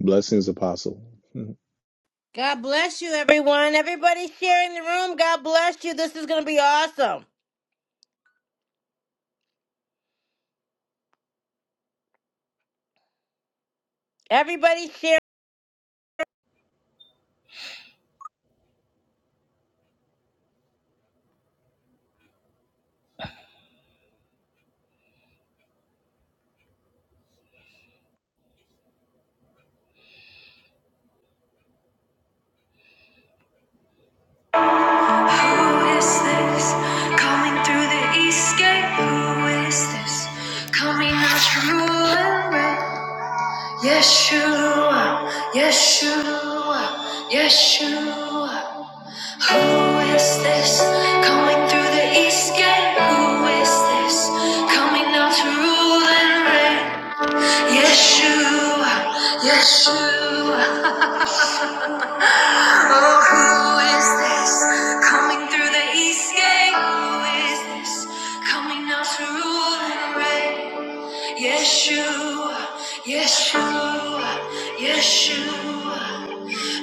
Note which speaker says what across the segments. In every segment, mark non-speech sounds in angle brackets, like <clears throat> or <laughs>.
Speaker 1: Blessings, Apostle.
Speaker 2: God bless you, everyone. Everybody sharing the room. God bless you. This is going to be awesome. Everybody share. Who is this coming through the east gate? Who is this coming out from ruin? Yeshua, Yeshua, Yeshua. Who is this coming through the east gate? Who is this coming out to rule and reign? Yeshua, Yeshua, oh, who is this coming through the east gate? Who is this coming now to rule and reign? Yeshua, Yeshua, Yeshua.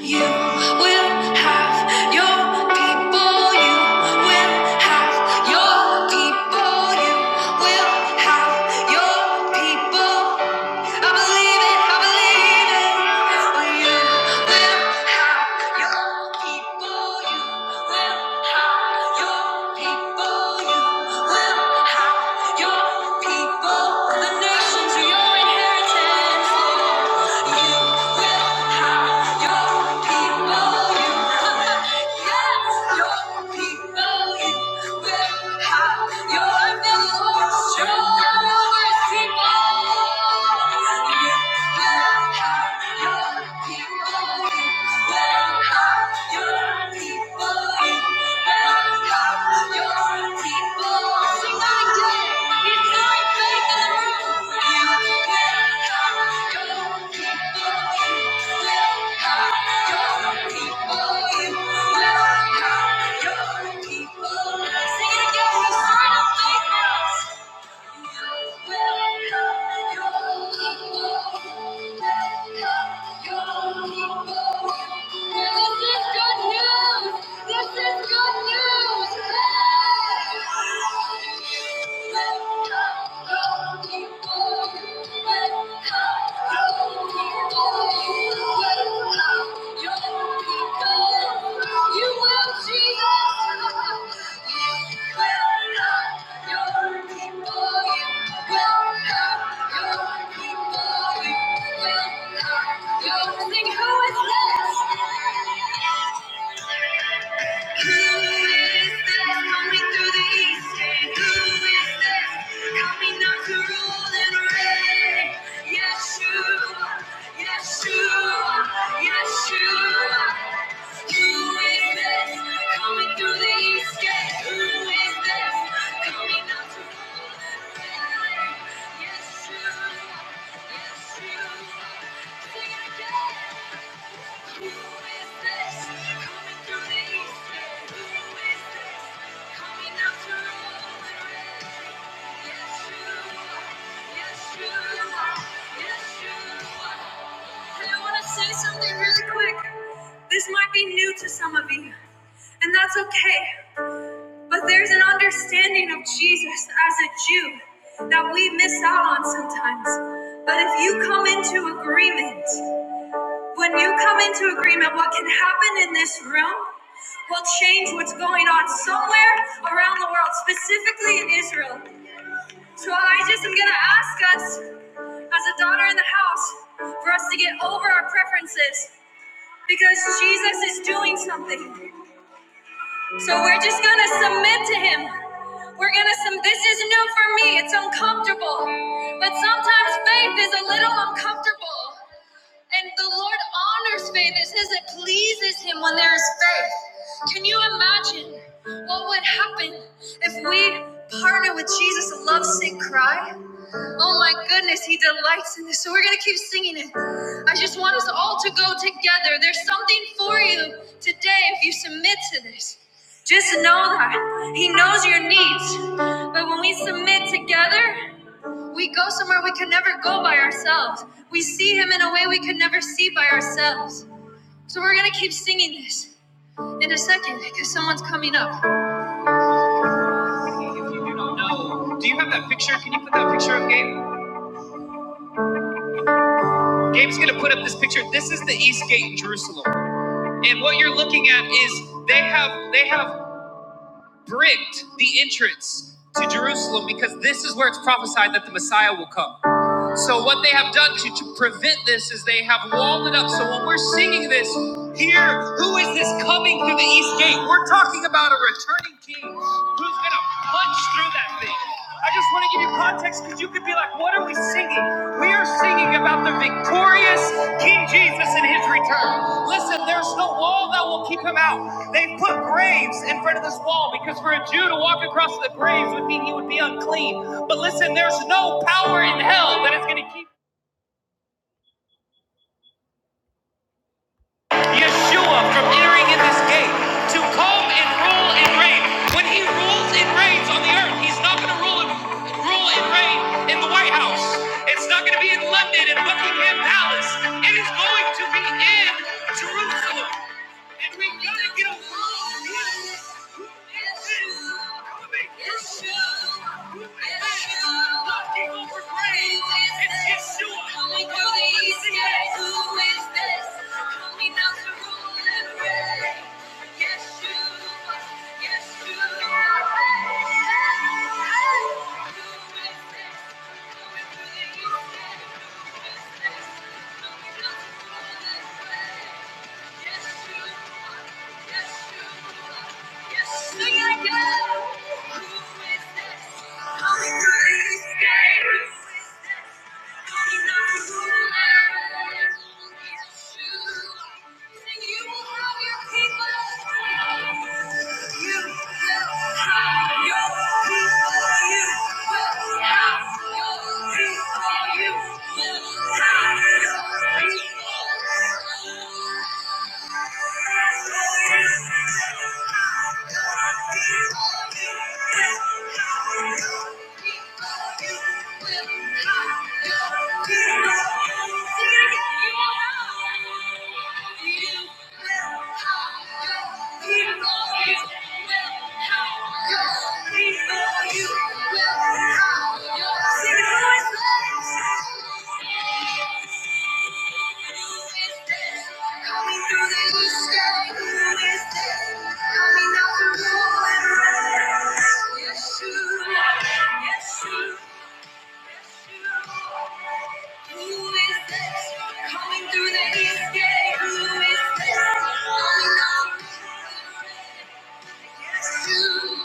Speaker 2: You will have your people. You will have your people. You will have your people. I believe it. I believe it. You will have your people. You will have your people. You will have your people. The nations are your inheritance. You will have. Thank you. Welcome, your people. Welcome, your people. Sing, Who is this? Who is this coming through the east gate? Who is this coming not to rule and reign? Yeshua, Yeshua, Yeshua. Who is this coming through the east gate? Who and I want to say something really quick. This might be new to some of you, and that's okay. But there's an understanding of Jesus as a Jew that we miss out on sometimes. But if you come into agreement, when you come into agreement, what can happen in this room will change what's going on somewhere around the world, specifically in Israel. So I just am going to ask us, as a daughter in the house, for us to get over our preferences because Jesus is doing something. So we're just gonna submit to him. We're gonna submit. This is new for me. It's uncomfortable, but sometimes faith is a little uncomfortable. And the Lord honors faith. It says it pleases Him when there is faith. Can you imagine what would happen if we partner with Jesus' Love lovesick cry? Oh my goodness, He delights in this. So we're going to keep singing it. I just want us all to go together. There's something for you today if you submit to this. Just know that He knows your needs. But when we submit together, we go somewhere we can never go by ourselves. We see him in a way we could never see by ourselves. So we're gonna keep singing this in a second because someone's coming up. If you do not know, do you have that picture? Can you put that picture up, Gabe? Gabe's gonna put up this picture. This is the East Gate in Jerusalem, and what you're looking at is they have they have bricked the entrance to Jerusalem because this is where it's prophesied that the Messiah will come. So what they have done to, to prevent this is they have walled it up. So when we're singing this here, who is this coming through the east gate? We're talking about a returning king who's gonna punch through that thing. I just want to give you context because you could be like, what are we singing? We are singing about the victorious King Jesus in his return. Listen, there's no wall that will keep him out. They've put graves in front of this wall because for a Jew to walk across the graves would mean he would be unclean. But listen, there's no power in hell that is going to keep. Yeshua from entering in this gate to come and rule and reign. When he rules and reigns on the earth, he's not going to rule and rule and reign in the White House. It's not going to be in London and Buckingham Palace. It is going to be in Jerusalem. And we got to get over here. Who is this coming? Who is this? Yes, you are. Yes, you are. Yes, you are. Who is this? You will have your people. You will have your people. You will have your people. Yeah. Coming through the east gate, who is this? Coming up. Yes, you.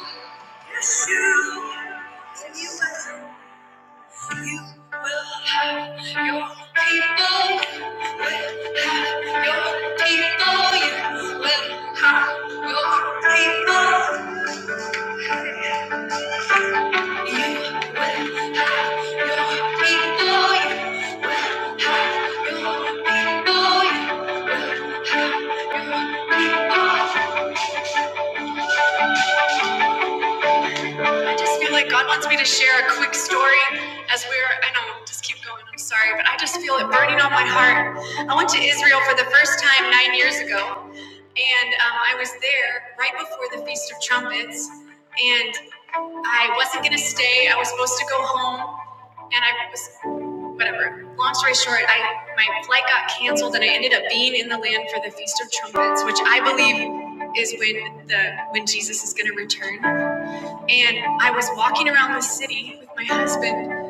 Speaker 2: Yes, you. You and you will have your people. Your people. You will have your people. Your people. Your people. I just feel like God wants me to share a quick story as we're. I know. Just keep going. I'm sorry, but I just feel it burning on my heart. I went to Israel for the first time nine years ago, and um, I was there right before the Feast of Trumpets. and. I wasn't gonna stay. I was supposed to go home, and I was whatever. Long story short, I my flight got canceled, and I ended up being in the land for the Feast of Trumpets, which I believe is when the when Jesus is gonna return. And I was walking around the city with my husband,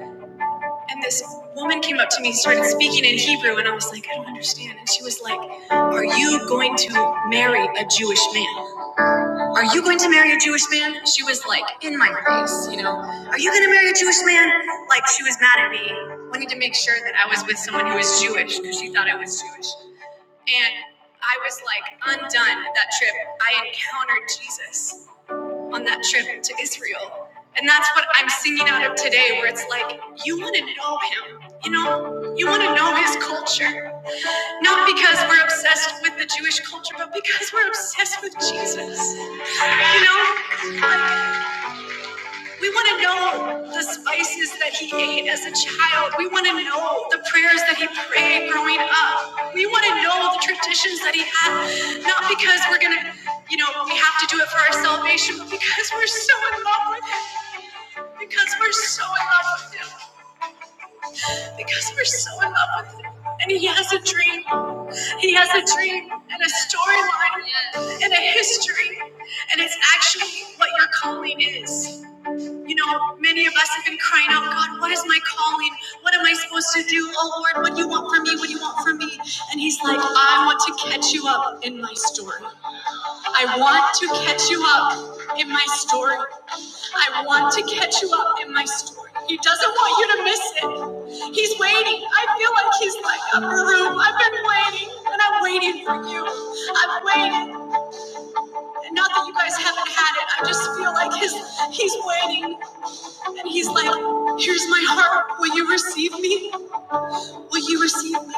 Speaker 2: and this woman came up to me, started speaking in Hebrew, and I was like, I don't understand. And she was like, Are you going to marry a Jewish man? Are you going to marry a Jewish man? She was like in my face, you know. Are you going to marry a Jewish man? Like she was mad at me, wanting to make sure that I was with someone who was Jewish because she thought I was Jewish. And I was like undone that trip. I encountered Jesus on that trip to Israel. And that's what I'm singing out of today, where it's like, you want to know him, you know? You want to know his culture. Not because we're obsessed with the Jewish culture, but because we're obsessed with Jesus. You know? Like, we want to know the spices that he ate as a child. We want to know the prayers that he prayed growing up. We want to know the traditions that he had, not because we're going to, you know, we have to do it for our salvation, but because we're so in love with him. Because we're so in love with him. Because we're so in love with him. And he has a dream. He has a dream and a storyline and a history. And it's actually what your calling is. You know, many of us have been crying out, God, what is my calling? What am I supposed to do? Oh Lord, what do you want from me? What do you want from me? And He's like, I want to catch you up in my story. I want to catch you up in my story. I want to catch you up in my story. He doesn't want you to miss it. He's waiting. I feel like He's like, upper room, I've been waiting, and I'm waiting for you. I'm waiting. Not that you guys haven't had it. I just feel like his, He's waiting. And he's like, Here's my heart. Will you receive me? Will you receive me?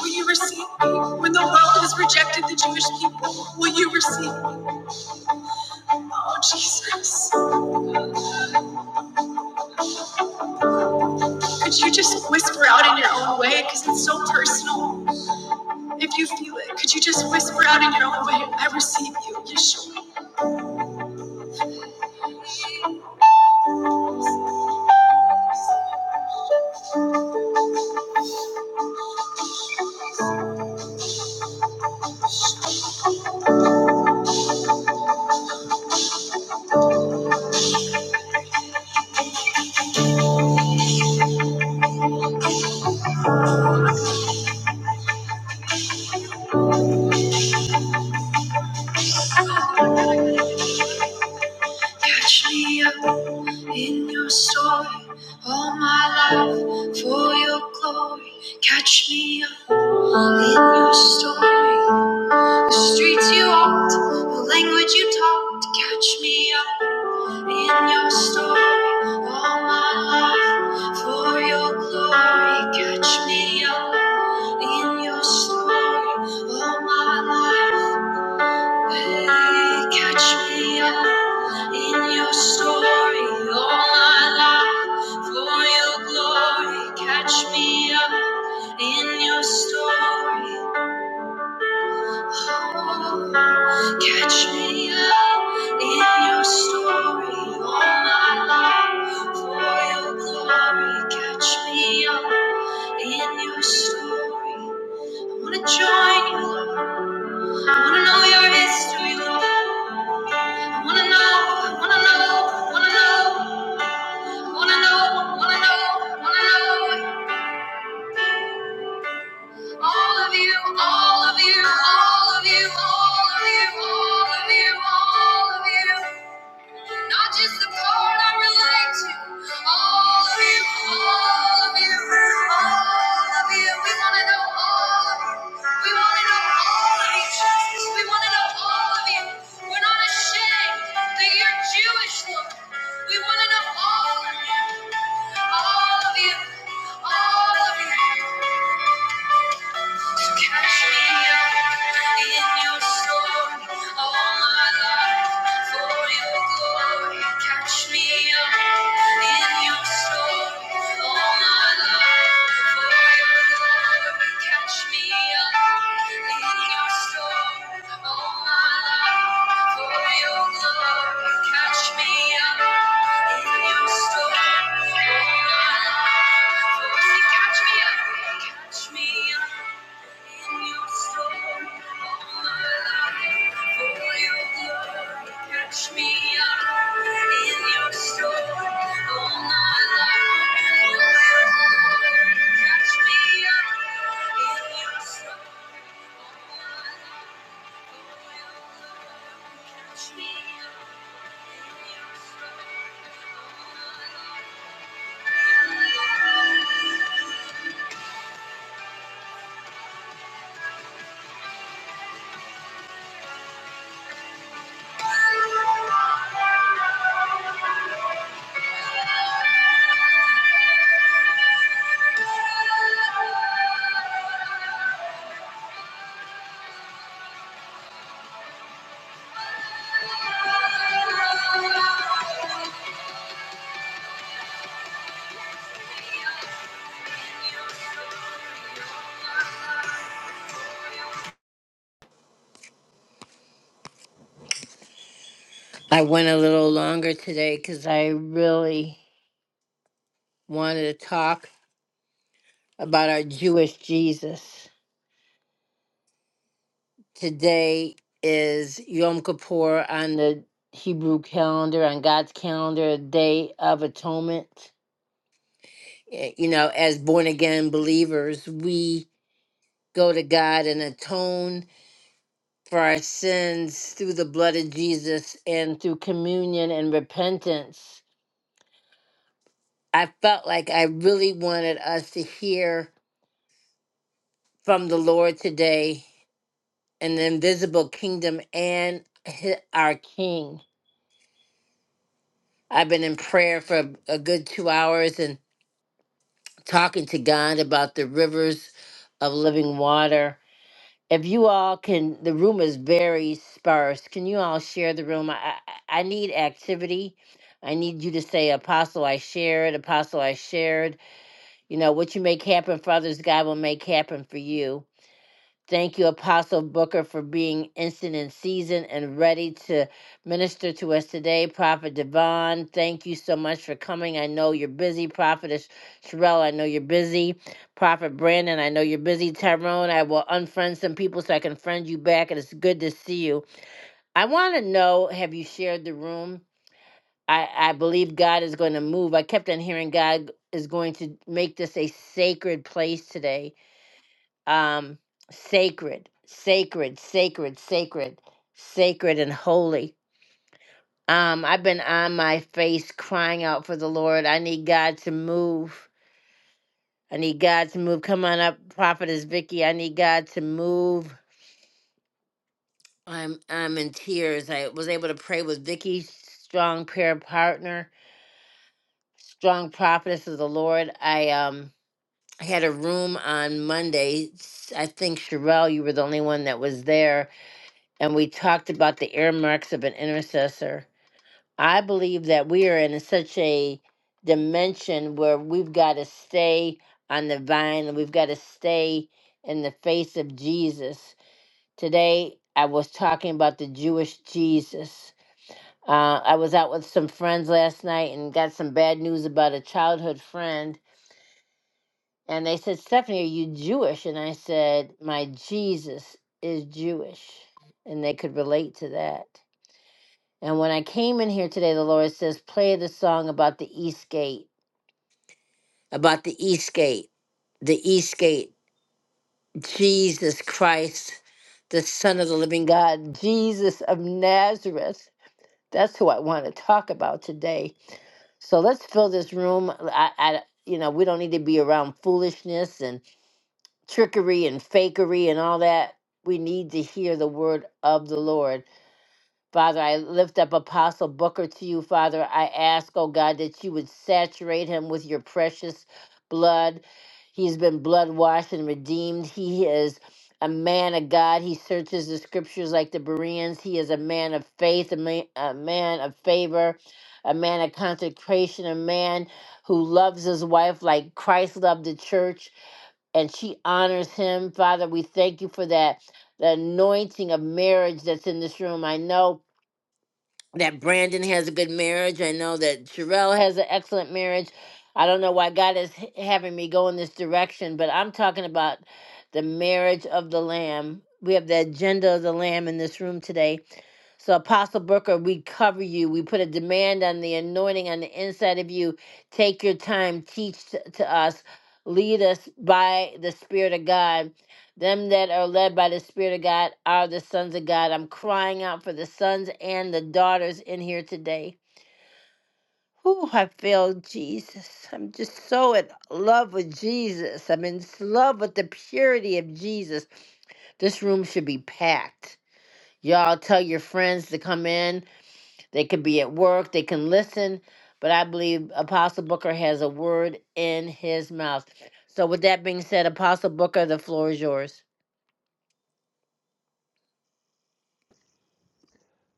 Speaker 2: Will you receive me? When the world has rejected the Jewish people, will you receive me? Oh, Jesus. Could you just whisper out in your own way? Because it's so personal. If you feel it, could you just whisper out in your own way? I receive you, Yeshua. Catch me up in your story. All my life for your glory. Catch me up in your story. The streets you walked, the language you talked, catch me up in your story. All my life for your glory, catch me up in your story. All my life, hey, catch me up in your story. All my life for your glory, catch me up in your story. Catch me up in your story, all my life for your glory. Catch me up in your story. I wanna join you, Lord. I wanna know your history, Lord. I wanna know, I wanna know, I wanna know, I wanna know, I wanna know, I wanna know all of you, all of you, all of you, all of you, all of you, all of you. Not just the part I relate to. All of you, all of you, all of you. We want to know all of you. We want to know all of you, Jesus. We want to know all of you. We're not ashamed that you're Jewish, Lord. We want to know all of you, all of you, all of you. Catch me up in your Catch me up in your storm, all my life. Oh, Lord, catch me up in your storm, all my life. Oh, Lord, catch me up. I went a little longer today because I really wanted to talk about our Jewish Jesus. Today is Yom Kippur on the Hebrew calendar, on God's calendar, a day of atonement. Eh, You know, as born again believers, we go to God and atone for our sins through the blood of Jesus and through communion and repentance. I felt like I really wanted us to hear from the Lord today in the invisible kingdom and hi- our King. I've been in prayer for a good two hours and talking to God about the rivers of living water if you all can the room is very sparse can you all share the room i i, I need activity i need you to say apostle i shared apostle i shared you know what you make happen for others god will make happen for you Thank you, Apostle Booker, for being instant in season and ready to minister to us today. Prophet Devon, thank you so much for coming. I know you're busy. Prophetess Sherelle, I know you're busy. Prophet Brandon, I know you're busy. Tyrone, I will unfriend some people so I can friend you back, and it's good to see you. I want to know have you shared the room? I, I believe God is going to move. I kept on hearing God is going to make this a sacred place today um, sacred, sacred, sacred, sacred, sacred, and holy. Um, I've been on my face crying out for the Lord. I need God to move. I need God to move. Come on up, Prophetess Vicky. I need God to move. I'm I'm in tears. I was able to pray with Vicky, strong prayer partner, strong prophetess of the Lord. I um I had a room on Monday. S- I think Sherelle, you were the only one that was there and we talked about the earmarks of an intercessor. I believe that we are in such a dimension where we've got to stay on the vine and we've got to stay in the face of Jesus. Today, I was talking about the Jewish Jesus. Uh, I was out with some friends last night and got some bad news about a childhood friend. And they said, Stephanie, are you Jewish? And I said, My Jesus is Jewish. And they could relate to that. And when I came in here today, the Lord says, play the song about the East Gate, about the East Gate, the East Gate, Jesus Christ, the Son of the Living God, Jesus of Nazareth. That's who I want to talk about today. So let's fill this room. I, I, you know, we don't need to be around foolishness and trickery and fakery and all that. We need to hear the word of the Lord. Father, I lift up Apostle Booker to you, Father. I ask, oh God, that you would saturate him with your precious blood. He's been blood washed and redeemed. He is a man of God. He searches the scriptures like the Bereans. He is a man of faith, a man, a man of favor, a man of consecration, a man who loves his wife like Christ loved the church and she honors him. Father, we thank you for that. The anointing of marriage that's in this room. I know that Brandon has a good marriage. I know that Sherelle has an excellent marriage. I don't know why God is h- having me go in this direction, but I'm talking about the marriage of the Lamb. We have the agenda of the Lamb in this room today so, Apostle Booker, we cover you. We put a demand on the anointing on the inside of you. Take your time, teach t- to us, lead us by the Spirit of God. Them that are led by the Spirit of God are the sons of God. I'm crying out for the sons and the daughters in here today. Whew, I feel Jesus. I'm just so in love with Jesus. I'm in love with the purity of Jesus. This room should be packed. Y'all tell your friends to come in they could be at work, they can listen, but I believe Apostle Booker has a word in his mouth. So, with that being said, Apostle Booker, the floor is yours.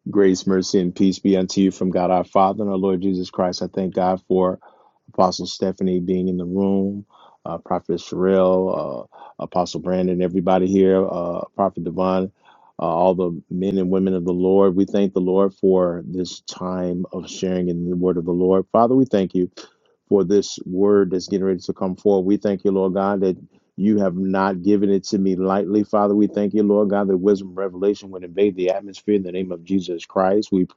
Speaker 1: Grace, mercy, and peace be unto you from God our Father and our Lord Jesus Christ. I thank God for Apostle Stephanie being in the room, uh, Prophet Sherelle, uh, Apostle Brandon, everybody here, uh, Prophet Devon, uh, all the men and women of the Lord. We thank the Lord for this time of sharing in the word of the Lord. Father, we thank you. for this word that's getting ready to come forward. We thank you, Lord God, that you have not given it to me lightly, Father. We thank you, Lord God, that wisdom and revelation would invade the atmosphere in the name of Jesus Christ. We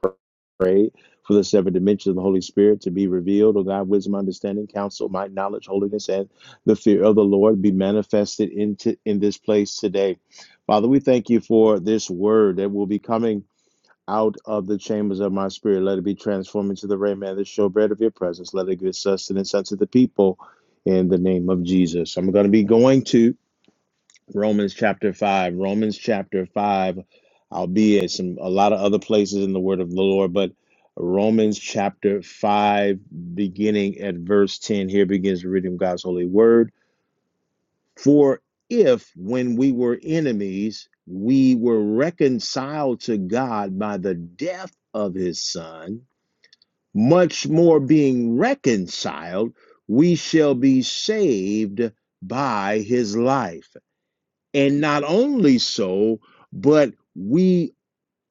Speaker 1: pray for the seven dimensions of the Holy Spirit to be revealed, oh God, wisdom, understanding, counsel, might, knowledge, holiness, and the fear of the Lord be manifested into in this place today. Father, we thank you for this word that will be coming out of the chambers of my spirit. Let it be transformed into the rain of the showbread of your presence. Let it give sustenance unto the people in the name of Jesus. I'm going to be going to Romans chapter 5. Romans chapter 5. I'll be at some a lot of other places in the word of the Lord, but Romans chapter 5, beginning at verse 10. Here begins the reading of God's holy word. For if when we were enemies, we were reconciled to God by the death of his son, much more being reconciled, we shall be saved by his life. And not only so, but we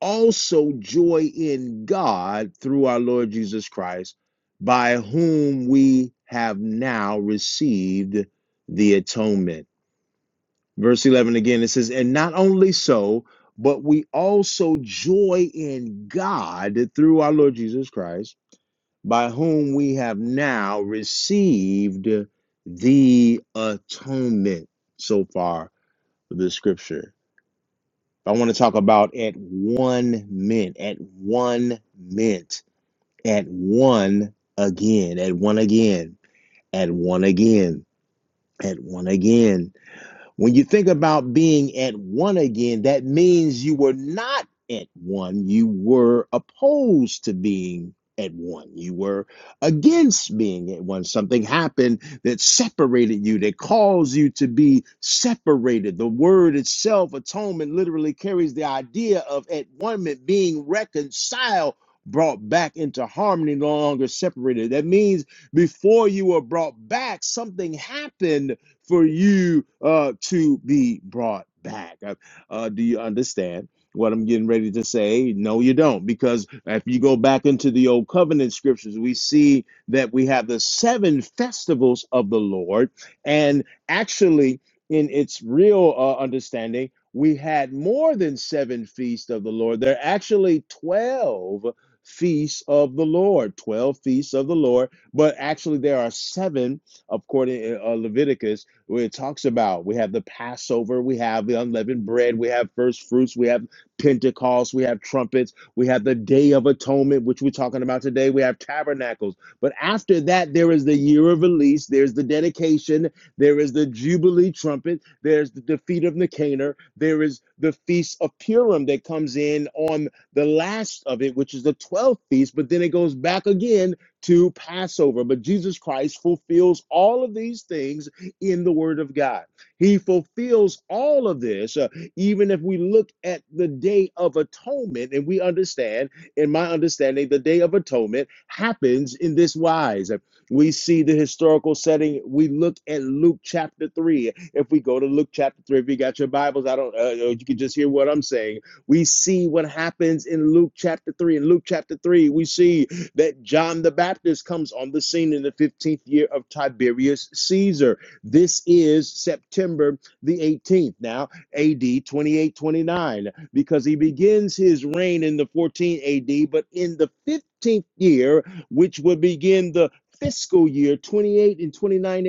Speaker 1: also joy in God through our Lord Jesus Christ, by whom we have now received the atonement. Verse 11 again, it says, And not only so, but we also joy in God through our Lord Jesus Christ, by whom we have now received the atonement so far for the scripture. I want to talk about at one mint, at one mint, at one again, at one again, at one again, at one again. When you think about being at one again, that means you were not at one. You were opposed to being at one. You were against being at one. Something happened that separated you, that caused you to be separated. The word itself, atonement, literally carries the idea of at one being reconciled. Brought back into harmony, no longer separated. That means before you were brought back, something happened for you uh, to be brought back. Uh, uh, do you understand? What I'm getting ready to say, no, you don't, because if you go back into the old covenant scriptures, we see that we have the seven festivals of the Lord, and actually, in its real uh, understanding, we had more than seven feasts of the Lord. There are actually 12 feasts of the Lord, 12 feasts of the Lord, but actually there are seven, according to uh, Leviticus where it talks about we have the Passover, we have the unleavened bread, we have first fruits, we have Pentecost, we have trumpets, we have the Day of Atonement, which we're talking about today, we have tabernacles. But after that, there is the year of release, there's the dedication, there is the Jubilee trumpet, there's the defeat of Nicanor, there is the Feast of Purim that comes in on the last of it, which is the 12th feast, but then it goes back again to Passover. But Jesus Christ fulfills all of these things in the Word of God. He fulfills all of this, uh, even if we look at the Day of Atonement and we understand, in my understanding, the Day of Atonement happens in this wise. We see the historical setting. We look at Luke chapter 3. If we go to Luke chapter 3, if you got your Bibles, I don't, uh, uh, you can just hear what I'm saying. We see what happens in Luke chapter 3. In Luke chapter 3, we see that John the Baptist comes on the scene in the 15th year of Tiberius Caesar this is September the 18th, now AD 2829, because he begins his reign in the 14 AD, but in the 15th year, which would begin the fiscal year 28 and 29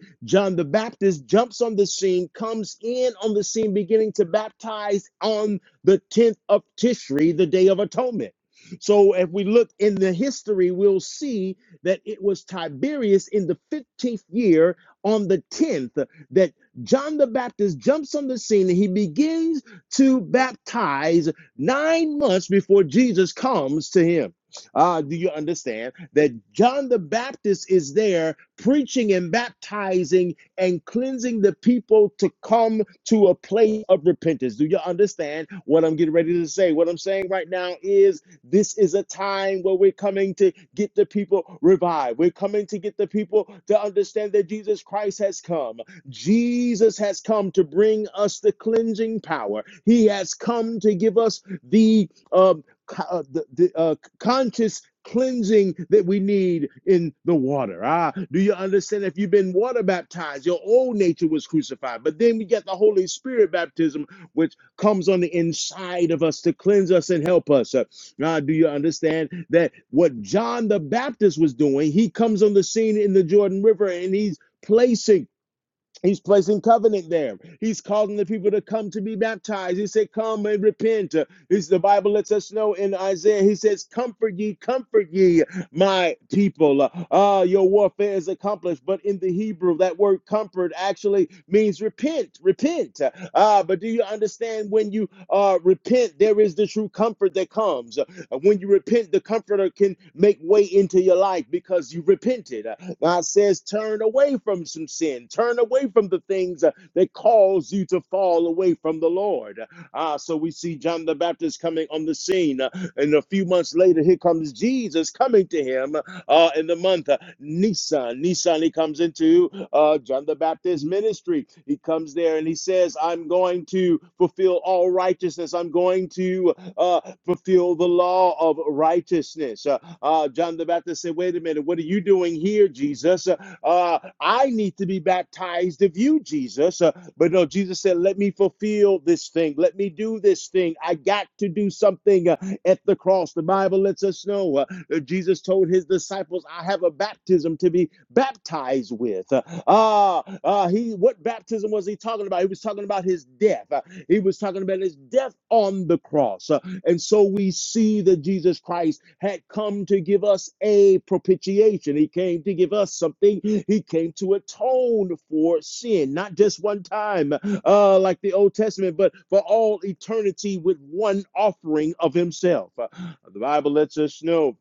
Speaker 1: AD, John the Baptist jumps on the scene, comes in on the scene, beginning to baptize on the 10th of Tishri, the Day of Atonement. So, if we look in the history, we'll see that it was Tiberius in the 15th year on the 10th that John the Baptist jumps on the scene and he begins to baptize nine months before Jesus comes to him. Uh, do you understand that John the Baptist is there preaching and baptizing and cleansing the people to come to a place of repentance? Do you understand what I'm getting ready to say? What I'm saying right now is this is a time where we're coming to get the people revived. We're coming to get the people to understand that Jesus Christ has come. Jesus has come to bring us the cleansing power. He has come to give us the um, co- uh, the, the uh, conscious cleansing that we need in the water. Ah, do you understand? If you've been water baptized, your old nature was crucified. But then we get the Holy Spirit baptism, which comes on the inside of us to cleanse us and help us. Uh, now, do you understand that what John the Baptist was doing? He comes on the scene in the Jordan River and he's placing. He's placing covenant there. He's calling the people to come to be baptized. He said, Come and repent. He's, the Bible lets us know in Isaiah, he says, Comfort ye, comfort ye, my people. Uh, your warfare is accomplished. But in the Hebrew, that word comfort actually means repent, repent. Uh, but do you understand when you uh, repent, there is the true comfort that comes? Uh, When you repent, the comforter can make way into your life because you repented. Uh, God says, turn away from some sin, turn away from the things uh, that cause you to fall away from the Lord. Ah, so we see John the Baptist coming on the scene. Uh, And a few months later, here comes Jesus coming to him uh, in the month uh, Nisan. Nisan, he comes into uh, John the Baptist's ministry. He comes there and he says, I'm going to fulfill all righteousness. I'm going to uh, fulfill the law of righteousness. Uh, uh, John the Baptist said, Wait a minute, what are you doing here, Jesus? Uh, uh, I need to be baptized of you, Jesus. Uh, but no, Jesus said, Let me fulfill this thing. Let me do this thing. I got to do something uh, at the cross. The Bible lets us know uh, Jesus told his disciples, I have a baptism to be baptized with. Uh, Ah, ah, he what baptism was he talking about? He was talking about his death. Uh, he was talking about his death on the cross. Uh, and so we see that Jesus Christ had come to give us a propitiation. He came to give us something. He came to atone for sin, not just one time uh, like the Old Testament, but for all eternity with one offering of himself. Uh, The Bible lets us know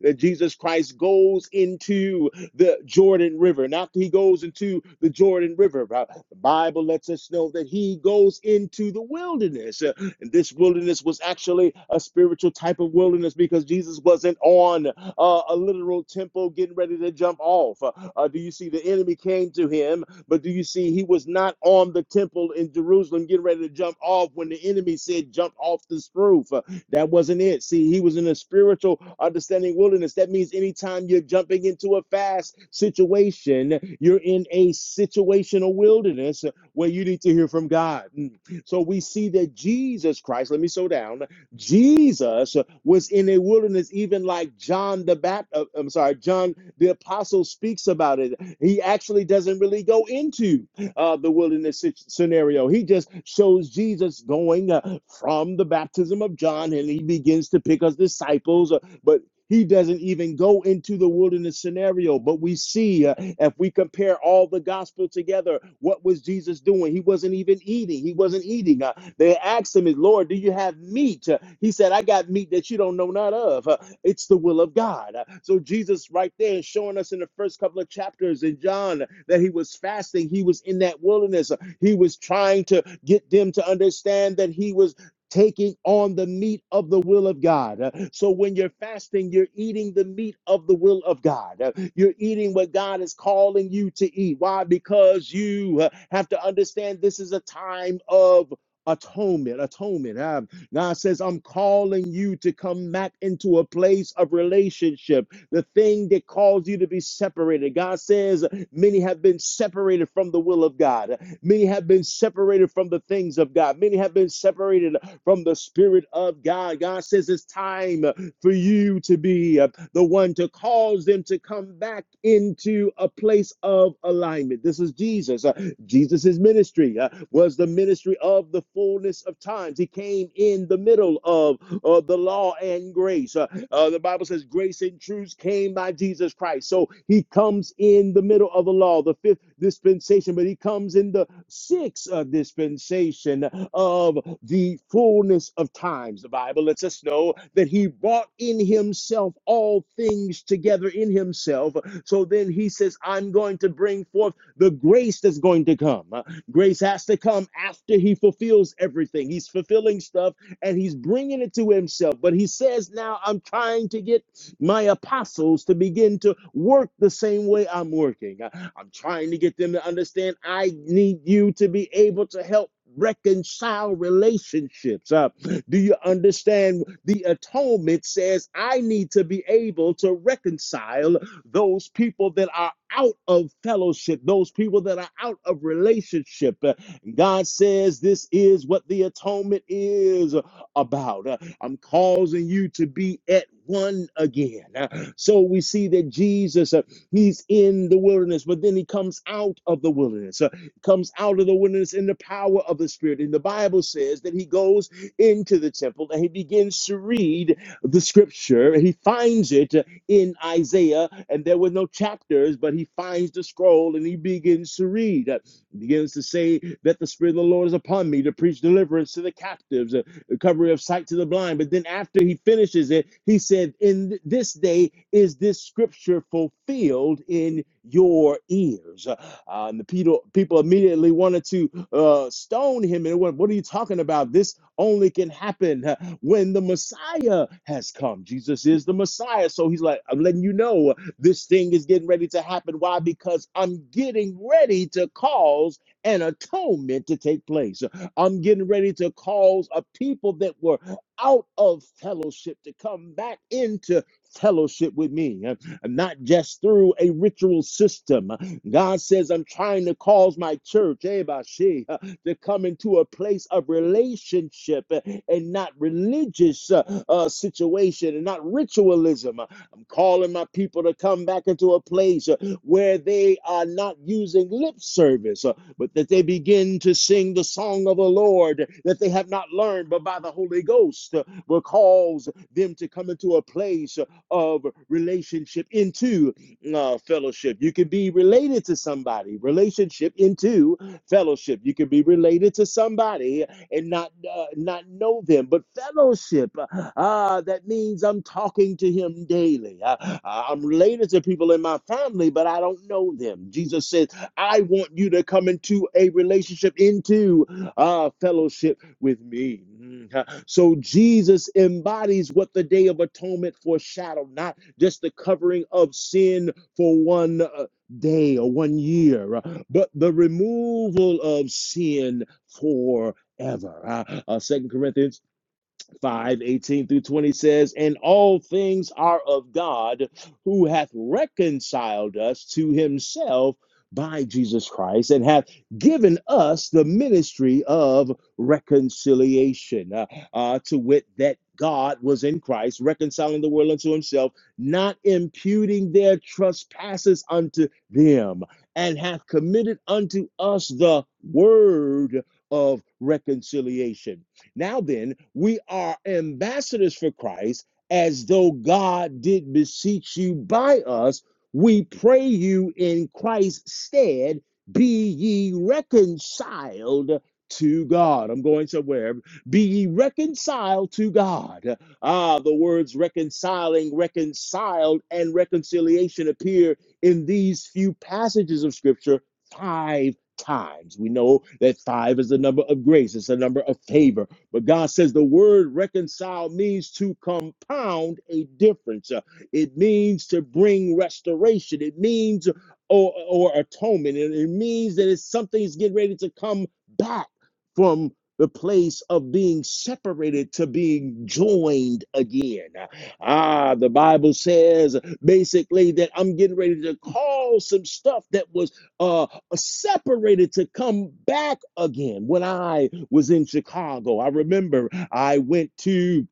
Speaker 1: that Jesus Christ goes into the Jordan River. And after he goes into the Jordan River, uh, the Bible lets us know that he goes into the wilderness. Uh, And this wilderness was actually a spiritual type of wilderness because Jesus wasn't on uh, a literal temple getting ready to jump off. Uh, uh, do you see the enemy came to him? But do you see he was not on the temple in Jerusalem getting ready to jump off when the enemy said, Jump off this roof? That wasn't it. See, he was in a spiritual understanding wilderness. That means anytime you're jumping into a fast situation, you're in a situational wilderness where you need to hear from God. Mm. So we see that Jesus Christ, let me slow down. Jesus was in a wilderness, even like John the Baptist. I'm sorry, John the Apostle speaks about it. He actually doesn't really go into uh, the wilderness scenario. He just shows Jesus going uh, from the baptism of John and he begins to pick us disciples. Uh, But he doesn't even go into the wilderness scenario. But we see, uh, if we compare all the gospel together, what was Jesus doing? He wasn't even eating. He wasn't eating. Uh, they asked him, Lord, do you have meat? Uh, he said, I got meat that you don't know none of. Uh, it's the will of God. Uh, so Jesus, right there, is showing us in the first couple of chapters in John that he was fasting. He was in that wilderness. Uh, He was trying to get them to understand that he was taking on the meat of the will of God. Uh, So when you're fasting, you're eating the meat of the will of God. Uh, You're eating what God is calling you to eat. Why? Because you uh, have to understand this is a time of atonement atonement Um, god says i'm calling you to come back into a place of relationship the thing that caused you to be separated god says many have been separated from the will of god Many have been separated from the things of God. Many have been separated from the Spirit of God. God says it's time for you to be uh, the one to cause them to come back into a place of alignment. This is Jesus. Uh, Jesus' ministry uh, was the ministry of the fullness of times. He came in the middle of uh, the law and grace. Uh, uh, the Bible says, Grace and truth came by Jesus Christ. So he comes in the middle of the law, the fifth dispensation, but he comes in the sixth uh, dispensation of the fullness of times. The Bible lets us know that he brought in himself all things together in himself. So then he says, I'm going to bring forth the grace that's going to come. Uh, Grace has to come after he fulfills everything. He's fulfilling stuff and he's bringing it to himself. But he says, Now I'm trying to get my apostles to begin to work the same way I'm working. I- I'm trying to get them to understand I need you to be able to help. Reconcile relationships. Uh, do you understand? The atonement says I need to be able to reconcile those people that are out of fellowship, those people that are out of relationship. Uh, God says this is what the atonement is about. Uh, I'm causing you to be at one again. Uh, So we see that Jesus, uh, he's in the wilderness, but then he comes out of the wilderness, uh, comes out of the wilderness in the power of the Spirit. And the Bible says that he goes into the temple and he begins to read the scripture. He finds it uh, in Isaiah, and there were no chapters, but he finds the scroll and he begins to read. Uh, He begins to say that the Spirit of the Lord is upon me to preach deliverance to the captives, uh, Recovery of sight to the blind. But then after he finishes it, he said, In this day is this scripture fulfilled in your ears. Uh, and the people, people immediately wanted to uh, stone him. And what, what are you talking about? This only can happen uh, when the Messiah has come. Jesus is the Messiah. So he's like, I'm letting you know uh, this thing is getting ready to happen. Why? Because I'm getting ready to cause an atonement to take place. I'm getting ready to cause a people that were out of fellowship to come back into fellowship with me, uh, not just through a ritual system. God says, I'm trying to cause my church, eh, Bashi, uh, to come into a place of relationship uh, and not religious uh, uh, situation and not ritualism. Uh, I'm calling my people to come back into a place uh, where they are not using lip service, uh, but that they begin to sing the song of the Lord that they have not learned, but by the Holy Ghost uh, will cause them to come into a place of relationship, into uh, fellowship. You can be related to somebody, relationship into fellowship. You can be related to somebody and not uh, not know them, but fellowship. Uh, that means I'm talking to him daily. Uh, I'm related to people in my family, but I don't know them. Jesus said, I want you to come into a relationship, into uh, fellowship with me. Mhm. So Jesus embodies what the Day of Atonement foreshadowed, not just the covering of sin for one uh, day or one year, uh, but the removal of sin forever. Second Uh, uh, Corinthians 5 18 through 20 says, And all things are of God, who hath reconciled us to himself by Jesus Christ, and hath given us the ministry of reconciliation, uh, uh, to wit, that God was in Christ, reconciling the world unto himself, not imputing their trespasses unto them, and hath committed unto us the word of reconciliation now then, we are ambassadors for Christ as though God did beseech you by us. We pray you in Christ's stead, be ye reconciled to God. I'm going somewhere. Be ye reconciled to God. Ah, the words reconciling, reconciled, and reconciliation appear in these few passages of Scripture five times. We know that five is the number of grace, it's the number of favor, but God says the word reconcile means to compound a difference. Uh, It means to bring restoration. It means or, or atonement. It, it means that it's something is getting ready to come back from the place of being separated to being joined again. Ah, the Bible says basically that I'm getting ready to call some stuff that was uh, separated to come back again. When I was in Chicago, I remember I went to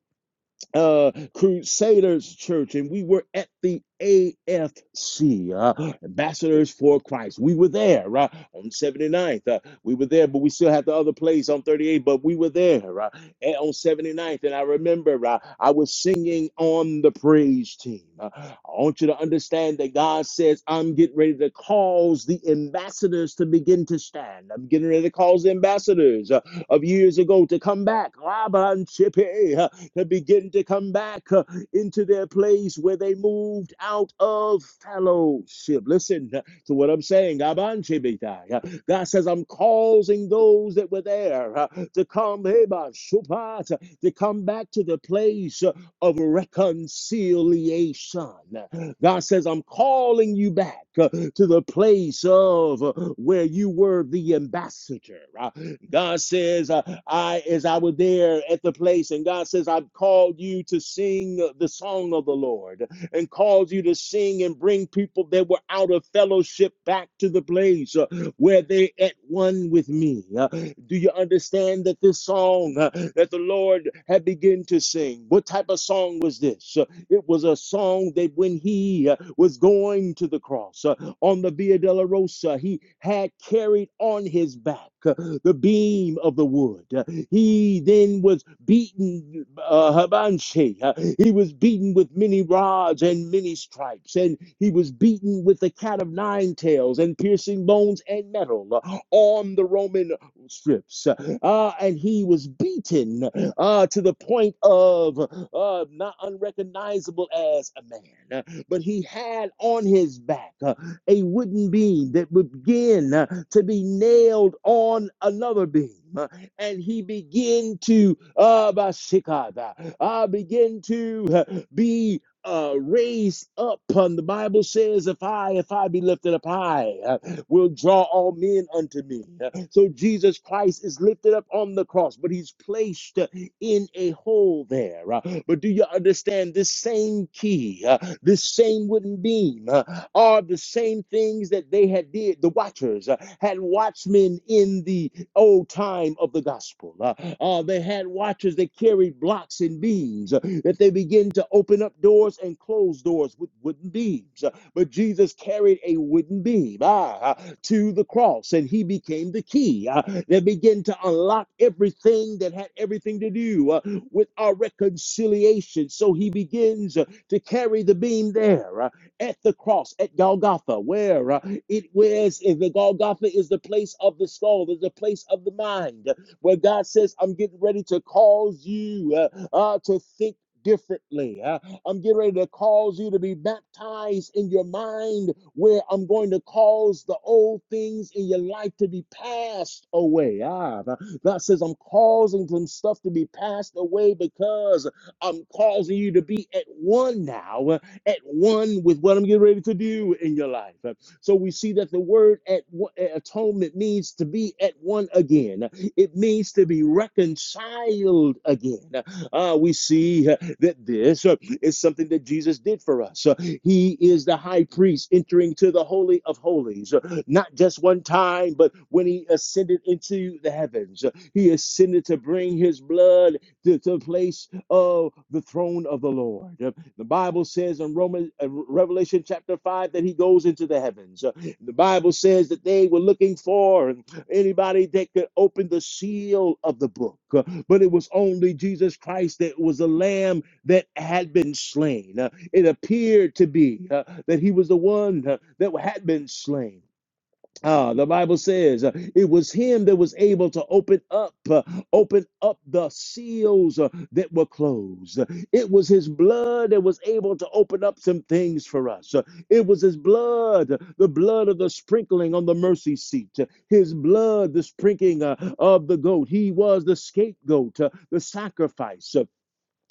Speaker 1: uh, Crusaders Church, and we were at the AFC, uh, Ambassadors for Christ. We were there uh, on 79th. Uh, we were there, but we still had the other place on 38, but we were there uh, and on 79th. And I remember uh, I was singing on the praise team. Uh, I want you to understand that God says, I'm getting ready to cause the ambassadors to begin to stand. I'm getting ready to cause the ambassadors uh, of years ago to come back to begin to come back uh, into their place where they moved out of fellowship. Listen uh, to what I'm saying. Uh, God says, I'm causing those that were there uh, to come, hey, ba, shupat, uh, to come back to the place uh, of reconciliation. God says, I'm calling you back uh, to the place of uh, where you were the ambassador. Uh, God says, uh, I, as I was there at the place, and God says, I've called you to sing the song of the Lord and called you to sing and bring people that were out of fellowship back to the place uh, where they are at one with me. Uh, do you understand that this song uh, that the Lord had begun to sing? What type of song was this? Uh, it was a song that when he uh, was going to the cross. uh, on the Via della Rosa. He had carried on his back uh, the beam of the wood. Uh, He then was beaten, uh, Habanshi. Uh, he was beaten with many rods and many stripes, and he was beaten with the cat of nine tails and piercing bones and metal uh, on the Roman strips. Uh, ah, and he was beaten uh, to the point of uh, not unrecognizable as a man. Uh, But he had on his back. uh, a wooden beam that would begin uh, to be nailed on another beam. uh, And he began to uh, basikada, uh, begin to uh, be uh, raised up. Um, the Bible says, "If I, if I be lifted up high." uh, will draw all men unto me. So Jesus Christ is lifted up on the cross, but he's placed uh, in a hole there. Uh, But do you understand this same key, uh, this same wooden beam uh, are the same things that they had did, the watchers uh, had watchmen in the old time of the gospel. Uh, uh, they had watchers that carried blocks and beams uh, that they begin to open up doors and close doors with wooden beams. But Jesus carried a wooden beam ah, to the cross, and he became the key ah, that began to unlock everything that had everything to do uh, with our reconciliation. So he begins uh, to carry the beam there uh, at the cross at Golgotha, where uh, it was. If the Golgotha is the place of the skull, is the place of the mind, uh, where God says, "I'm getting ready to cause you uh, uh, to think." Differently, Uh, I'm getting ready to cause you to be baptized in your mind, where I'm going to cause the old things in your life to be passed away. Ah, God says, I'm causing some stuff to be passed away because I'm causing you to be at one now, at one with what I'm getting ready to do in your life. So we see that the word at uh, atonement means to be at one again. It means to be reconciled again. Uh, we see uh, that this uh, is something that Jesus did for us. Uh, he is the high priest entering to the holy of holies, uh, not just one time, but when he ascended into the heavens. Uh, he ascended to bring his blood to the place of the throne of the Lord. Uh, the Bible says in Romans, uh, Revelation chapter 5 that he goes into the heavens. Uh, the Bible says that they were looking for anybody that could open the seal of the book, Uh, but it was only Jesus Christ that was the lamb that had been slain. Uh, it appeared to be uh, that he was the one uh, that had been slain. Ah, the Bible says uh, it was him that was able to open up, uh, open up the seals uh, that were closed. It was his blood that was able to open up some things for us. Uh, It was his blood, the blood of the sprinkling on the mercy seat, uh, his blood, the sprinkling uh, of the goat. He was the scapegoat, uh, the sacrifice. Uh,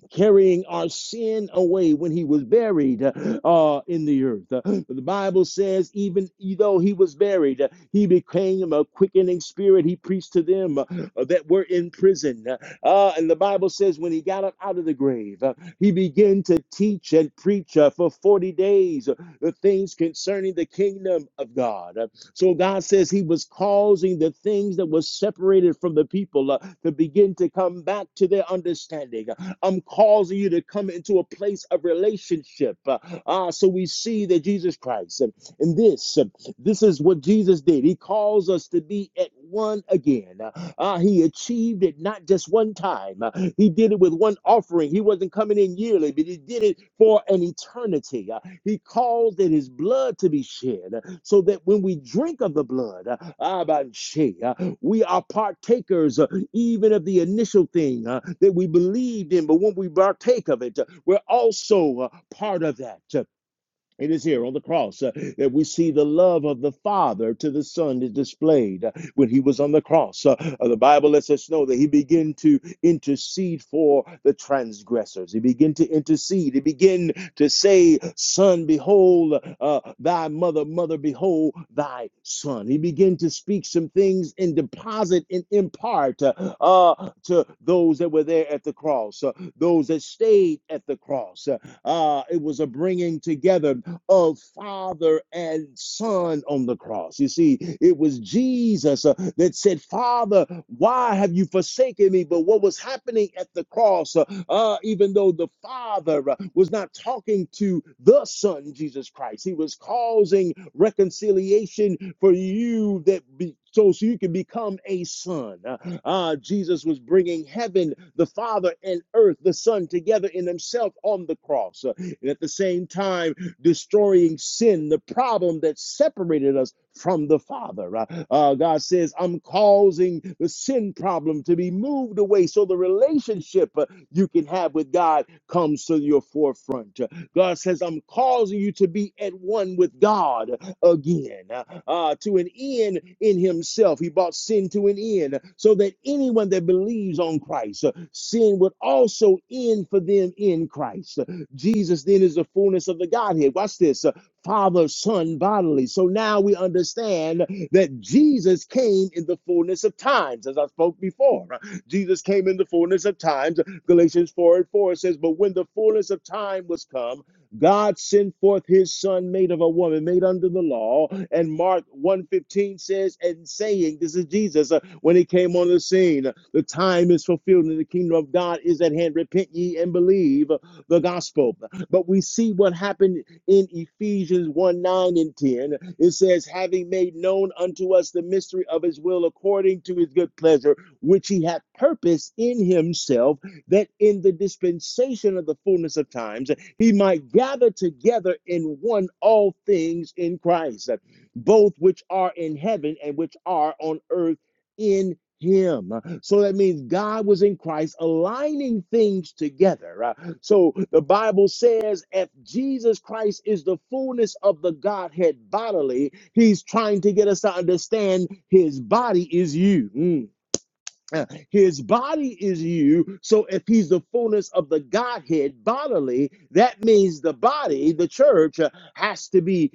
Speaker 1: carrying our sin away when he was buried uh, in the earth. Uh, the Bible says, even though he was buried, uh, he became a quickening spirit. He preached to them uh, that were in prison. Uh, and the Bible says, when he got up out of the grave, uh, he began to teach and preach uh, for 40 days uh, the things concerning the kingdom of God. Uh, so God says he was causing the things that were separated from the people uh, to begin to come back to their understanding. I'm causing you to come into a place of relationship. Uh, ah, so we see that Jesus Christ, and, and this, uh, this is what Jesus did. He calls us to be at one again. Uh, ah, he achieved it not just one time. Uh, he did it with one offering. He wasn't coming in yearly, but he did it for an eternity. Uh, he caused that his blood to be shed uh, so that when we drink of the blood, uh, ah, ban uh, we are partakers even of the initial thing uh, that we believed in, but when we partake of it, uh, we're also uh, part of that. It is here on the cross uh, that we see the love of the Father to the Son is displayed. Uh, when he was on the cross, uh, uh, the Bible lets us know that he began to intercede for the transgressors. He began to intercede. He began to say, Son, behold uh, thy mother, mother, behold thy son. He began to speak some things and deposit and impart uh, uh, to those that were there at the cross, uh, those that stayed at the cross. Uh, uh, it was a bringing together of Father and Son on the cross. You see, it was Jesus uh, that said, Father, why have you forsaken me? But what was happening at the cross, uh, uh, even though the Father uh, was not talking to the Son, Jesus Christ, he was causing reconciliation for you that be. So, so you can become a son. Uh, uh, Jesus was bringing heaven, the Father, and earth, the Son, together in Himself on the cross. Uh, and at the same time, destroying sin, the problem that separated us from the Father. Uh, uh, God says, I'm causing the sin problem to be moved away so the relationship uh, you can have with God comes to your forefront. Uh, God says, I'm causing you to be at one with God again, uh, uh, to an end in Himself. He brought sin to an end so that anyone that believes on Christ, uh, sin would also end for them in Christ. Jesus then is the fullness of the Godhead. Watch this uh, Father, Son, bodily. So now we understand that Jesus came in the fullness of times, as I spoke before. Uh, Jesus came in the fullness of times. Galatians 4 and 4 says, But when the fullness of time was come, God sent forth his son made of a woman, made under the law. And Mark one fifteen says, and saying, this is Jesus, uh, when he came on the scene, the time is fulfilled and the kingdom of God is at hand. Repent ye and believe the gospel. But we see what happened in Ephesians 1 9 and 10. It says, having made known unto us the mystery of his will according to his good pleasure, which he hath purposed in himself, that in the dispensation of the fullness of times he might gather together in one all things in Christ, both which are in heaven and which are on earth in him. So that means God was in Christ aligning things together. uh, so the Bible says if Jesus Christ is the fullness of the Godhead bodily, he's trying to get us to understand his body is you. Mm. Uh, His body is you. So if he's the fullness of the Godhead bodily, that means the body, the church, uh, has to be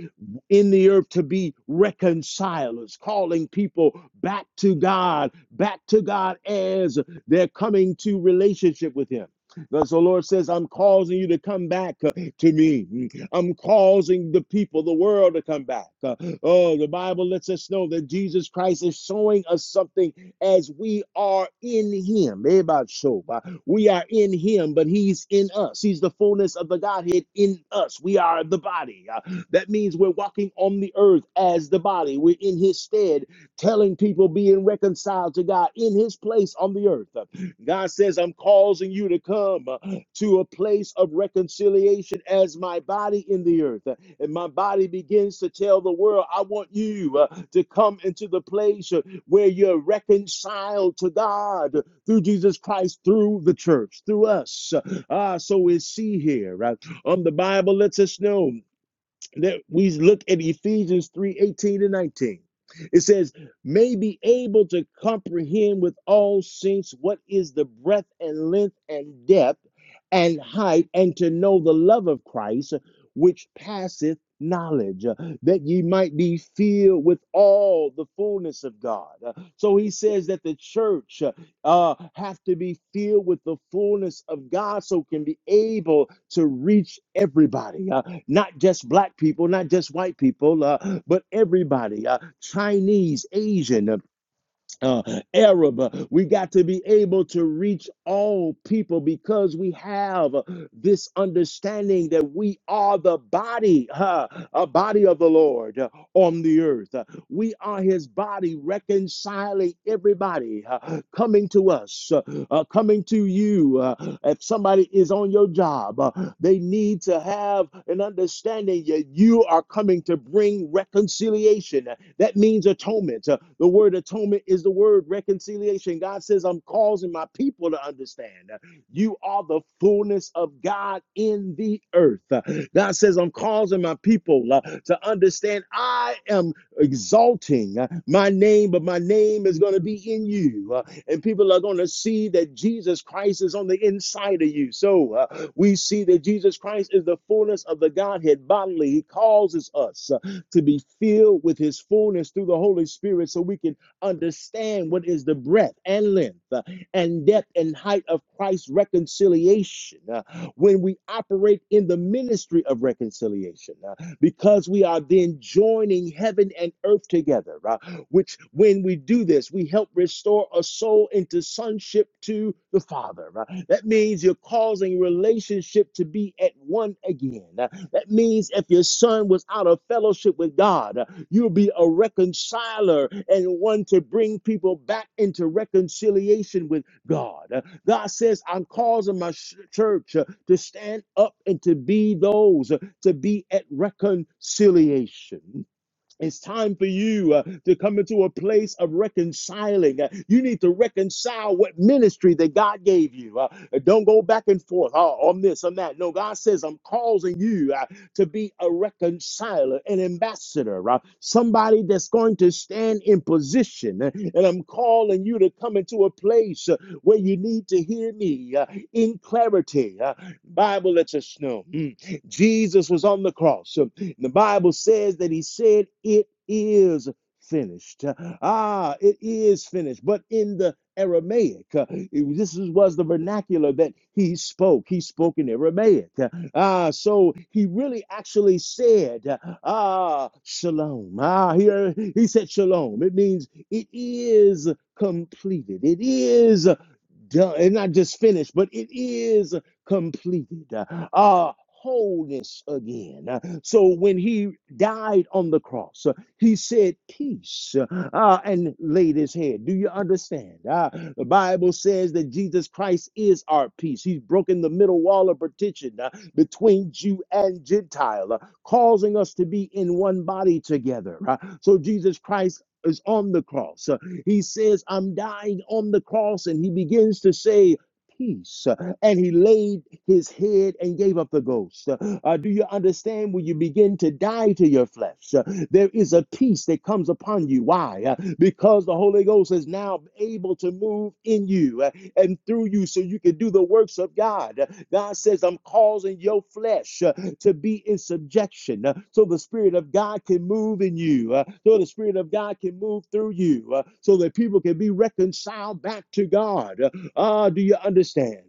Speaker 1: in the earth to be reconcilers, calling people back to God, back to God as they're coming to relationship with him. Thus the Lord says, I'm causing you to come back uh, to me. I'm causing the people, the world to come back. Uh, Oh, the Bible lets us know that Jesus Christ is showing us something as we are in him. Ebashoba. We are in him, but he's in us. He's the fullness of the Godhead in us. We are the body. Uh, that means we're walking on the earth as the body. We're in his stead, telling people being reconciled to God in his place on the earth. Uh, God says, I'm causing you to come uh, to a place of reconciliation as my body in the earth. Uh, And my body begins to tell the world, I want you uh, to come into the place. uh, where you're reconciled to God through Jesus Christ, through the church, through us. Ah, so we see here. right? Um, the Bible lets us know that we look at Ephesians 3:18 18 to 19. It says, may be able to comprehend with all saints what is the breadth and length and depth and height, and to know the love of Christ, which passeth knowledge, uh, that ye might be filled with all the fullness of God. Uh, So he says that the church uh, uh, have to be filled with the fullness of God so can be able to reach everybody. Uh, not just black people, not just white people, uh, but everybody uh, Chinese, Asian, uh, uh, Arab. uh, We got to be able to reach all people because we have uh, this understanding that we are the body, uh, a body of the Lord uh, on the earth. We are his body, reconciling everybody uh, coming to us, uh, uh, coming to you. Uh, if somebody is on your job, uh, they need to have an understanding that you are coming to bring reconciliation. That means atonement. Uh, the word atonement is the word reconciliation. God says, I'm causing my people to understand. Uh, You are the fullness of God in the earth. Uh, God says, I'm causing my people uh, to understand I am exalting uh, my name, but my name is going to be in you. uh, and people are going to see that Jesus Christ is on the inside of you. So uh, we see that Jesus Christ is the fullness of the Godhead bodily. He causes us uh, to be filled with his fullness through the Holy Spirit so we can understand what is the breadth and length uh, and depth and height of Christ's reconciliation. Uh, when we operate in the ministry of reconciliation. uh, because we are then joining heaven and earth together, uh, which when we do this, we help restore a soul into sonship to the Father. uh. That means you're causing relationship to be at one again. Uh, That means if your son was out of fellowship with God, uh, you'll be a reconciler and one to bring people back into reconciliation with God. Uh, God says, I'm causing my church uh, to stand up and to be those to be at reconciliation. It's time for you uh, to come into a place of reconciling. Uh, you need to reconcile what ministry that God gave you. Uh, don't go back and forth oh, on this, on that. No, God says, I'm causing you uh, to be a reconciler, an ambassador, uh, somebody that's going to stand in position. Uh, And I'm calling you to come into a place uh, where you need to hear me uh, in clarity. Uh, Bible lets us know mm, Jesus was on the cross. Uh, the Bible says that he said, It is finished. Ah, it is finished. But in the Aramaic, uh, it- this is- was the vernacular that he spoke. He spoke in Aramaic. Ah, so he really actually said, Ah, shalom. Ah, here he said shalom. It means it is completed. It is done. It's not just finished, but it is completed. Uh, uh, wholeness again. Uh, So when he died on the cross, uh, he said peace uh, uh, and laid his head. Do you understand? Uh, the Bible says that Jesus Christ is our peace. He's broken the middle wall of partition uh, between Jew and Gentile, uh, causing us to be in one body together. Uh, so Jesus Christ is on the cross. uh, he says, I'm dying on the cross. And he begins to say, Peace. And he laid his head and gave up the ghost. Uh, do you understand when you begin to die to your flesh? uh, there is a peace that comes upon you. Why? Uh, because the Holy Ghost is now able to move in you. Uh, and through you so you can do the works of God. God says, I'm causing your flesh uh, to be in subjection uh, so the Spirit of God can move in you, uh, so the Spirit of God can move through you, uh, so that people can be reconciled back to God. Uh, Ah, do you understand?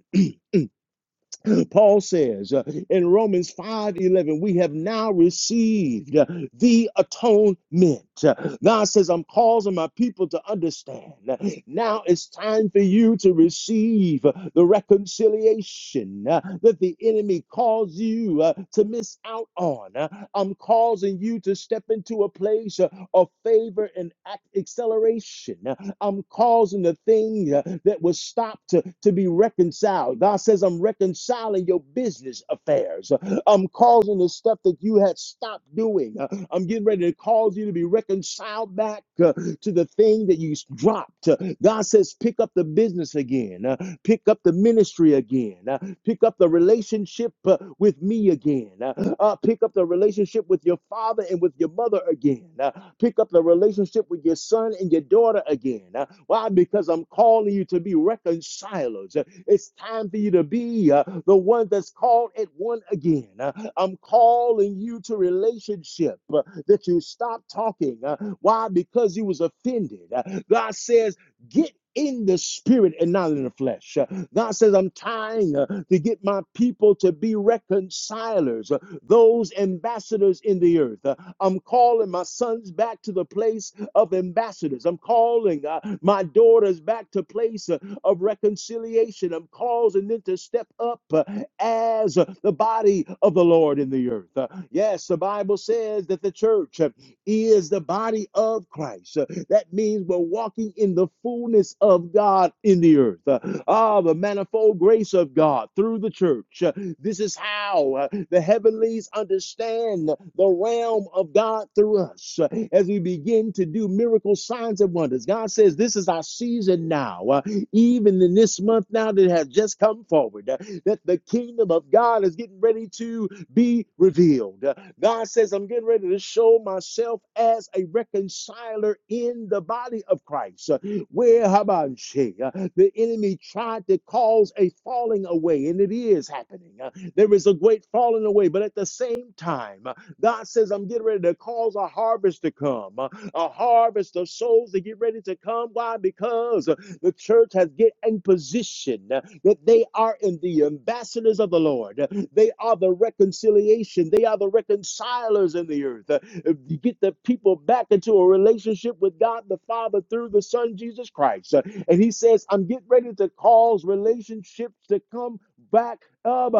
Speaker 1: Paul says uh, in Romans 5:11, we have now received uh, the atonement. Uh, God says, I'm causing my people to understand. Uh, Now it's time for you to receive uh, the reconciliation uh, that the enemy caused you uh, to miss out on. Uh, I'm causing you to step into a place uh, of favor and ac- acceleration. uh, I'm causing the thing uh, that was stopped to, to be reconciled. God says, I'm reconciling your business affairs. I'm causing the stuff that you had stopped doing. Uh, I'm getting ready to cause you to be reconciled back uh, to the thing that you dropped. Uh, God says, pick up the business again. Pick up the ministry again. Uh, pick up the relationship uh, with me again. Uh, uh, pick up the relationship with your father and with your mother again. Uh, pick up the relationship with your son and your daughter again. Uh, why? Because I'm calling you to be reconcilers. Uh, It's time for you to be uh, the one that's called at one again. Uh, I'm calling you to relationship uh, that you stop talking. Uh, why? Because you was offended. Uh, God says, get in the spirit and not in the flesh. Uh, God says, I'm trying uh, to get my people to be reconcilers, uh, those ambassadors in the earth. Uh, I'm calling my sons back to the place of ambassadors. I'm calling uh, my daughters back to place uh, of reconciliation. I'm causing them to step up uh, as uh, the body of the Lord in the earth. Uh, yes, the Bible says that the church uh, is the body of Christ. Uh, That means we're walking in the fullness of God in the earth, uh, ah, the manifold grace of God through the church. Uh, This is how uh, the heavenlies understand the realm of God through us Uh, as we begin to do miracle signs and wonders. God says, This is our season now, uh, even in this month now that has just come forward, uh, that the kingdom of God is getting ready to be revealed. Uh, God says, I'm getting ready to show myself as a reconciler in the body of Christ. Uh, Where Habanshi, uh, the enemy tried to cause a falling away, and it is happening. Uh, There is a great falling away, but at the same time, uh, God says, I'm getting ready to cause a harvest to come, uh, a harvest of souls to get ready to come. Why? Because uh, the church has get in position that they are in the ambassadors of the Lord. They are the reconciliation. They are the reconcilers in the earth. Uh, You get the people back into a relationship with God the Father through the Son Jesus Christ. Uh, And he says, I'm getting ready to cause relationships to come back. up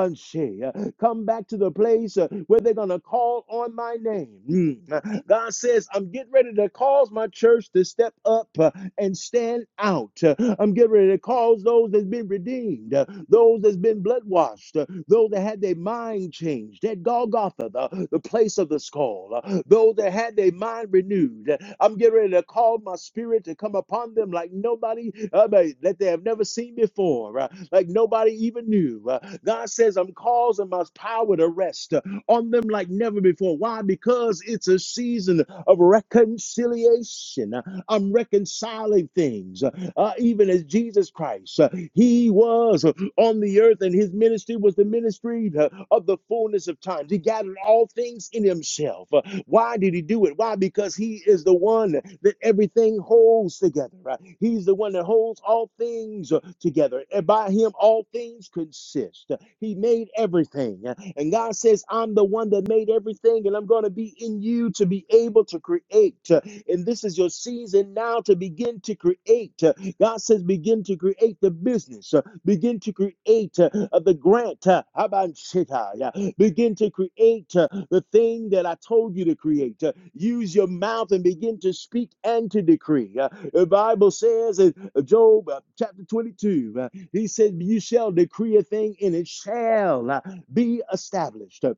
Speaker 1: come back to the place uh, where they're going to call on my name. Mm. Uh, God says, I'm getting ready to cause my church to step up uh, and stand out. Uh, I'm getting ready to cause those that's been redeemed, uh, those that's been blood washed, uh, those that had their mind changed changed. At Golgotha, the, the place of the skull, uh, those that had their mind renewed, uh, I'm getting ready to call my spirit to come upon them like nobody uh, they- that they have never seen before, uh, like nobody even knew. Uh, God says, I'm causing my power to rest uh, on them like never before. Why? Because it's a season of reconciliation. Uh, I'm reconciling things. Uh, uh, even as Jesus Christ, uh, he was on the earth, and his ministry was the ministry uh, of the fullness of times. He gathered all things in himself. Uh, Why did he do it? Why? Because he is the one that everything holds together. Right? He's the one that holds all things uh, together, and by him all things consist. Uh, He made everything, Uh, and God says, "I'm the one that made everything, and I'm going to be in you to be able to create." Uh, And this is your season now to begin to create. Uh, God says, begin to create the business. uh, Begin to create uh, the grant. uh, Habanshita, yeah. Begin to create uh, the thing that I told you to create. Uh, Use your mouth and begin to speak and to decree. Uh, The Bible says in Job uh, chapter 22, uh, he said, You shall decree a thing and it shall uh, be established. Uh,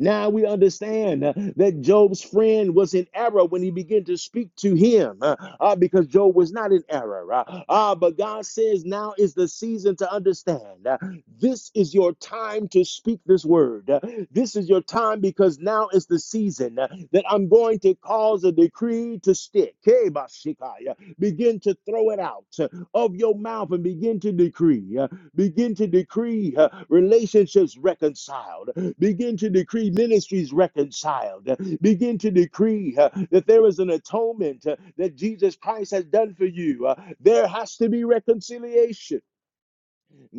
Speaker 1: now we understand uh, that Job's friend was in error when he began to speak to him uh, uh, because Job was not in error. Uh, uh, but God says now is the season to understand. uh, this is your time to speak this word. Uh, This is your time because now is the season uh, that I'm going to cause a decree to stick. Hey, Bashikai, uh, Begin to throw it out uh, of your mouth and begin to decree. Uh, Begin to decree uh, relationships reconciled. Begin to decree ministries reconciled. Begin to decree uh, that there is an atonement uh, that Jesus Christ has done for you. Uh, there has to be reconciliation.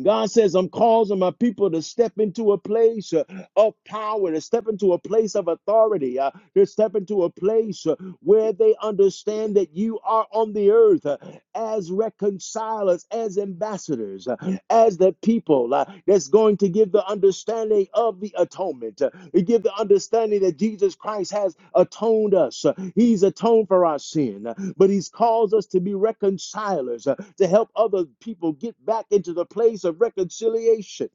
Speaker 1: God says, I'm causing my people to step into a place uh, of power, to step into a place of authority, uh, to step into a place uh, where they understand that you are on the earth uh, as reconcilers, as ambassadors. uh, as the people uh, that's going to give the understanding of the atonement. Uh, give the understanding that Jesus Christ has atoned us. Uh, he's atoned for our sin, uh, but He's called us to be reconcilers, uh, to help other people get back into the place of reconciliation.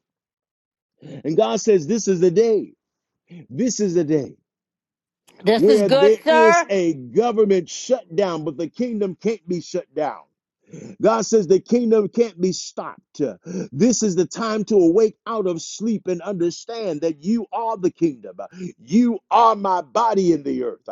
Speaker 1: And God says, This is the day. This is the day
Speaker 2: This is
Speaker 1: where
Speaker 2: good,
Speaker 1: there is
Speaker 2: sir.
Speaker 1: a government shutdown, but the kingdom can't be shut down. God says the kingdom can't be stopped. This is the time to awake out of sleep and understand that you are the kingdom. You are my body in the earth.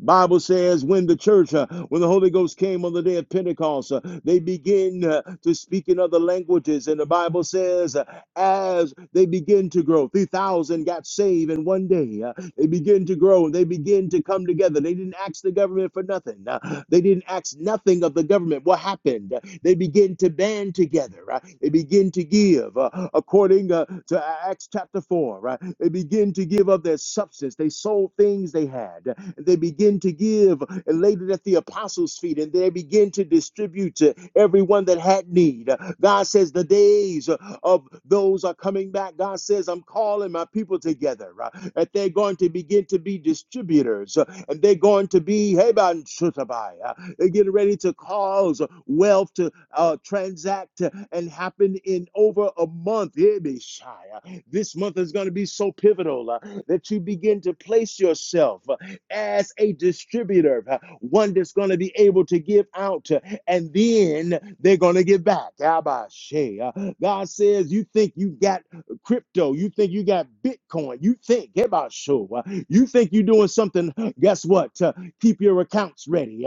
Speaker 1: Bible says when the church, uh, when the Holy Ghost came on the day of Pentecost, uh, they begin uh, to speak in other languages. And the Bible says, uh, as they begin to grow, 3,000 got saved in one day. Uh, they begin to grow. and They begin to come together. They didn't ask the government for nothing. Uh, they didn't ask nothing of the government. What happened? Uh, They begin to band together. Right? They begin to give uh, according uh, to Acts chapter 4. Right? They begin to give of their substance. They sold things they had. Uh, And they begin to give and laid it at the apostles' feet. And they begin to distribute to everyone that had need. Uh, God says the days uh, of those are coming back. God says, I'm calling my people together, uh, that they're going to begin to be distributors, uh, and they're going to be, hey, man, uh, they're getting ready to cause wealth to uh, transact uh, and happen in over a month. Yeah, uh, This month is going to be so pivotal uh, that you begin to place yourself uh, as a distributor, uh, one that's going to be able to give out and then they're going to get back. Uh, God says, You think you got crypto, you think you got Bitcoin, you think, Abasho, uh, you think you're doing something. Guess what? Uh, keep your accounts ready.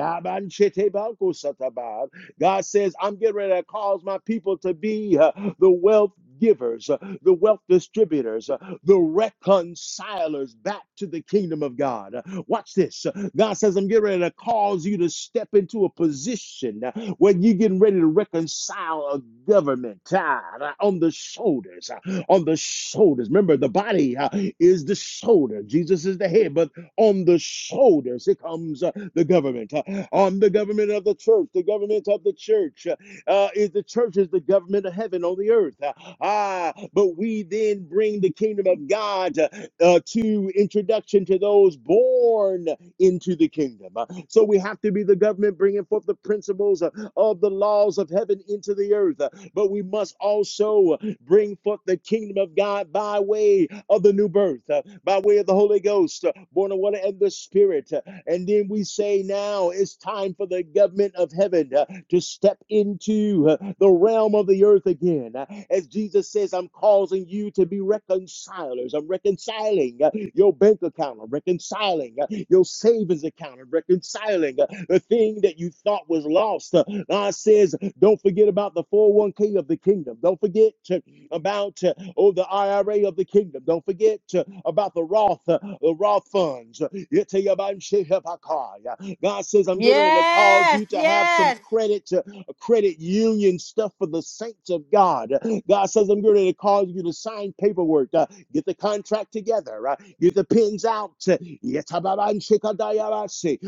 Speaker 1: God says, I'm getting ready to cause my people to be uh, the wealth givers, uh, the wealth distributors, uh, the reconcilers back to the kingdom of God. Uh, Watch this. Uh, God says, I'm getting ready to cause you to step into a position uh, where you're getting ready to reconcile a government ah, uh, on the shoulders, uh, on the shoulders. Remember, the body uh, is the shoulder. Jesus is the head, but on the shoulders, it comes uh, the government. Uh, on the government of the church, the government of the church. Uh, uh, is the church is the government of heaven on the earth. Uh, ah, but we then bring the kingdom of God uh, uh, to introduction to those born into the kingdom. Uh, so we have to be the government bringing forth the principles uh, of the laws of heaven into the earth. Uh, but we must also uh, bring forth the kingdom of God by way of the new birth uh, by way of the Holy Ghost, uh, born of water and the Spirit. Uh, and then we say, now it's time for the government of heaven uh, to step into uh, the realm of the earth again. Uh, as Jesus says, I'm causing you to be reconcilers. I'm reconciling uh, your bank account. I'm reconciling uh, your savings account. I'm reconciling uh, the thing that you thought was lost. Uh, God says, don't forget about the 401k of the kingdom. Don't forget, to about uh, oh the IRA of the kingdom. Don't forget uh, about the Roth, uh, the Roth funds. <laughs> God says, I'm getting ready to cause
Speaker 2: Yes,
Speaker 1: you to have some
Speaker 2: yes.
Speaker 1: credit, uh, credit union stuff for the saints of God. God says, I'm getting ready to cause you to sign paperwork, uh, get the contract together, uh, get the pins out, uh,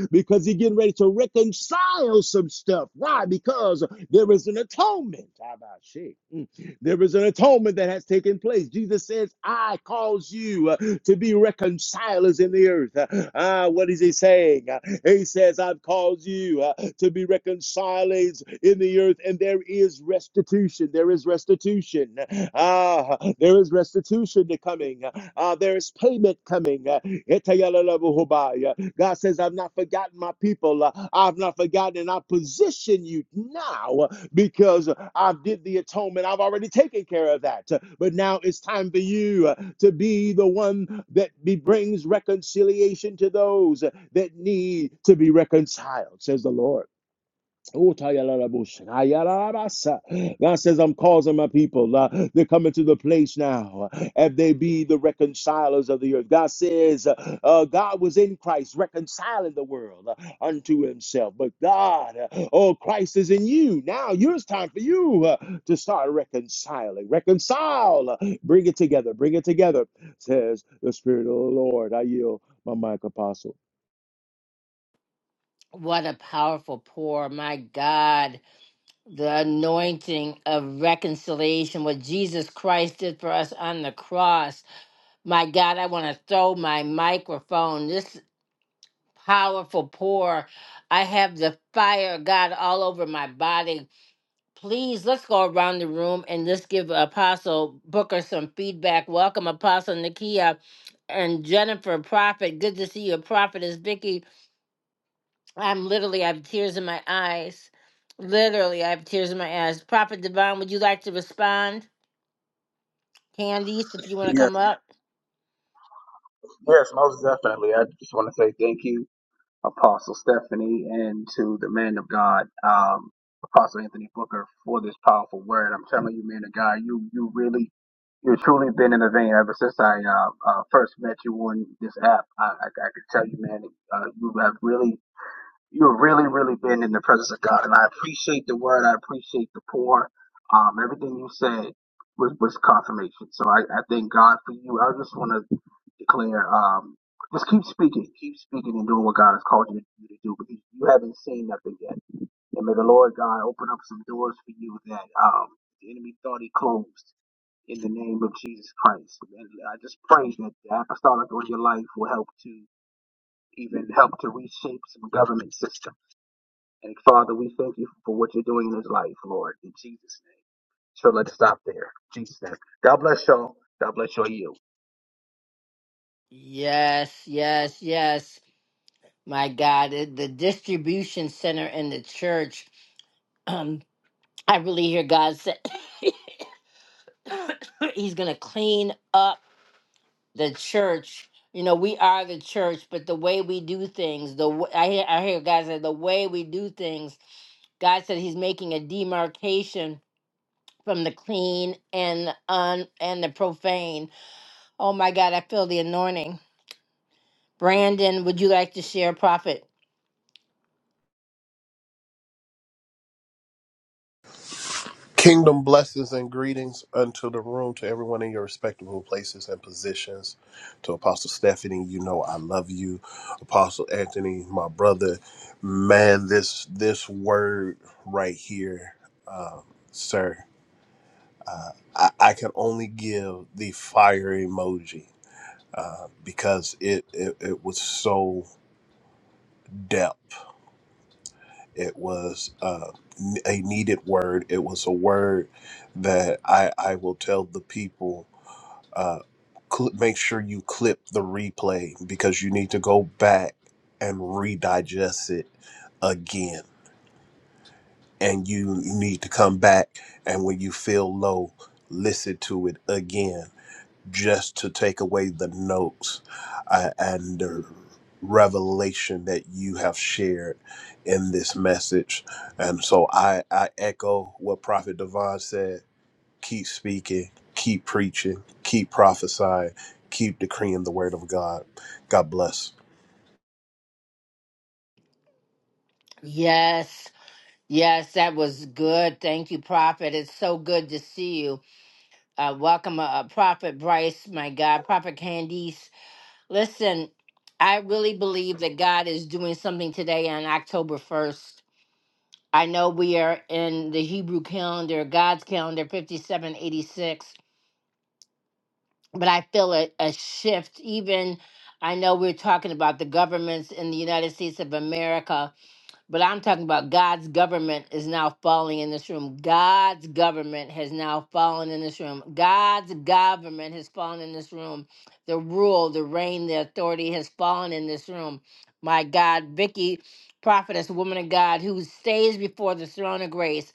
Speaker 1: <laughs> because he's getting ready to reconcile some stuff. Why? Because there is an atonement. There is an atonement that has taken place. Jesus says, I cause you uh, to be reconcilers in the earth. Uh, ah, what is he saying? Uh, he says, I've caused you uh, to be reconcilers in the earth, and there is restitution. There is restitution. Ah, there is restitution to coming. Ah, there is payment coming. Uh, Etayalalabuhubaya. God says, I've not forgotten my people. Uh, I've not forgotten, and I position you now because I did the atonement. I've already taken care of that. But now it's time for you uh, to be the one that be, brings reconciliation to those that need to be reconciled, says the Lord. Oh, God says, I'm causing my people. Uh, they're coming to the place now uh, if they be the reconcilers of the earth. God says, uh, uh, God was in Christ reconciling the world uh, unto himself. But God, uh, oh, Christ is in you. Now it's time for you uh, to start reconciling. Reconcile. Uh, bring it together. Bring it together, says the Spirit of the Lord. I yield my mic, Apostle.
Speaker 2: What a powerful pour. My God, the anointing of reconciliation, what Jesus Christ did for us on the cross. My God, I want to throw my microphone. This powerful pour. I have the fire of God all over my body. Please, let's go around the room and let's give Apostle Booker some feedback. Welcome, Apostle Nakia and Jennifer Prophet. Good to see you, Prophet. Is Vicky? I'm literally, I have tears in my eyes. Literally, I have tears in my eyes. Prophet Devon, would you like to respond? Candice, if you want to
Speaker 3: Yes,
Speaker 2: come up.
Speaker 3: yes, most definitely. I just want to say thank you, Apostle Stephanie, and to the man of God, um, Apostle Anthony Booker, for this powerful word. I'm telling you, man of God, you you really you've truly been in the vein ever since I uh, uh, first met you on this app. I, I, I could tell you, man, uh, you have really you've really really been in the presence of God, and I appreciate the word. I appreciate the pour. Um, everything you said was was confirmation. So I, I thank God for you. I just want to declare, um, just keep speaking, keep speaking and doing what God has called you to, do because you haven't seen nothing yet. And may the Lord God open up some doors for you that um, the enemy thought he closed in the name of Jesus Christ. And I just pray that the apostolic on your life will help to even help to reshape some government system. And Father, we thank you for what you're doing in his life, Lord, in Jesus' name. So let's stop there. In Jesus' name. God bless y'all. God bless your you.
Speaker 2: Yes, yes, yes. My God, it- the distribution center in the church. <clears throat> Um. I really hear God say <coughs> He's going to clean up the church. You know, we are the church, but the way we do things, the w- I hear, I hear God say the way we do things. God said He's making a demarcation from the clean and the un and the profane. Oh my God, I feel the anointing. Brandon, would you like to share, Prophet?
Speaker 4: Kingdom blessings and greetings unto the room, to everyone in your respectable places and positions. To Apostle Stephanie, you know I love you. Apostle Anthony, my brother, man, this this word right here, um, sir, uh, I, I can only give the fire emoji uh, because it, it it was so depth. It was uh, a needed word. It was a word that I I will tell the people uh, cl- make sure you clip the replay because you need to go back and redigest it again. And you need to come back and when you feel low, listen to it again just to take away the notes uh, and the revelation that you have shared in this message. And so I, I echo what Prophet Devon said keep speaking, keep preaching, keep prophesying, keep decreeing the word of God. God bless.
Speaker 2: Yes, yes, that was good. Thank you, Prophet. It's so good to see you. uh, welcome, uh, Prophet Bryce, my God, Prophet Candice. Listen, I really believe that God is doing something today on October 1st. I know we are in the Hebrew calendar, God's calendar, 5786, but I feel a, a shift. Even I know we're talking about the governments in the United States of America but I'm talking about God's government is now falling in this room. God's government has now fallen in this room. God's government has fallen in this room. The rule, the reign, the authority has fallen in this room. My God, Vicky, prophetess, woman of God, who stays before the throne of grace,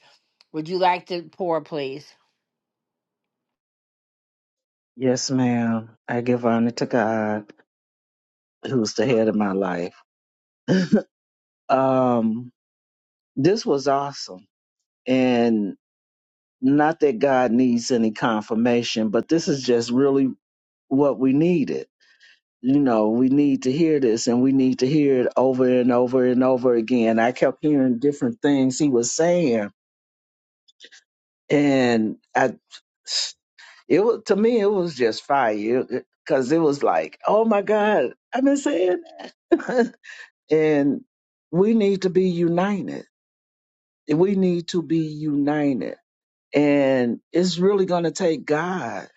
Speaker 2: would you like to pour, please?
Speaker 5: Yes, ma'am. I give honor to God, who's the head of my life. Um, this was awesome. And not that God needs any confirmation, but this is just really what we needed. You know, we need to hear this and we need to hear it over and over and over again. I kept hearing different things he was saying. And I, it was, to me, it was just fire because it 'cause it was like, oh my God, I've been saying <laughs> And we need to be united. We need to be united. And it's really going to take God,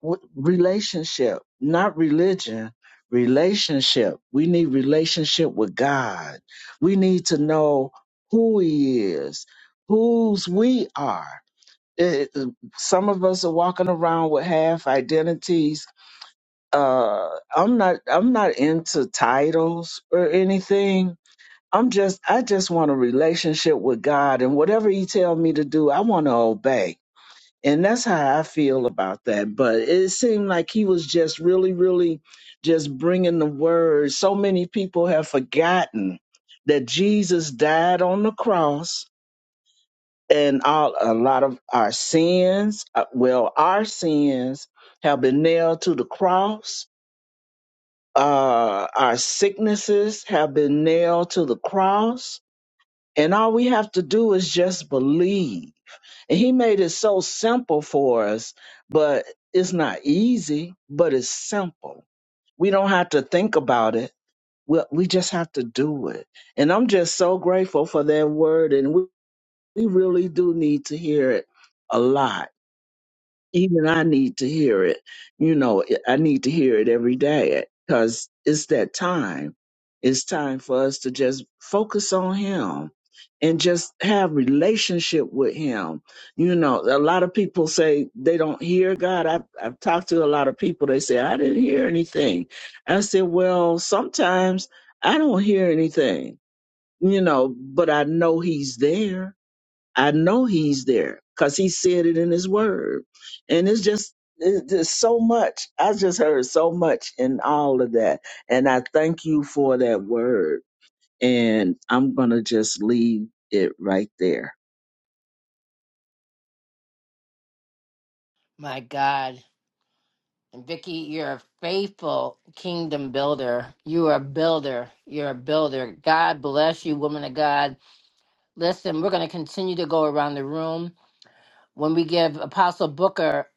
Speaker 5: What- relationship, not religion, relationship. We need relationship with God. We need to know who He is, whose we are. It- it- some of us are walking around with half identities. Uh, I'm not. I'm not into titles or anything I'm just I just want a relationship with God and whatever he tell me to do, I want to obey. And that's how I feel about that. But it seemed like he was just really really just bringing the word. So many people have forgotten that Jesus died on the cross and all a lot of our sins, uh, well, our sins have been nailed to the cross. Uh, our sicknesses have been nailed to the cross And all we have to do is just believe. And he made it so simple for us, but it's not easy, but it's simple. We don't have to think about it. We, we just have to do it. And I'm just so grateful for that word. And we, we really do need to hear it a lot even I need to hear it. You know, I need to hear it every day because it's that time. It's time for us to just focus on Him and just have relationship with Him. You know, a lot of people say they don't hear God. I've, I've talked to a lot of people. They say I didn't hear anything. I said, well, sometimes I don't hear anything. You know, but I know He's there I know he's there because he said it in his word. And it's just, it's just so much. I just heard so much in all of that. And I thank you for that word. And I'm going to just leave it right there.
Speaker 2: My God. And Vicky, you're a faithful kingdom builder. You are a builder. You're a builder. God bless you, woman of God. Listen, we're going to continue to go around the room. When we give Apostle Booker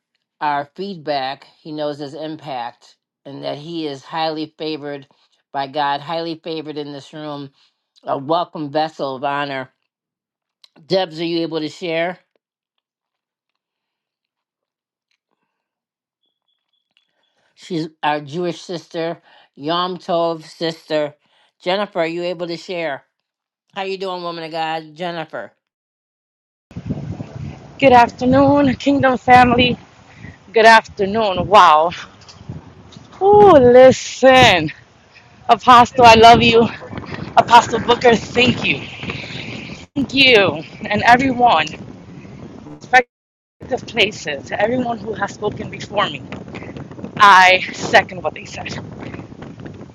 Speaker 2: our feedback, he knows his impact and that he is highly favored by God, highly favored in this room, a welcome vessel of honor. Debs, are you able to share? She's our Jewish sister, Yom Tov sister. Jennifer, are you able to share? How you doing, woman of God? Jennifer.
Speaker 6: Good afternoon, Kingdom family. Good afternoon. Wow. Oh, listen. Apostle, I love you. Apostle Booker, thank you. Thank you. And everyone, respective places, everyone who has spoken before me, I second what they said.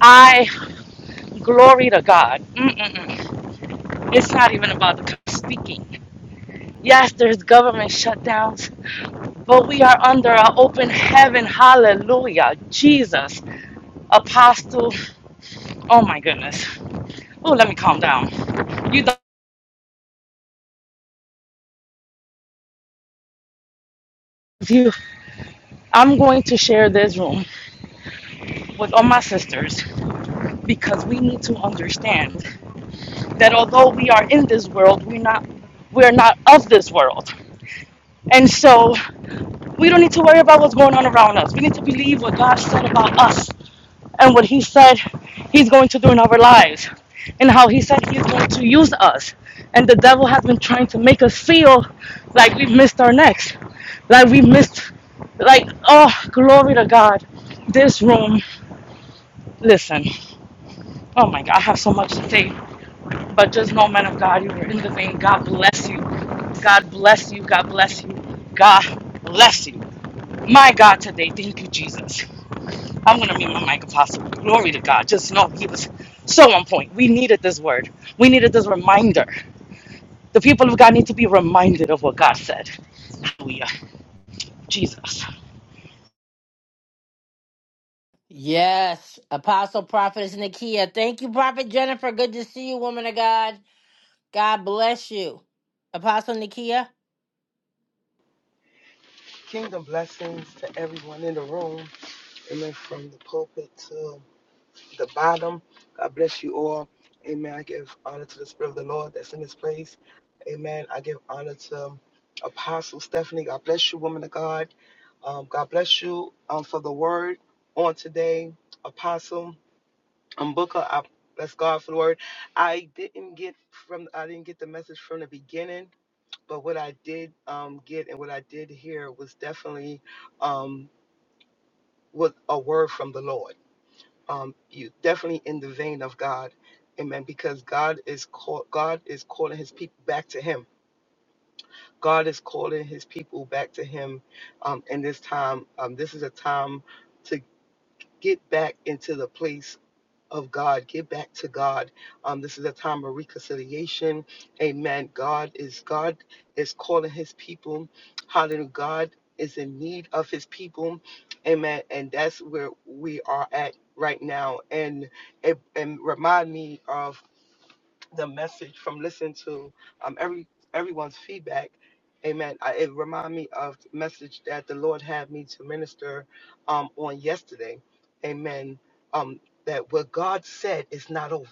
Speaker 6: I glory to God. Mm-mm-mm. It's not even about the speaking. Yes, there's government shutdowns, but we are under an open heaven. Hallelujah. Jesus, Apostle, oh my goodness. Oh, let me calm down. You don't you I'm going to share this room with all my sisters because we need to understand that although we are in this world, we're not we're not of this world. And so we don't need to worry about what's going on around us. We need to believe what God said about us and what he said he's going to do in our lives and how he said he's going to use us. And the devil has been trying to make us feel like we've missed our next, like we missed, like, oh, glory to God. This room, listen, oh my God, I have so much to say, but just know, man of God, you were in the vein. God bless you. God bless you. God bless you. God bless you. My God, today, thank you, Jesus. I'm going to meet my mic apostle. Glory to God. Just know he was so on point. We needed this word. We needed this reminder. The people of God need to be reminded of what God said. Hallelujah. Jesus.
Speaker 2: Yes, Apostle Prophetess Nakia. Thank you, Prophet Jennifer. Good to see you, woman of God. God bless you. Apostle Nakia.
Speaker 7: Kingdom blessings to everyone in the room. Amen. From the pulpit to the bottom. God bless you all. Amen. I give honor to the Spirit of the Lord that's in this place. Amen. I give honor to um, Apostle Stephanie. God bless you, woman of God. Um, God bless you um, for the word on today. Apostle um, Booker, I bless God for the word. I didn't get from I didn't get the message from the beginning, but what I did um, get and what I did hear was definitely. Um, with a word from the Lord. Um, you definitely in the vein of God, Amen. Because God is call, God is calling His people back to Him. God is calling His people back to Him um, in this time. Um, this is a time to get back into the place of God. Give back to God. Um, this is a time of reconciliation. Amen. God is God is calling His people. Hallelujah. God is in need of His people. Amen. And that's where we are at right now. And and and remind me of the message from listening to um, every everyone's feedback. Amen. I, it reminded me of the message that the Lord had me to minister um, on yesterday. Amen. Um, that what God said is not over.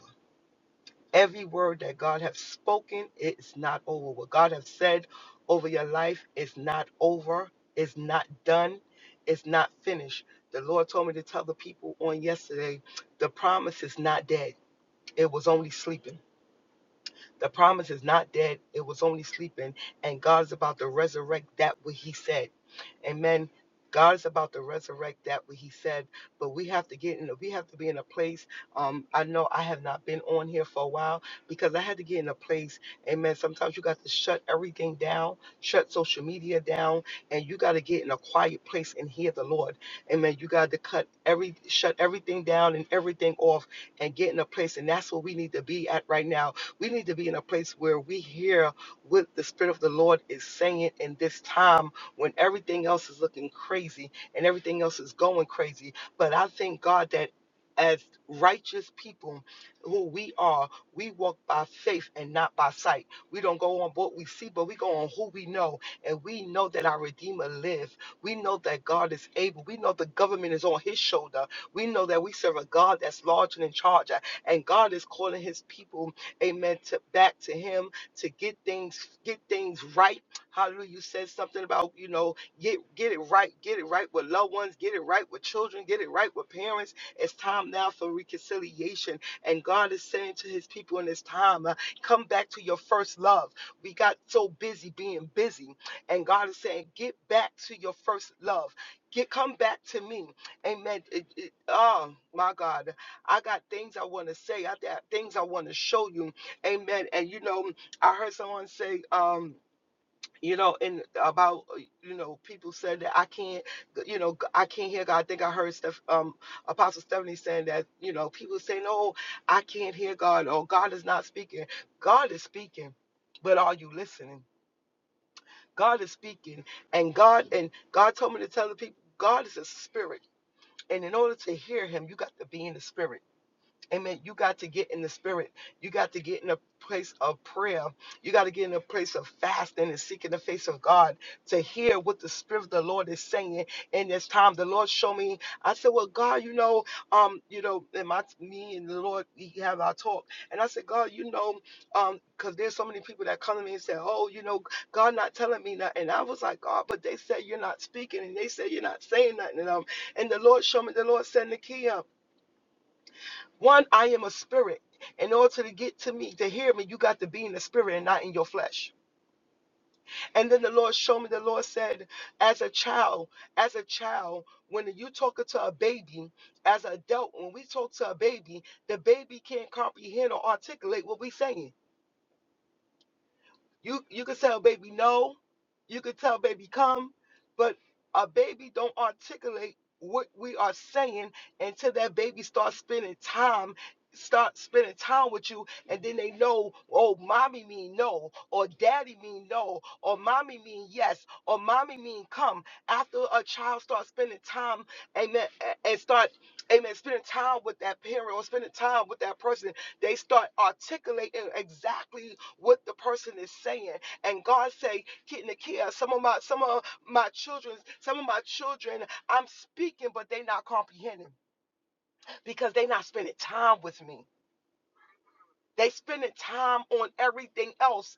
Speaker 7: Every word that God has spoken, it's not over. What God has said over your life is not over. It's not done. It's not finished. The Lord told me to tell the people on yesterday, the promise is not dead. It was only sleeping the promise is not dead, it was only sleeping, and God is about to resurrect that what He said. Amen. God is about to resurrect that what He said, but we have to get in. We have to be in a place. Um, I know I have not been on here for a while because I had to get in a place. Amen. Sometimes you got to shut everything down, shut social media down, and you got to get in a quiet place and hear the Lord. Amen. You got to cut every, shut everything down and everything off, and get in a place. And that's where we need to be at right now we need to be in a place where we hear what the Spirit of the Lord is saying in this time when everything else is looking crazy and everything else is going crazy. But I thank God that as righteous people who we are, we walk by faith and not by sight. We don't go on what we see, but we go on who we know. And we know that our Redeemer lives. We know that God is able. We know the government is on his shoulder. We know that we serve a God that's large and in charge. And God is calling his people amen, to back to him to get things get things right. Hallelujah. You said something about, you know, get get it right, get it right with loved ones, get it right with children, get it right with parents. It's time now for reconciliation. And God is saying to his people in this time, uh, come back to your first love. We got so busy being busy. And God is saying, get back to your first love. Get come back to me. Amen. It- it- oh my God. I got things I want to say. I got things I want to show you. Amen. And you know, I heard someone say, um, you know, and about uh, you know, people said that I can't, you know, I can't hear God. I think I heard Steph, um, Apostle Stephanie saying that, you know, people say, no, I can't hear God," or "God is not speaking." God is speaking, but are you listening? God is speaking, and God and God told me to tell the people, God is a spirit, and in order to hear Him, you got to be in the spirit. Amen. You got to get in the spirit. You got to get in a place of prayer. You got to get in a place of fasting and seeking the face of God to hear what the spirit of the Lord is saying in this time. The Lord showed me. I said, "Well, God, you know, um, you know, and my me and the Lord we have our talk." And I said, "God, you know, um, because there's so many people that come to me and say, "Oh, you know, God not telling me nothing." And I was like, "God, but they said you're not speaking, and they said you're not saying nothing." And um, and the Lord showed me. The Lord said, "Nikia." One, I am a spirit. In order to get to me, to hear me, you got to be in the spirit and not in your flesh. And then the Lord showed me, the Lord said, as a child, as a child, when you talking to a baby, as an adult, when we talk to a baby, the baby can't comprehend or articulate what we're saying. You you could tell baby no, you could tell baby come, but a baby don't articulate what we are saying until that baby starts spending time start spending time with you and then they know oh mommy mean no or daddy mean no or mommy mean yes or mommy mean come after a child starts spending time amen a- and start amen spending time with that parent or spending time with that person they start articulating exactly what the person is saying. And God say, getting the care. Some of my some of my children, some of my children, I'm speaking, but they not comprehending because they not spending time with me. They spending time on everything else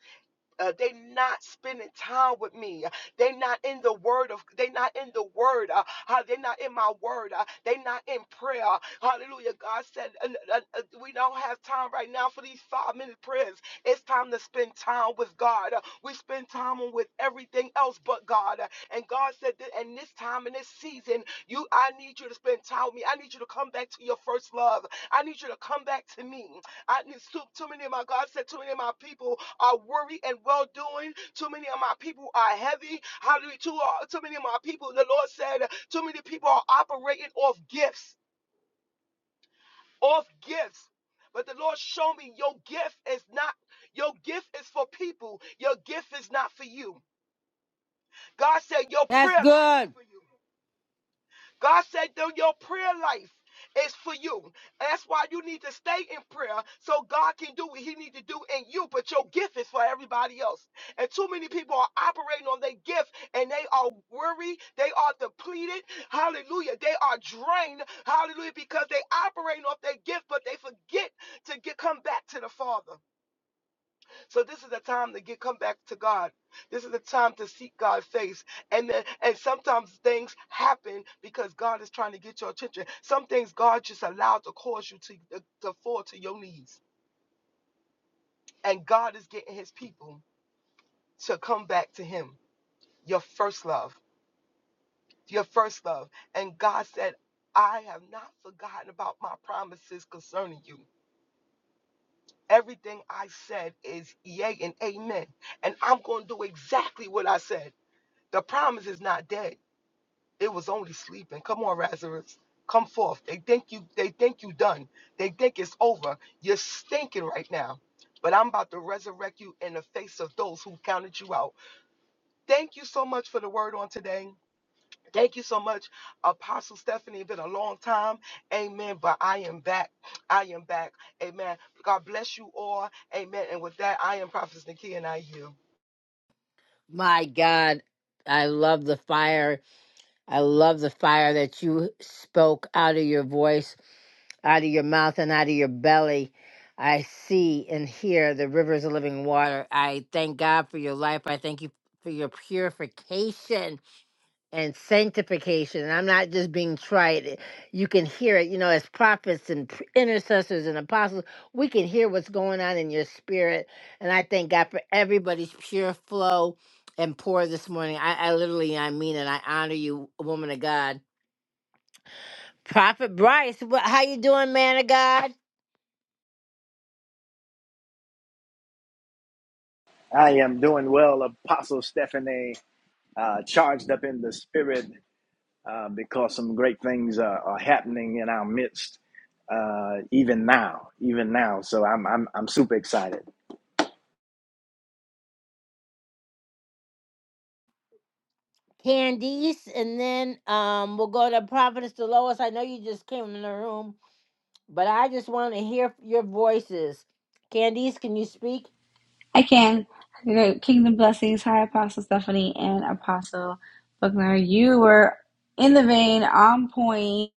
Speaker 7: uh, they not spending time with me. They not in the word of. They not in the word. Uh, they not in my word. Uh, they not in prayer. Hallelujah. God said uh, uh, uh, we don't have time right now for these five minute prayers. It's time to spend time with God. Uh, we spend time with everything else but God. Uh, and God said that in this time in this season, you I need you to spend time with me. I need you to come back to your first love. I need you to come back to me. I need too, many of my God said too many of my people are worried and well doing. Too many of my people are heavy. How Hallelujah. Too, uh, too many of my people, the Lord said, too many people are operating off gifts. Off gifts. But the Lord showed me your gift is not your gift is for people. Your gift is not for you. God said your
Speaker 2: that's
Speaker 7: prayer life is
Speaker 2: good.
Speaker 7: for you. God said, though your prayer life is for you. That's why you need to stay in prayer so God can do what He needs to do in you. But your gift is for everybody else. And too many people are operating on their gift and they are worried. They are depleted. Hallelujah. They are drained. Hallelujah. Because they operating off their gift, but they forget to get come back to the Father. So this is the time to get come back to God. This is the time to seek God's face. And then, and sometimes things happen because God is trying to get your attention. Some things God just allowed to cause you to, to fall to your knees. And God is getting his people to come back to him. Your first love. Your first love. And God said, I have not forgotten about my promises concerning you. Everything I said is yea and amen. And I'm going to do exactly what I said. The promise is not dead. It was only sleeping. Come on, Lazarus. Come forth. They think you they think you done. They think it's over. You're stinking right now. But I'm about to resurrect you in the face of those who counted you out. Thank you so much for the word on today. Thank you so much, Apostle Stephanie. It's been a long time. Amen. But I am back. I am back. Amen. God bless you all. Amen. And with that, I am Prophet Nikia and I you.
Speaker 2: My God, I love the fire. I love the fire that you spoke out of your voice, out of your mouth, and out of your belly. I see and hear the rivers of living water. I thank God for your life. I thank you for your purification. and sanctification. And I'm not just being trite. eh, You can hear it, you know, as prophets and p- intercessors and apostles, we can hear what's going on in your spirit. And I thank God for everybody's pure flow and pour this morning. I, I literally, I mean it. I honor you, woman of God. Prophet Bryce, what, how you doing, man of God?
Speaker 8: I am doing well, Apostle Stephanie, uh, charged up in the spirit uh, because some great things are, are happening in our midst uh, even now, even now. So I'm I'm I'm super excited.
Speaker 2: Candice, and then um, we'll go to Prophetess Delois. I know you just came in the room, but I just want to hear your voices. Candice, can you speak?
Speaker 9: I can. Kingdom blessings. Hi, Apostle Stephanie and Apostle Buckner. You were in the vein, on point.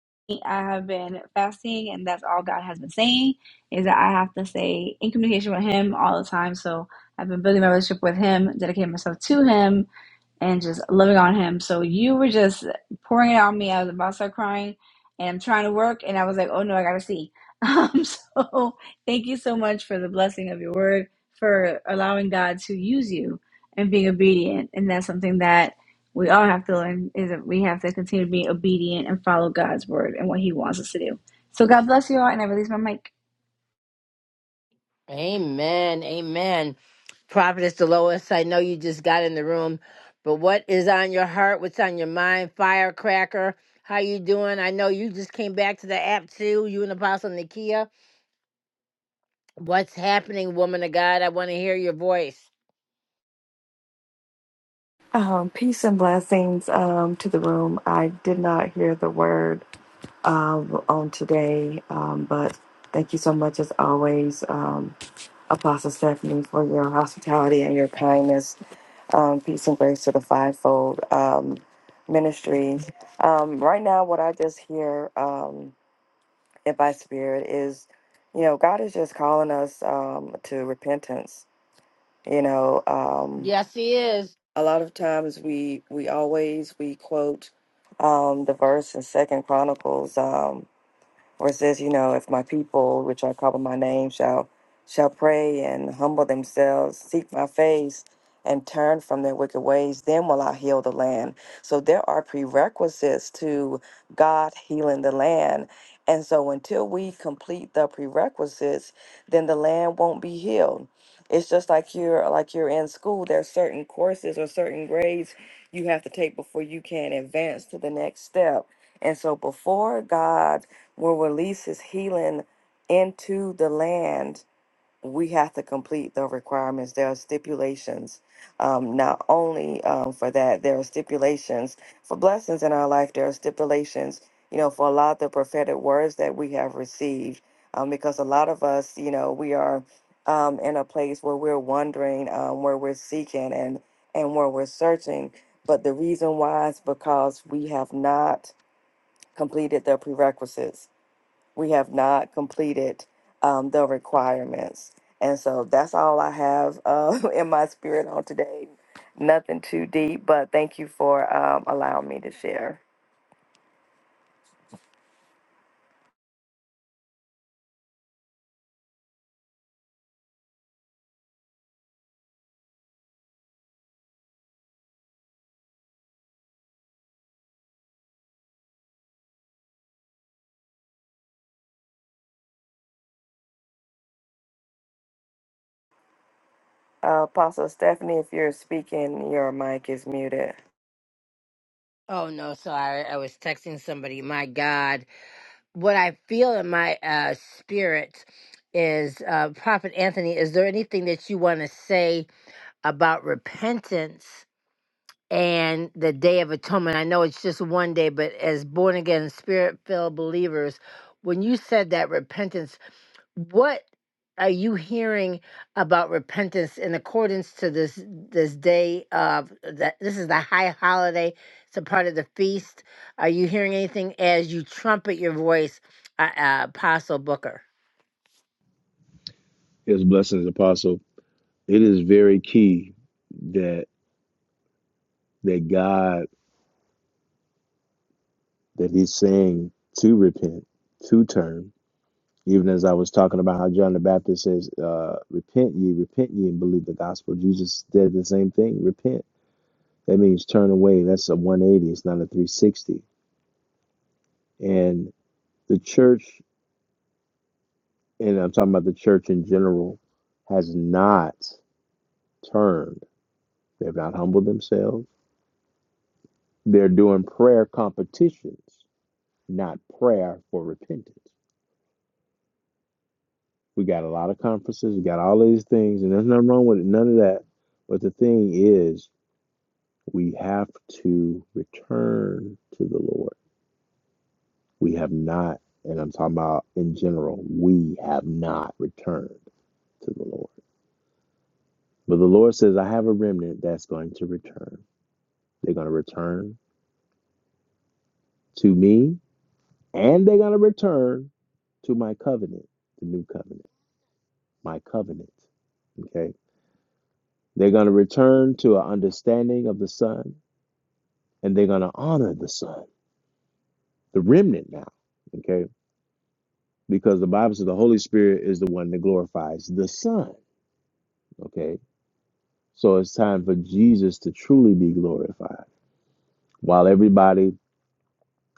Speaker 9: I have been fasting, and that's all God has been saying is that I have to stay in communication with Him all the time. So I've been building my relationship with Him, dedicating myself to Him, and just loving on him. So you were just pouring it on me. I was about to start crying and I'm trying to work and I was like, oh no, I gotta see. <laughs> Um, so thank you so much for the blessing of your word, for allowing God to use you and being obedient. And that's something that we all have to learn is that we have to continue to be obedient and follow God's word and what he wants us to do. So God bless you all and I release my mic.
Speaker 2: Amen. Amen. Prophetess Delois, I know you just got in the room, but what is on your heart? What's on your mind? Firecracker, how you doing? I know you just came back to the app too. You and Apostle Nikia. What's happening, woman of God? I want to hear your voice.
Speaker 10: Um, peace and blessings um, to the room. I did not hear the word um, on today, um, but thank you so much, as always, um, Apostle Stephanie, for your hospitality and your kindness. Um, peace and grace to the fivefold um, ministry. Um, right now, what I just hear um, in my spirit is, you know, God is just calling us um, to repentance. You know. Um,
Speaker 2: Yes, he is.
Speaker 10: a lot of times we we always we quote um the verse in second chronicles Um, or it says, you know, if my people, which are called by my name, shall shall pray and humble themselves, seek my face, and turn from their wicked ways, then will I heal the land. So there are prerequisites to God healing the land. And so until we complete the prerequisites, then the land won't be healed. It's just like you're like you're in school. There are certain courses or certain grades you have to take before you can advance to the next step. And so before God will release his healing into the land, we have to complete the requirements. There are stipulations, um, not only um, for that, there are stipulations for blessings in our life, there are stipulations, you know, for a lot of the prophetic words that we have received. Um, because a lot of us, you know, we are um, in a place where we're wondering, um, where we're seeking, and and where we're searching. But the reason why is because we have not completed the prerequisites we have not completed um, the requirements. And so that's all I have uh, <laughs> in my spirit on today. Nothing too deep, but thank you for um, allowing me to share. Uh, Apostle Stephanie, if you're speaking, your mic is muted.
Speaker 2: Oh no, sorry. I was texting somebody. My God. What I feel in my uh spirit is uh Prophet Anthony, is there anything that you want to say about repentance and the Day of Atonement. I know it's just one day, but as born again, spirit filled believers, when you said that repentance, what are you hearing about repentance in accordance to this this day of that this is the high holiday it's a part of the feast are you hearing anything as you trumpet your voice uh, uh, apostle booker
Speaker 1: His blessings, Apostle. It is very key that. that God that He's saying to repent, to turn. Even as I was talking about how John the Baptist says, uh, "Repent ye, repent ye, and believe the gospel." Jesus did the same thing. Repent. That means turn away. That's a 180. It's not a 360. And the church, and I'm talking about the church in general, has not turned. They've not humbled themselves. They're doing prayer competitions, not prayer for repentance. We got a lot of conferences. We got all of these things, and there's nothing wrong with it, none of that. But the thing is, we have to return to the Lord. We have not, and I'm talking about in general, we have not returned to the Lord. But the Lord says, I have a remnant that's going to return. They're going to return to me, and they're going to return to my covenant, the new covenant, my covenant. Okay. They're going to return to an understanding of the Son. and they're going to honor the Son, the remnant now, okay? Because the Bible says the Holy Spirit is the one that glorifies the Son, okay? So it's time for Jesus to truly be glorified. While everybody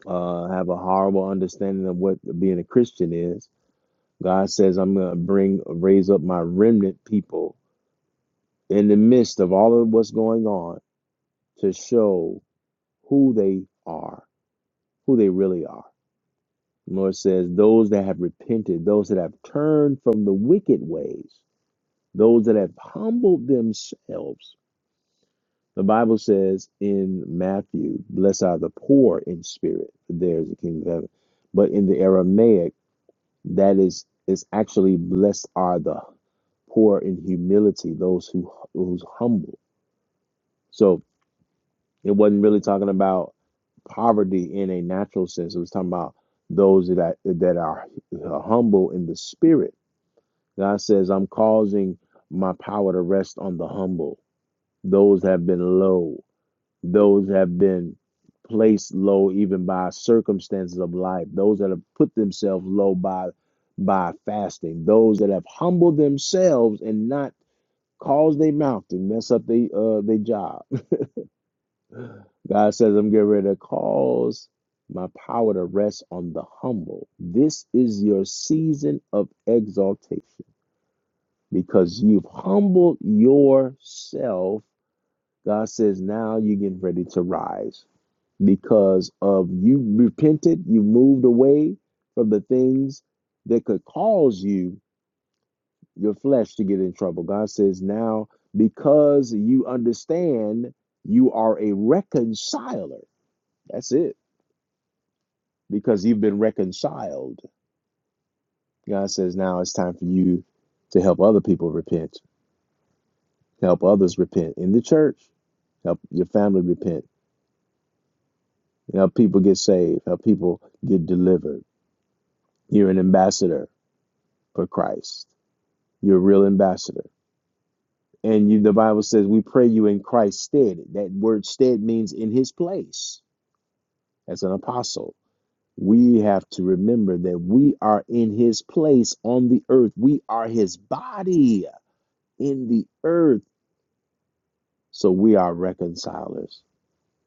Speaker 1: uh, have a horrible understanding of what being a Christian is, God says, "I'm going to bring raise up my remnant people in the midst of all of what's going on to show who they are, who they really are." The Lord says, Those that have repented, those that have turned from the wicked ways, those that have humbled themselves. The Bible says in Matthew, Blessed are the poor in spirit, for theirs is the kingdom of heaven. But in the Aramaic, that is is actually blessed are the poor in humility, those who who's humble. So it wasn't really talking about poverty in a natural sense. It was talking about those that are, that are humble in the spirit God says, I'm causing my power to rest on the humble, those have been low, those have been placed low even by circumstances of life, those that have put themselves low by by fasting, those that have humbled themselves and not caused their mouth to mess up their uh their job. <laughs> God says, I'm getting ready to cause my power to rest on the humble. This is your season of exaltation. because you've humbled yourself. God says, now you're getting ready to rise because of you repented, you moved away from the things that could cause you, your flesh, to get in trouble. God says, now because you understand you are a reconciler. That's it. Because you've been reconciled. God says, now it's time for you to help other people repent Help others repent in the church. Help your family repent. Help people get saved. Help people get delivered. You're an ambassador for Christ. You're a real ambassador. And you, the Bible says, we pray you in Christ's stead. That word stead means in his place as an apostle. We have to remember that we are in his place on the earth. We are his body in the earth. So we are reconcilers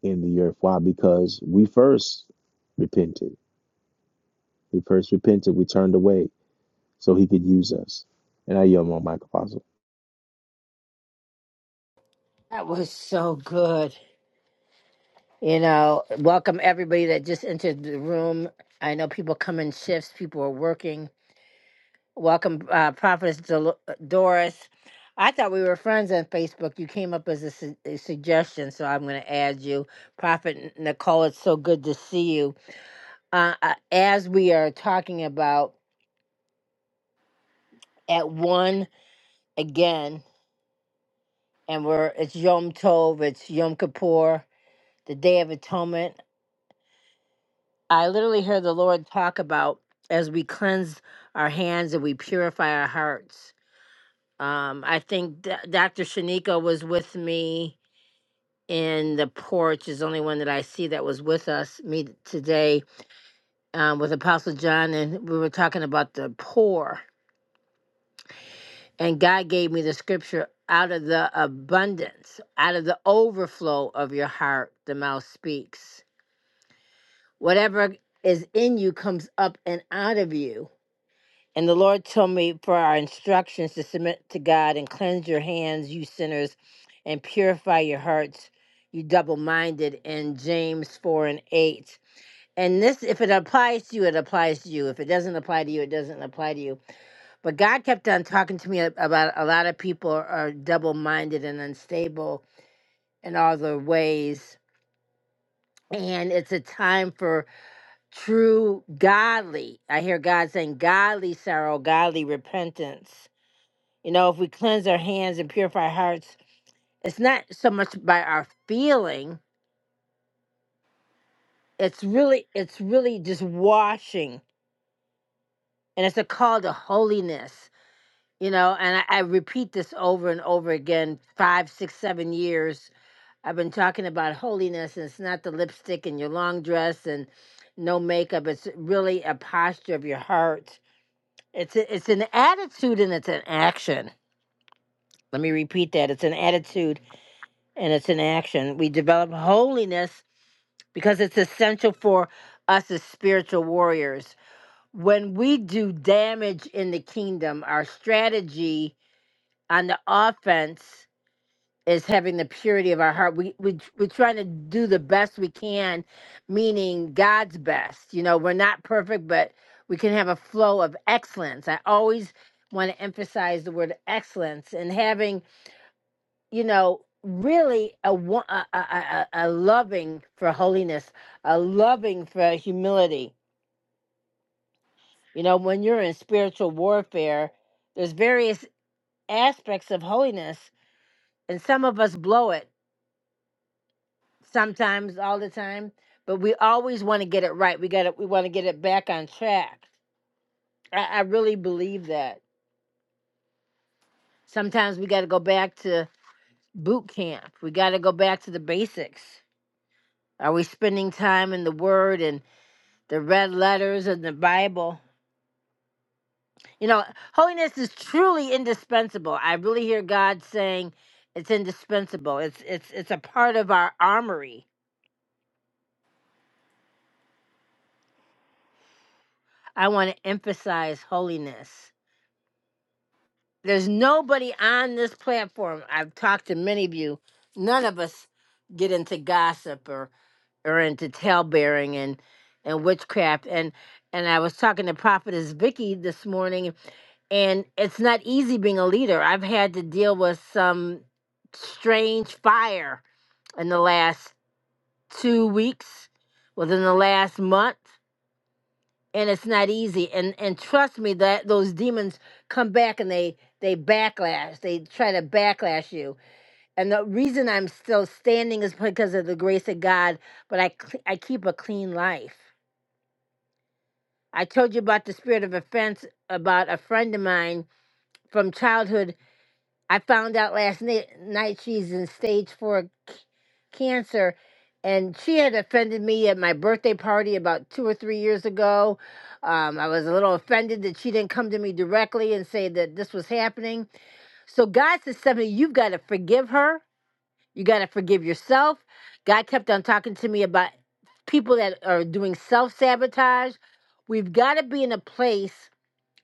Speaker 1: in the earth. Why? Because we first repented We first repented, we turned away so he could use us. And I yell my mic, Apostle.
Speaker 2: that was so good you know welcome everybody that just entered the room i know people come in shifts people are working Welcome, uh, Prophetess Dol- Doris. I thought we were friends on Facebook. You came up as a, su- a suggestion, so I'm going to add you. Prophet Nicole, it's so good to see you. Uh, uh, as we are talking about at one again, and we're it's Yom Tov, it's Yom Kippur, the Day of Atonement. I literally hear the Lord talk about as we cleanse our hands and we purify our hearts. Um, I think D- Dr. Shanika was with me in the porch is the only one that I see that was with us me today um, with Apostle John, and we were talking about the poor. And God gave me the scripture out of the abundance, out of the overflow of your heart, the mouth speaks. Whatever is in you comes up and out of you. And the Lord told me for our instructions to submit to God and cleanse your hands, you sinners, and purify your hearts, you double minded, in James 4 and 8 And this, if it applies to you, it applies to you. If it doesn't apply to you, it doesn't apply to you. But God kept on talking to me a- about a lot of people are double minded and unstable in all their ways. And it's a time for true godly. I hear God saying, godly sorrow, godly repentance. You know, if we cleanse our hands and purify our hearts, it's not so much by our feeling, it's really, it's really just washing. And it's a call to holiness you know and I, I repeat this over and over again five six seven years i've been talking about holiness and it's not the lipstick and your long dress and no makeup it's really a posture of your heart it's a, it's an attitude and it's an action let me repeat that it's an attitude and it's an action we develop holiness because it's essential for us as spiritual warriors when we do damage in the kingdom our strategy on the offense is having the purity of our heart. We, we we're trying to do the best we can, meaning God's best. You know, we're not perfect, but we can have a flow of excellence. I always want to emphasize the word excellence and having, you know, really a wa- a, a, a a loving for holiness, a loving for humility. You know, when you're in spiritual warfare, there's various aspects of holiness, and some of us blow it sometimes all the time but we always want to get it right we got to we want to get it back on track I, I really believe that sometimes we got to go back to boot camp we got to go back to the basics are we spending time in the word and the red letters and the bible you know holiness is truly indispensable i really hear god saying it's indispensable it's it's it's a part of our armory i want to emphasize holiness There's nobody on this platform. I've talked to many of you. None of us get into gossip or or into talebearing and and witchcraft. And and I was talking to Prophetess Vicky this morning, and it's not easy being a leader. I've had to deal with some strange fire in the last two weeks, within the last month and it's not easy and and trust me that those demons come back and they they backlash they try to backlash you and the reason i'm still standing is because of the grace of god but i cl- i keep a clean life i told you about the spirit of offense about a friend of mine from childhood I found out last night, night she's in stage four c- cancer, and she had offended me at my birthday party about two or three years ago. Um, I was a little offended that she didn't come to me directly and say that this was happening. So God says, Stephanie, you've got to forgive her. You got to forgive yourself. God kept on talking to me about people that are doing self sabotage. We've got to be in a place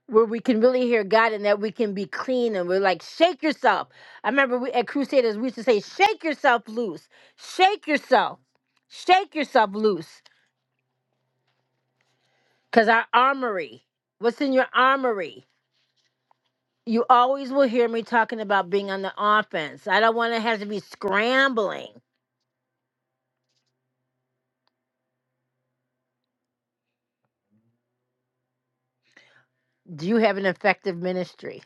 Speaker 2: where we can really hear God and that we can be clean and we're like, shake yourself. I remember we, at Crusaders, we used to say, shake yourself loose, shake yourself, shake yourself loose. Because our armory, what's in your armory? You always will hear me talking about being on the offense. I don't want to have to be scrambling. Do you have an effective ministry?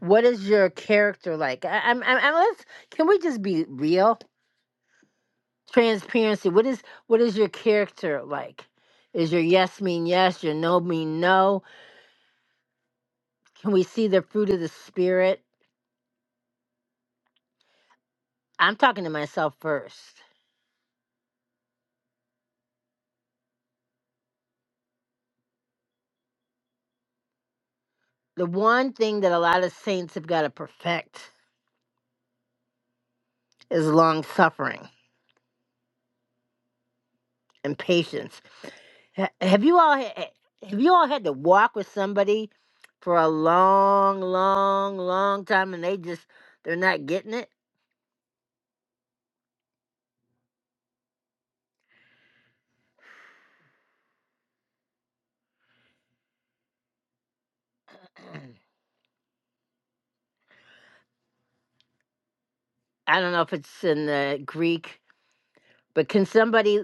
Speaker 2: What is your character like? I, I'm, I'm, I'm, let's, can we just be real? transparency what is what is your character like is your yes mean yes your no mean no can we see the fruit of the spirit i'm talking to myself first the one thing that a lot of saints have got to perfect is long suffering and patience Ha- have you all ha- have you all had to walk with somebody for a long long long time and they just they're not getting it <clears throat> i don't know if it's in the greek But can somebody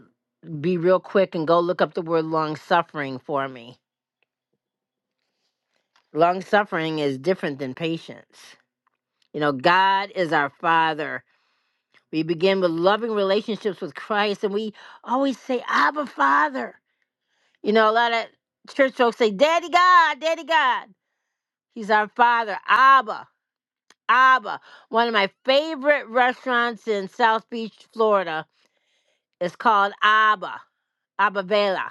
Speaker 2: be real quick and go look up the word long suffering for me? Long suffering is different than patience. You know, God is our Father. We begin with loving relationships with Christ, and we always say, Abba, Father. You know, a lot of church folks say, Daddy God, Daddy God. He's our Father, Abba, Abba. One of my favorite restaurants in South Beach, Florida is called Abba, Abba Vela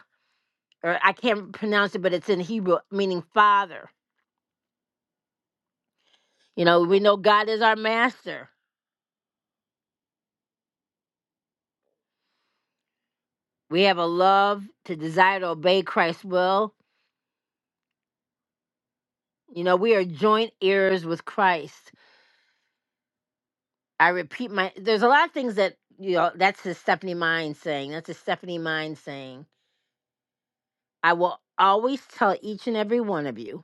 Speaker 2: or I can't pronounce it, but it's in Hebrew, meaning father. You know, we know God is our master. We have a love to desire to obey Christ's will. You know, we are joint heirs with Christ. I repeat my, there's a lot of things that, you know, that's the Stephanie Mind saying. That's a Stephanie Mind saying. I will always tell each and every one of you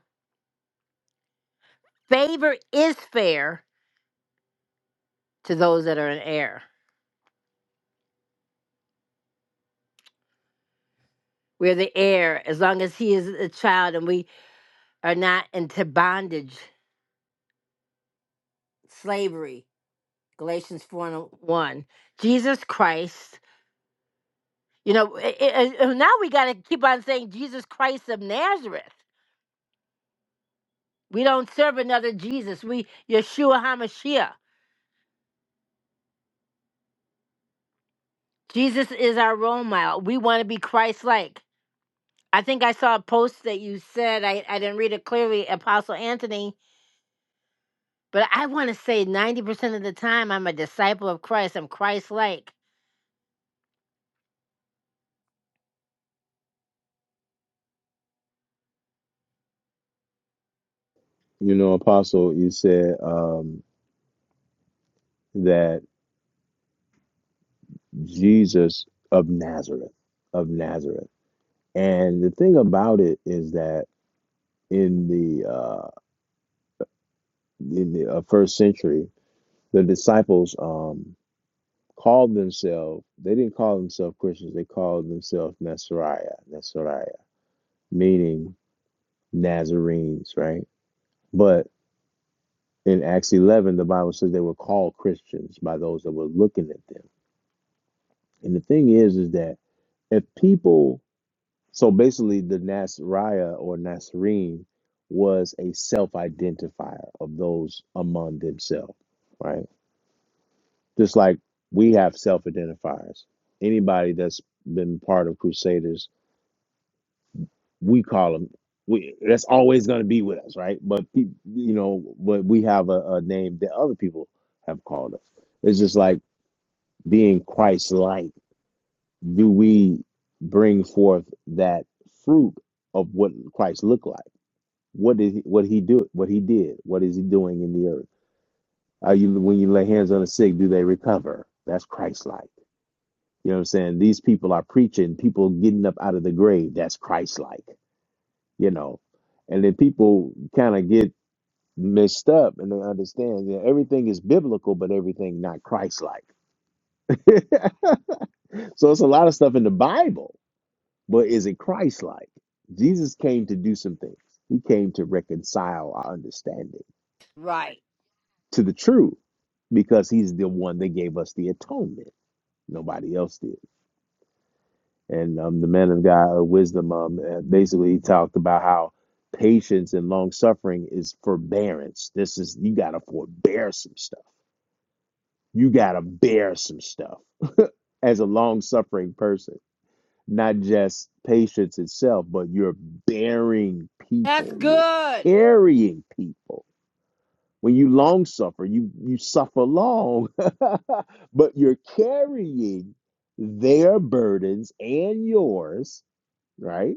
Speaker 2: favor is fair to those that are an heir. We're the heir as long as he is a child and we are not into bondage, slavery Galatians 4 and 1. Jesus Christ, you know, i i i- now we got to keep on saying Jesus Christ of Nazareth. We don't serve another Jesus. We, Yeshua HaMashiach. Jesus is our role model. We want to be Christ like. I think I saw a post that you said, I, I didn't read it clearly, Apostle Anthony, but I want to say 90% of the time I'm a disciple of Christ. I'm Christ like.
Speaker 1: You know, Apostle, you said um, that Jesus of Nazareth, of Nazareth. And the thing about it is that in the uh, in the uh, first century, the disciples um, called themselves, they didn't call themselves Christians, they called themselves Nasariah, Nasariah, meaning Nazarenes, right? But in Acts 11, the Bible says they were called Christians by those that were looking at them. And the thing is, is that if people, so basically the Nasariah or Nazarene was a self identifier of those among themselves, right? Just like we have self identifiers. Anybody that's been part of Crusaders, we call them. We, that's always going to be with us, right? But peop- you know, but we have a, a name that other people have called us. It's just like being Christ like, do we bring forth that fruit of what Christ looked like? What did he, what he do? What he did? What is he doing in the earth? Are you when you lay hands on the sick, do they recover? That's Christ like. You know what I'm saying? These people are preaching, people getting up out of the grave. That's Christ like. You know, and then people kind of get messed up and they understand that everything is biblical, but everything not Christ like. <laughs> so it's a lot of stuff in the Bible But is it Christ like? Jesus came to do some things. He came to reconcile our understanding
Speaker 2: Right.
Speaker 1: to the truth because he's the one that gave us the atonement. Nobody else did. And um, the man of God, uh, wisdom, um, uh, basically talked about how patience and long suffering is forbearance. This is, you got to forbear some stuff. You got to bear some stuff as a long suffering person not just patience itself, but you're bearing
Speaker 2: That's
Speaker 1: people, you're
Speaker 2: good.
Speaker 1: carrying people. When you long suffer, you you suffer long, <laughs> but you're carrying their burdens and yours, right?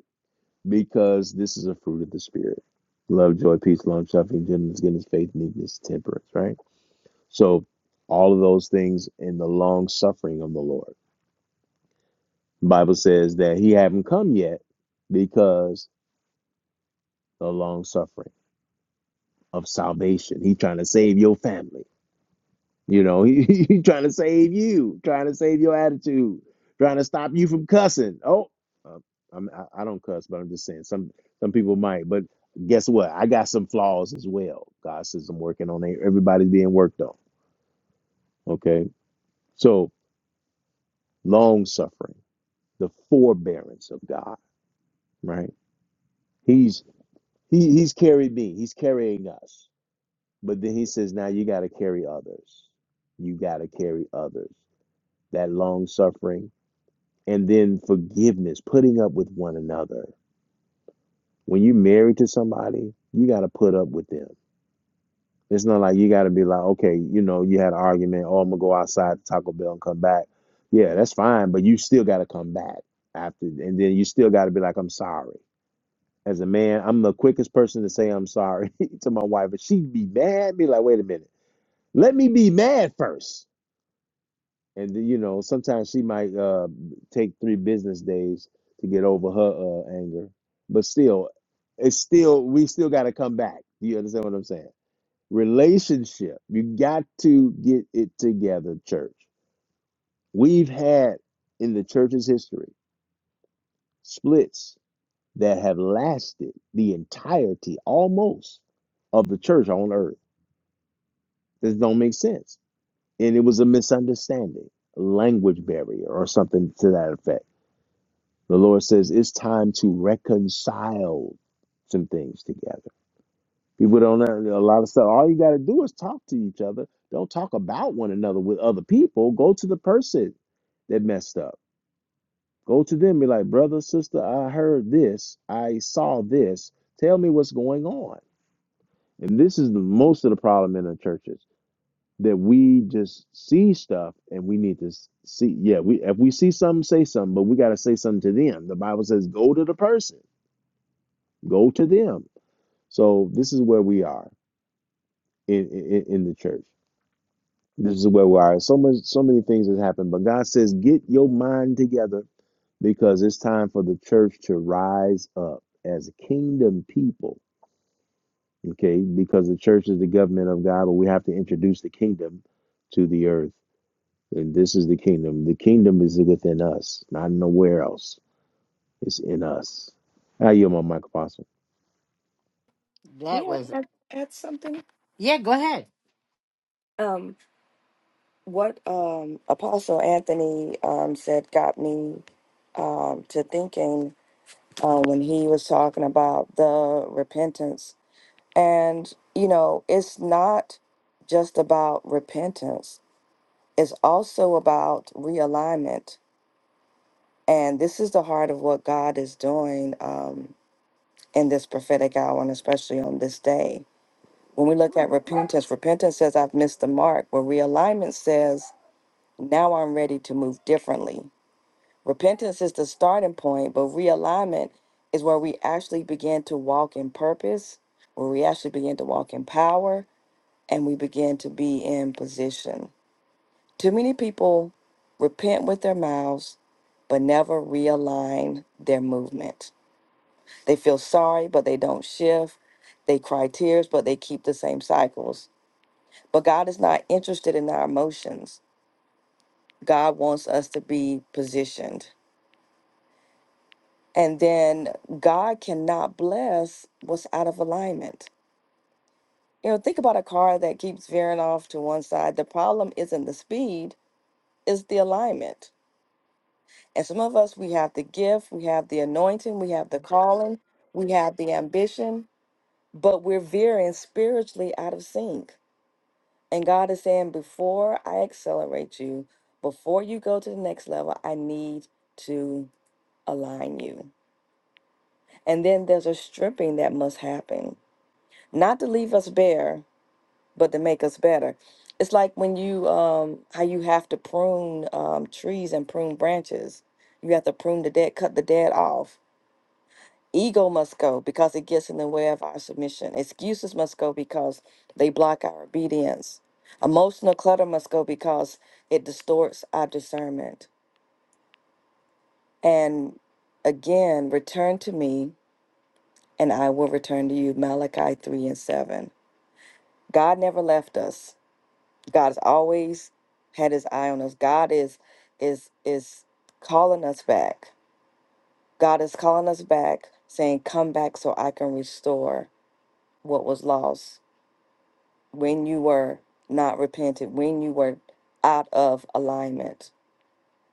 Speaker 1: Because this is a fruit of the spirit: love, joy, peace, long suffering, gentleness, goodness, faith, meekness, temperance. Right. So all of those things in the long suffering of the Lord. The Bible says that He haven't come yet because the long suffering of salvation. He trying to save your family. You know, he, <laughs> he trying to save you, trying to save your attitude, trying to stop you from cussing. Oh, uh, I'm, I, I don't cuss, but I'm just saying some some people might. But guess what? I got some flaws as well. God says I'm working on it. Everybody's being worked on. Okay, so long suffering, the forbearance of God. Right? He's he, he's carried me. He's carrying us. But then he says, now you got to carry others. You got to carry others. That long suffering and then forgiveness, putting up with one another. When you're married to somebody, you got to put up with them. It's not like you got to be like, okay, you know, you had an argument. Oh, I'm going to go outside to Taco Bell and come back. Yeah, that's fine. But you still got to come back after. And then you still got to be like, I'm sorry. As a man, I'm the quickest person to say I'm sorry <laughs> to my wife. But she'd be mad, be like, wait a minute. Let me be mad first and then, you know sometimes she might uh take three business days to get over her uh anger but still it's still we still got to come back Do you understand what i'm saying relationship you got to get it together church we've had in the church's history splits that have lasted the entirety almost of the church on earth this don't make sense and it was a misunderstanding language barrier or something to that effect The Lord says it's time to reconcile some things together. People don't know a lot of stuff. All you got to do is talk to each other. Don't talk about one another with other people. Go to the person that messed up. Go to them. Be like, brother, sister, I heard this. I saw this. Tell me what's going on. And this is the most of the problem in the churches that we just see stuff and we need to s- see. Yeah, we if we see something, say something, but we got to say something to them. The Bible says, go to the person Go to them. So this is where we are in, in, in the church. This is where we are. So much, so many things has happened, but God says, get your mind together because it's time for the church to rise up as a kingdom people. Okay, because the church is the government of God, but we have to introduce the kingdom to the earth. And this is the kingdom. The kingdom is within us, not nowhere else. It's in us. I yield my mic, Apostle.
Speaker 2: That
Speaker 10: May
Speaker 2: was,
Speaker 10: I add, add something?
Speaker 2: yeah, go ahead.
Speaker 10: Um, what um, Apostle Anthony um, said got me um, to thinking uh, when he was talking about the repentance And, you know, it's not just about repentance, it's also about realignment. And this is the heart of what God is doing um, in this prophetic hour and especially on this day. When we look at repentance, repentance says, I've missed the mark, where realignment says, now I'm ready to move differently. Repentance is the starting point, but realignment is where we actually begin to walk in purpose, where we actually begin to walk in power, and we begin to be in position. Too many people repent with their mouths, but never realign their movement. They feel sorry, but they don't shift. They cry tears, but they keep the same cycles. But God is not interested in our emotions. God wants us to be positioned. And then God cannot bless what's out of alignment. You know, think about a car that keeps veering off to one side. The problem isn't the speed, it's the alignment And some of us, we have the gift, we have the anointing, we have the calling, we have the ambition, but we're veering spiritually out of sync. And God is saying, before I accelerate you, before you go to the next level, I need to align you. And then there's a stripping that must happen, not to leave us bare, but to make us better. It's like when you, um, how you have to prune um, trees and prune branches. You have to prune the dead, cut the dead off Ego must go because it gets in the way of our submission. Excuses must go because they block our obedience. Emotional clutter must go because it distorts our discernment. And again, return to me and I will return to you. Malachi 3 and 7. God never left us. God has always had his eye on us. God is is is calling us back. God is calling us back, saying, Come back so I can restore what was lost. when you were not repentant, when you were out of alignment.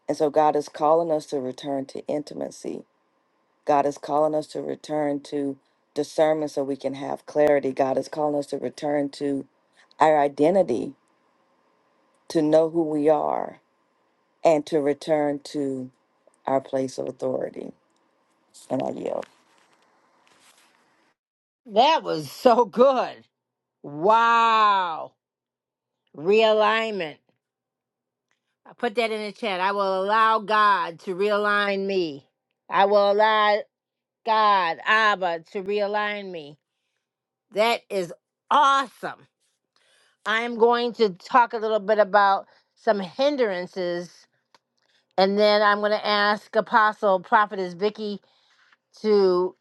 Speaker 10: And so God is calling us to return to intimacy. God is calling us to return to discernment so we can have clarity. God is calling us to return to our identity, to know who we are, and to return to our place of authority. And I yield.
Speaker 2: That was so good. Wow. Realignment. I put that in the chat. I will allow God to realign me. I will allow God, Abba, to realign me. That is awesome. I'm going to talk a little bit about some hindrances, and then I'm going to ask Apostle Prophetess Vicky to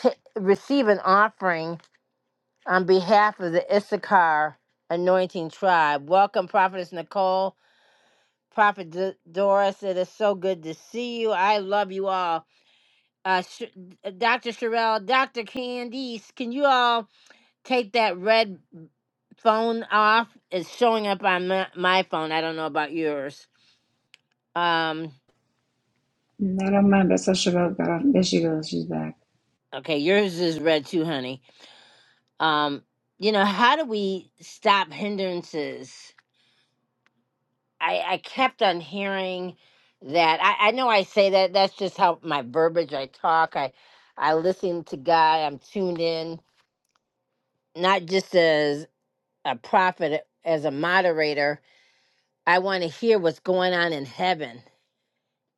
Speaker 2: t- receive an offering on behalf of the Issachar Anointing Tribe. Welcome, Prophetess Nicole. Prophet D- Doris, it is so good to see you. I love you all. Uh, Sh- Dr. Sherelle, Dr. Candice, can you all take that red phone off? It's showing up on my, my phone. I don't know about yours. Um,
Speaker 9: Not on my best. I should go. God, there she goes. She's back.
Speaker 2: okay, yours is red too, honey. Um, you know, how do we stop hindrances? I, I kept on hearing that. I, I know I say that. That's just how my verbiage I talk. I, I listen to God. I'm tuned in not just as a prophet, as a moderator. I want to hear what's going on in heaven.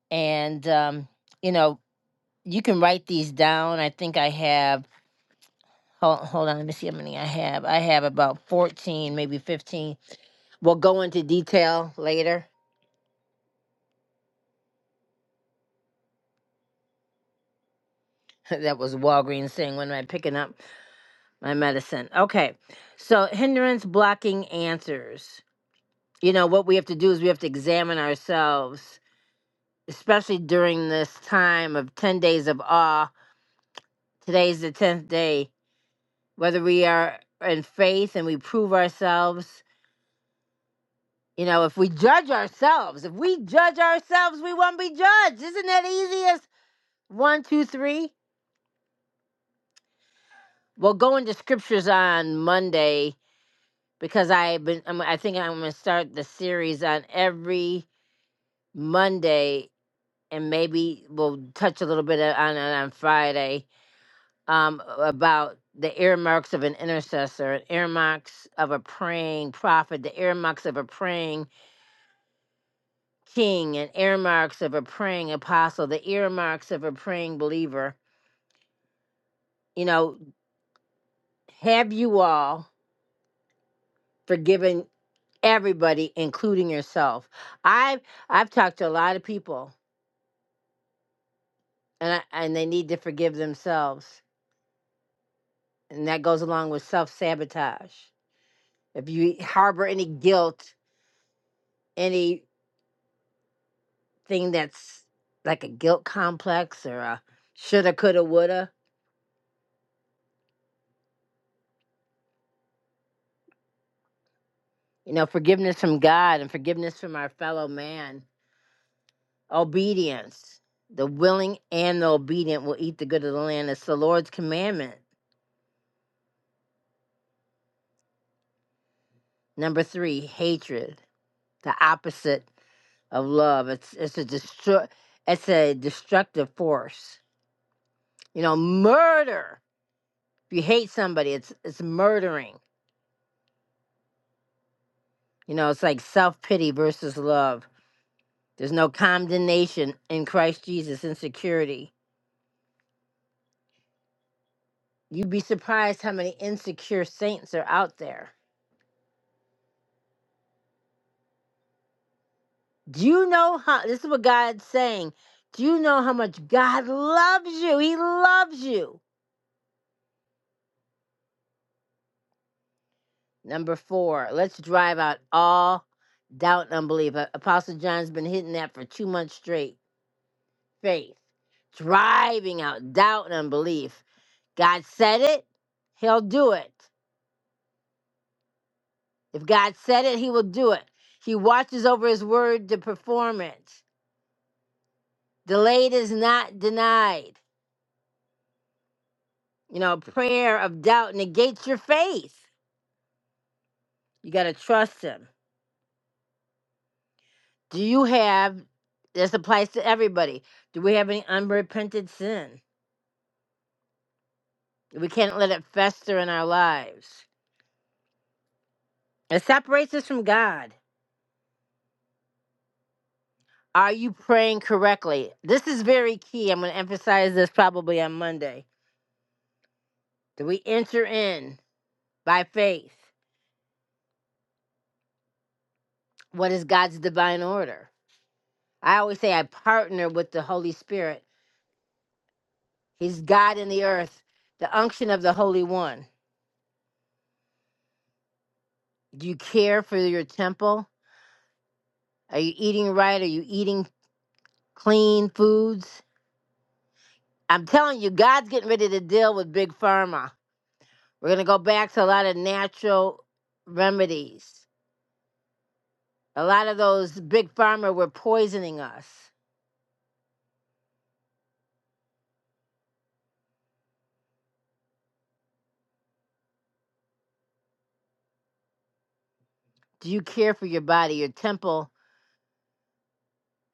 Speaker 2: And, um, you know, you can write these down. I think I have, hold, hold on, let me see how many I have. I have about 14, maybe 15. We'll go into detail later. <laughs> that was Walgreens saying, when am I picking up my medicine? Okay. So, hindrance blocking answers. You know, what we have to do is we have to examine ourselves especially during this time of 10 days of awe. Today's the 10th day. Whether we are in faith and we prove ourselves, you know, if we judge ourselves, if we judge ourselves, we won't be judged. Isn't that easy as one, two, three? We'll go into scriptures on Monday because I've been, I'm, I think I'm going to start the series on every Monday and maybe we'll touch a little bit on it on Friday um, about the earmarks of an intercessor, and earmarks of a praying prophet, the earmarks of a praying king, and earmarks of a praying apostle, the earmarks of a praying believer. You know, have you all forgiven everybody, including yourself? I've I've talked to a lot of people, and I, and they need to forgive themselves, and that goes along with self sabotage. If you harbor any guilt, any thing that's like a guilt complex or a shoulda, coulda, woulda. You know, forgiveness from God and forgiveness from our fellow man. Obedience. The willing and the obedient will eat the good of the land. It's the Lord's commandment. Number three, hatred. The opposite of love. It's it's a destru- it's a destructive force. You know, murder. If you hate somebody, it's it's murdering. You know, it's like self pity versus love There's no condemnation in Christ Jesus in security. You'd be surprised how many insecure saints are out there. Do you know how this is what God's saying? Do you know how much God loves you? He loves you. Number four, let's drive out all doubt and unbelief. A- Apostle John's been hitting that for two months straight. Faith. Driving out doubt and unbelief. God said it, He'll do it. If God said it, he will do it. He watches over his word to perform it. Delayed is not denied. You know, prayer of doubt negates your faith. You got to trust him. Do you have, this applies to everybody, do we have any unrepented sin? We can't let it fester in our lives. It separates us from God. Are you praying correctly? This is very key. I'm going to emphasize this probably on Monday. Do we enter in by faith? what is God's divine order? I always say I partner with the Holy Spirit. He's God in the earth, the unction of the Holy One. Do you care for your temple? Are you eating right? Are you eating clean foods? I'm telling you, God's getting ready to deal with big pharma. We're going to go back to a lot of natural remedies. A lot of those big pharma were poisoning us. Do you care for your body, your temple?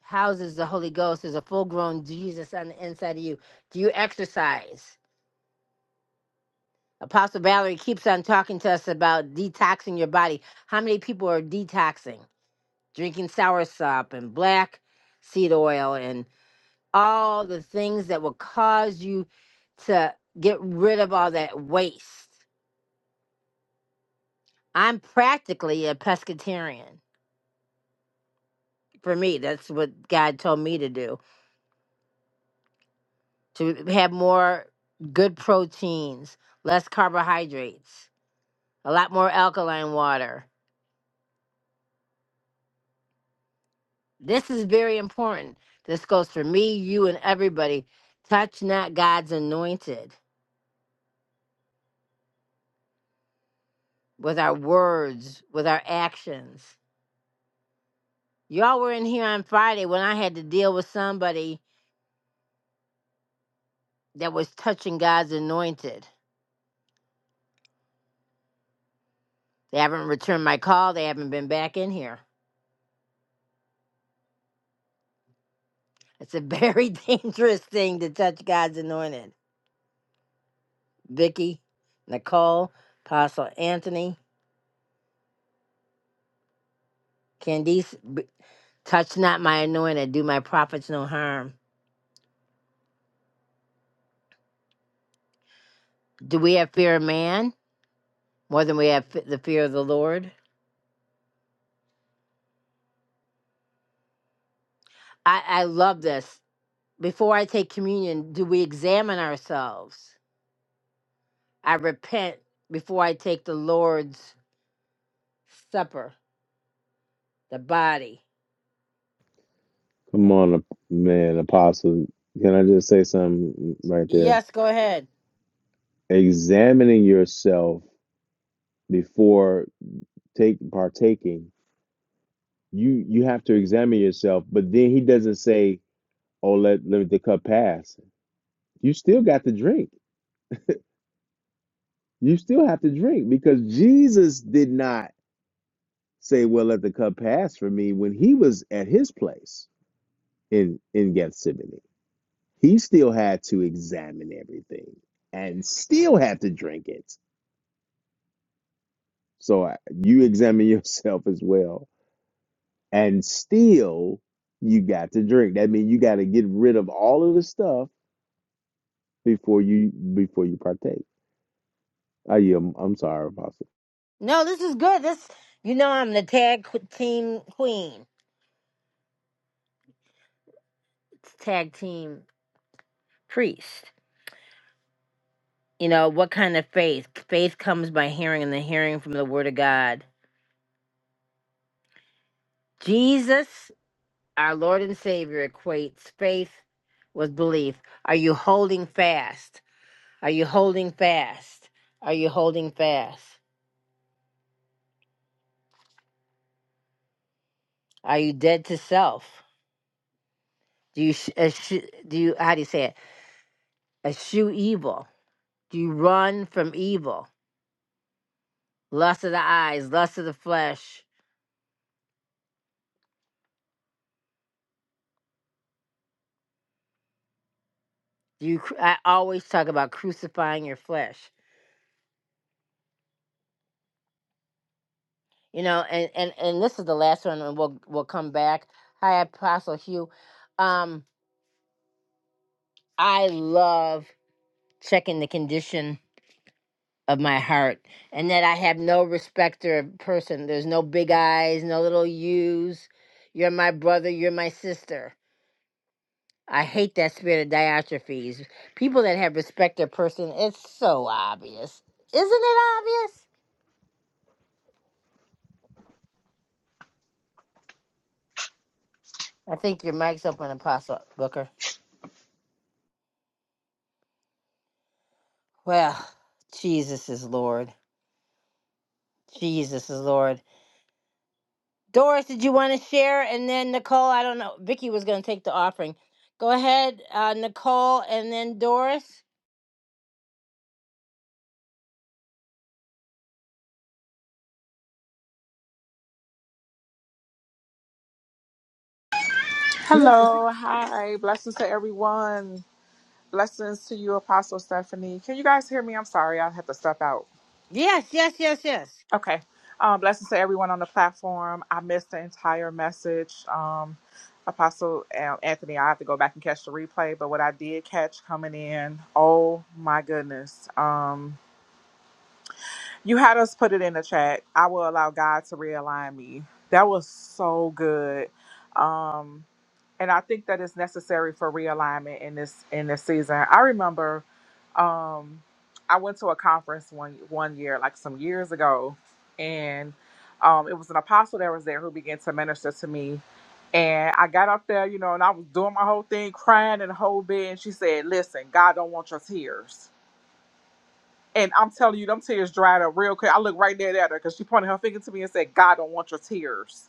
Speaker 2: houses the Holy Ghost is a full grown Jesus on the inside of you. Do you exercise? Apostle Valerie keeps on talking to us about detoxing your body. How many people are detoxing? Drinking soursop and black seed oil and all the things that will cause you to get rid of all that waste. I'm practically a pescatarian. For me, that's what God told me to do to have more good proteins, less carbohydrates a lot more alkaline water. This is very important. This goes for me, you, and everybody. Touch not God's anointed with our words, with our actions. Y'all were in here on Friday when I had to deal with somebody that was touching God's anointed. They haven't returned my call, they haven't been back in here. It's a very <laughs> dangerous thing to touch God's anointed. Vicky, Nicole, Apostle Anthony, Candice. Touch not my anointed, do my prophets no harm. Do we have fear of man more than we have f- the fear of the Lord? I, I love this. Before I take communion, do we examine ourselves? I repent before I take the Lord's supper, the body.
Speaker 1: Come on, man, apostle. Can I just say something right there?
Speaker 2: Yes, go ahead.
Speaker 1: Examining yourself before take partaking, you you have to examine yourself. But then he doesn't say, "Oh, let let the cup pass." You still got to drink. You still have to drink because Jesus did not say, "Well, let the cup pass for me" when he was at his place in in Gethsemane. He still had to examine everything and still had to drink it So I- you examine <laughs> yourself as well. And still you got to drink. That means you got to get rid of all of the stuff before you before you partake. I am I'm sorry, Apostle.
Speaker 2: No, this is good. This, you know, I'm the tag qu- team queen, it's tag team priest. You know, what kind of faith? Faith comes by hearing, and the hearing from the Word of God. Jesus our Lord and Savior equates faith with belief. Are you holding fast? Are you holding fast? Are you holding fast? Are you dead to self? Do you sh- eschew, do you how do you say it? Eschew evil. Do you run from evil? Lust of the eyes, lust of the flesh. Do you? cru- I always talk about crucifying your flesh. You know, and and and this is the last one, and we'll we'll come back. Hi, Apostle Hugh. Um, I love. checking the condition of my heart and that I have no respecter of person. There's no big eyes, no little U's. You're my brother, you're my sister. I hate that spirit of diatrophies. People that have respect of person, it's so obvious. Isn't it obvious? I think your mic's open, Apostle Booker. Well, Jesus is Lord. Jesus is Lord. Doris, did you want to share? And then Nicole, I don't know. Vicky was going to take the offering. Go ahead, uh, Nicole, and then Doris.
Speaker 11: Hello, <laughs> hi, blessings to everyone. Blessings to you, Apostle Stephanie. Can you guys hear me? I'm sorry, I had to step out.
Speaker 2: Yes, yes, yes, yes.
Speaker 11: Okay. Um, blessings to everyone on the platform. I missed the entire message. Um, Apostle um, Anthony, I have to go back and catch the replay, but what I did catch coming in, oh my goodness. Um, you had us put it in the chat. I will allow God to realign me. That was so good. Um, and I think that is necessary for realignment in this in this season. I remember um I went to a conference one one year, like some years ago, and um it was an apostle that was there who began to minister to me. And I got up there, you know, and I was doing my whole thing, crying and the whole bit. And she said, Listen, God don't want your tears. And I'm telling you, them tears dried up real quick. I looked right there at her because she pointed her finger to me and said, God don't want your tears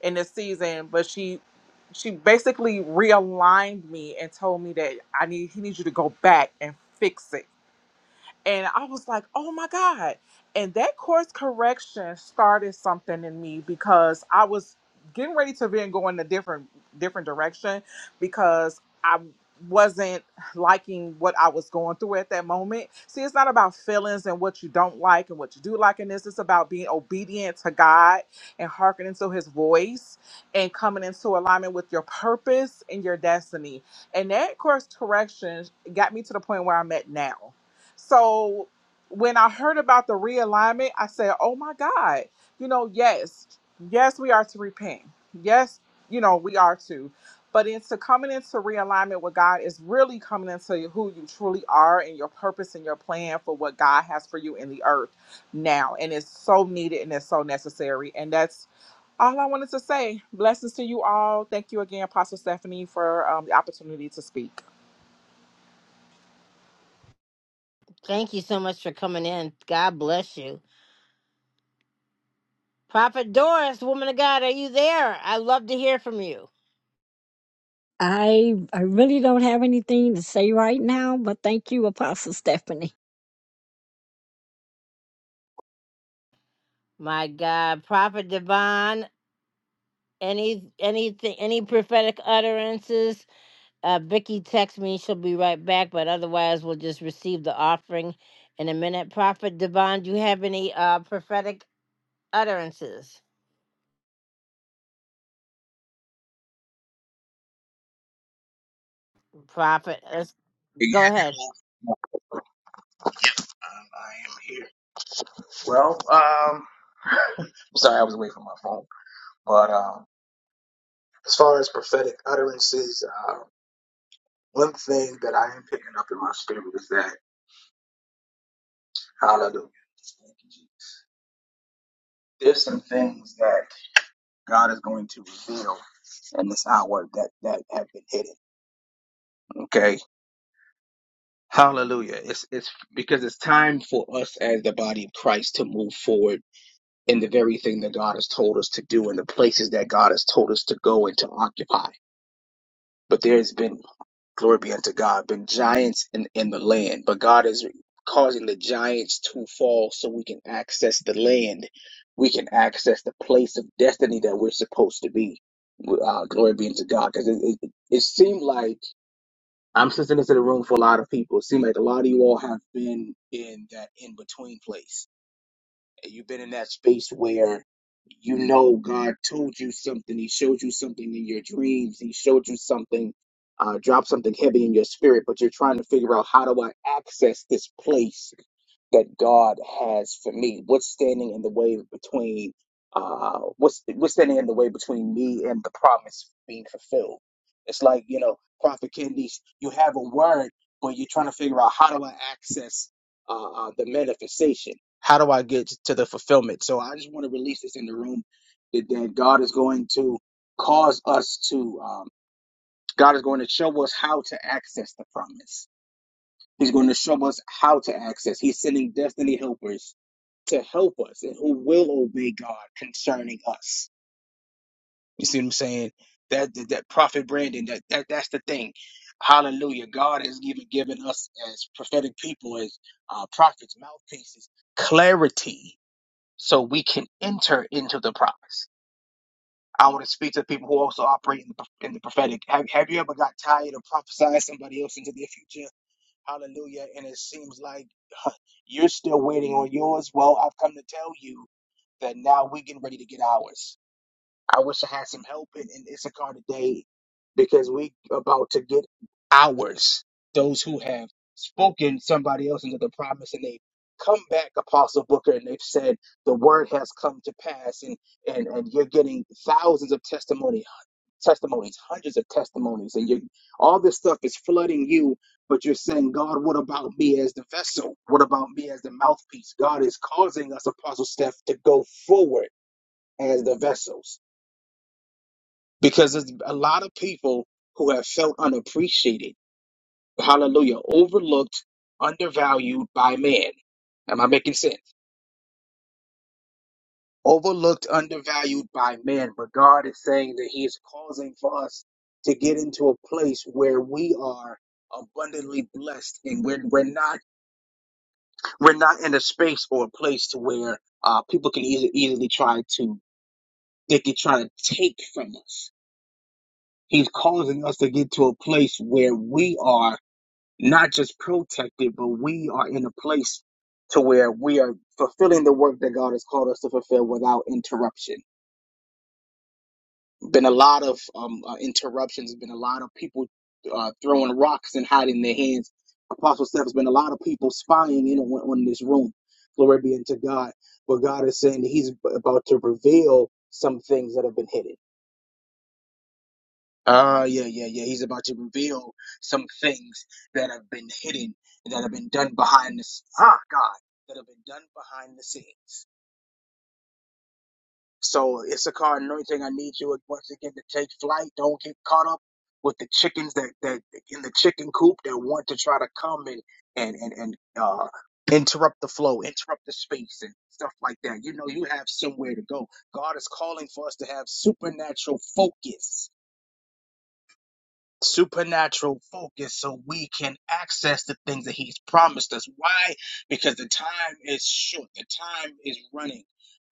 Speaker 11: in this season, but she she basically realigned me and told me that I need he needs you to go back and fix it and I was like, oh my God. And that course correction started something in me because I was getting ready to then go in a different different direction because I wasn't liking what I was going through at that moment. See, it's not about feelings and what you don't like and what you do like in this. It's about being obedient to God and hearkening to his voice and coming into alignment with your purpose and your destiny. And that course correction got me to the point where I'm at now so when I heard about the realignment, I said, oh my God, you know, yes, yes, we are to repent. Yes, you know, we are to. But into coming into realignment with God is really coming into who you truly are and your purpose and your plan for what God has for you in the earth now. And it's so needed and it's so necessary. And that's all I wanted to say. Blessings to you all. Thank you again, Apostle Stephanie, for um, the opportunity to speak.
Speaker 2: Thank you so much for coming in. God bless you. Prophet Doris, woman of God, are you there? I love to hear from you.
Speaker 12: I I really don't have anything to say right now, but thank you, Apostle Stephanie.
Speaker 2: My God, Prophet Devon, any anything, any prophetic utterances? Uh, Vicky, text me. She'll be right back. But otherwise, we'll just receive the offering in a minute. Prophet Devon, do you have any uh, prophetic utterances, Prophet. Let's
Speaker 3: Yeah,
Speaker 2: go ahead.
Speaker 3: hello. Um, I am here. Well, um, <laughs> I'm sorry, I was away from my phone. But um, as far as prophetic utterances, uh, one thing that I am picking up in my spirit is that, hallelujah, thank you, Jesus. there's some things that God is going to reveal in this hour that, that have been hidden. Okay. Hallelujah. It's, it's because it's time for us as the body of Christ to move forward in the very thing that God has told us to do and the places that God has told us to go and to occupy. But there's been Glory be unto God. Been giants in, in the land, but God is causing the giants to fall so we can access the land. We can access the place of destiny that we're supposed to be. Uh, glory be unto God. Because it, it, it seemed like I'm sitting into the room for a lot of people. It seemed like a lot of you all have been in that in between place. Your your dreams, these things, uh, you're trying to this place. that God has for me? What's standing in the way between uh what's what's standing in the way between me and the promise being fulfilled? It's like, you know, Prophet Kendish, you have a word, but you're trying to figure out how do I access uh, uh the manifestation? How do I get to the fulfillment? So I just want to release this in the room that, that God is going to cause us to um God is going to show us how to access the promise. He's going to show us how to access. He's sending destiny helpers to help us and who will obey God concerning us. You see what I'm saying? That that, that prophet Brandon, that, that that's the thing. Hallelujah. God has given given us as prophetic people, as uh, prophets, mouthpieces, clarity so we can enter into the promise. I want to speak to people who also operate in the, in the prophetic. Have, have you ever got tired of prophesying somebody else into their future? Hallelujah. And it seems like <laughs> you're still waiting on yours. Well, I've come to tell you that now we're getting ready to get ours. I wish I had some help in, in Issachar today because we about to get ours. Those who have spoken somebody else into the promise and they come back, Apostle Booker, and they've said the word has come to pass and and, and you're getting thousands of testimony, testimonies, hundreds of testimonies, and you all this stuff is flooding you, but you're saying, God, what about me as the vessel? What about me as the mouthpiece? God is causing us, Apostle Steph, to go forward as the vessels. Because there's a lot of people who have felt unappreciated, hallelujah, overlooked, undervalued by man. Am I making sense? overlooked, undervalued by man, but God is saying that He is causing for us to get into a place where we are abundantly blessed, and we're we're not we're not in a space or a place to where uh, people can easily easily try to they can try to take from us. He's causing us to get to a place where we are not just protected, but we are in a place to where we are fulfilling the work that God has called us to fulfill without interruption Been a lot of um, uh, interruptions. Been a lot of people uh, throwing rocks and hiding their hands. Apostle Steph has been a lot of people spying in on, on this room. Glory be unto God. But God is saying that He's about to reveal some things that have been hidden. Ah, yeah, yeah, yeah. He's about to reveal some things that have been hidden, that have been done behind the s- ah, God, that have been done behind the scenes. So Issachar anointing, I need you once again to take flight. Don't get caught up with the chickens that that in the chicken coop that want to try to come and and and and uh, interrupt the flow, interrupt the space, and stuff like that. You know, you have somewhere to go. God is calling for us to have supernatural focus supernatural focus so we can access the things that he's promised us. Why? Because the time is short, the time is running.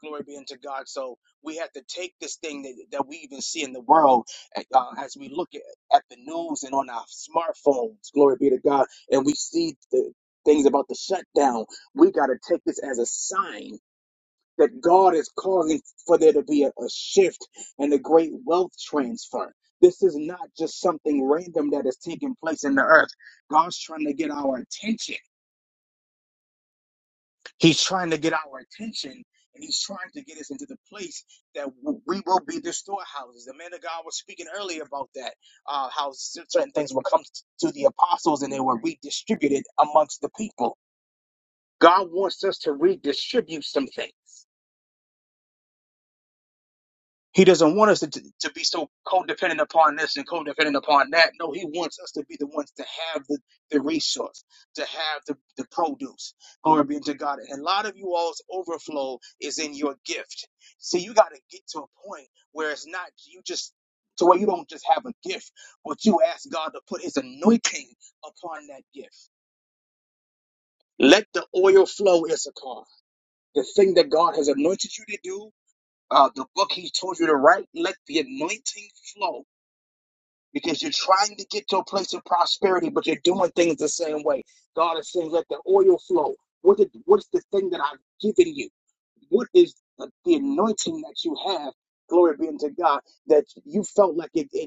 Speaker 3: Glory be unto God. So we have to take this thing that, that we even see in the world uh, as we look at, at the news and on our smartphones. Glory be to God. And we see the things about the shutdown. We got to take this as a sign that God is causing for there to be a, a shift and a great wealth transfer. This is not just something random that is taking place in the earth. God's trying to get our attention. He's trying to get our attention and he's trying to get us into the place that w- we will be the storehouses. The man of God was speaking earlier about that, uh, how c- certain things were come to the apostles and they were redistributed amongst the people. God wants us to redistribute some things. He doesn't want us to, to, to be so codependent upon this and codependent upon that. No, he wants us to be the ones to have the, the resource, to have the, the produce. Glory be to God. And a lot of you all's overflow is in your gift. See, you got to get to a point where it's not you just to where you don't just have a gift, but you ask God to put his anointing upon that gift. Let the oil flow, Issachar. The thing that God has anointed you to do, uh, the book he told you to write, let the anointing flow because you're trying to get to a place of prosperity, but you're doing things the same way. God is saying, let the oil flow. What did, what's the thing that I've given you? What is the, the anointing that you have? Glory be unto God that you felt like it. it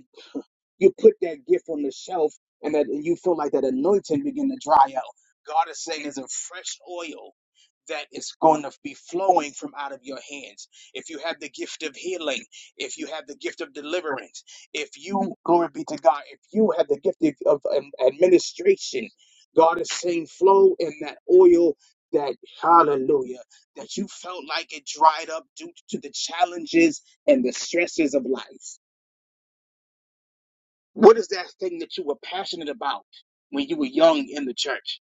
Speaker 3: you put that gift on the shelf and that and you feel like that anointing begin to dry out. God is saying there's a fresh oil that is going to be flowing from out of your hands. If you have the gift of healing, if you have the gift of deliverance, if you, glory be to God, if you have the gift of, of um, administration, God is saying flow in that oil that, hallelujah, that you felt like it dried up due to the challenges and the stresses of life. What is that thing that you were passionate about when you were young in the church?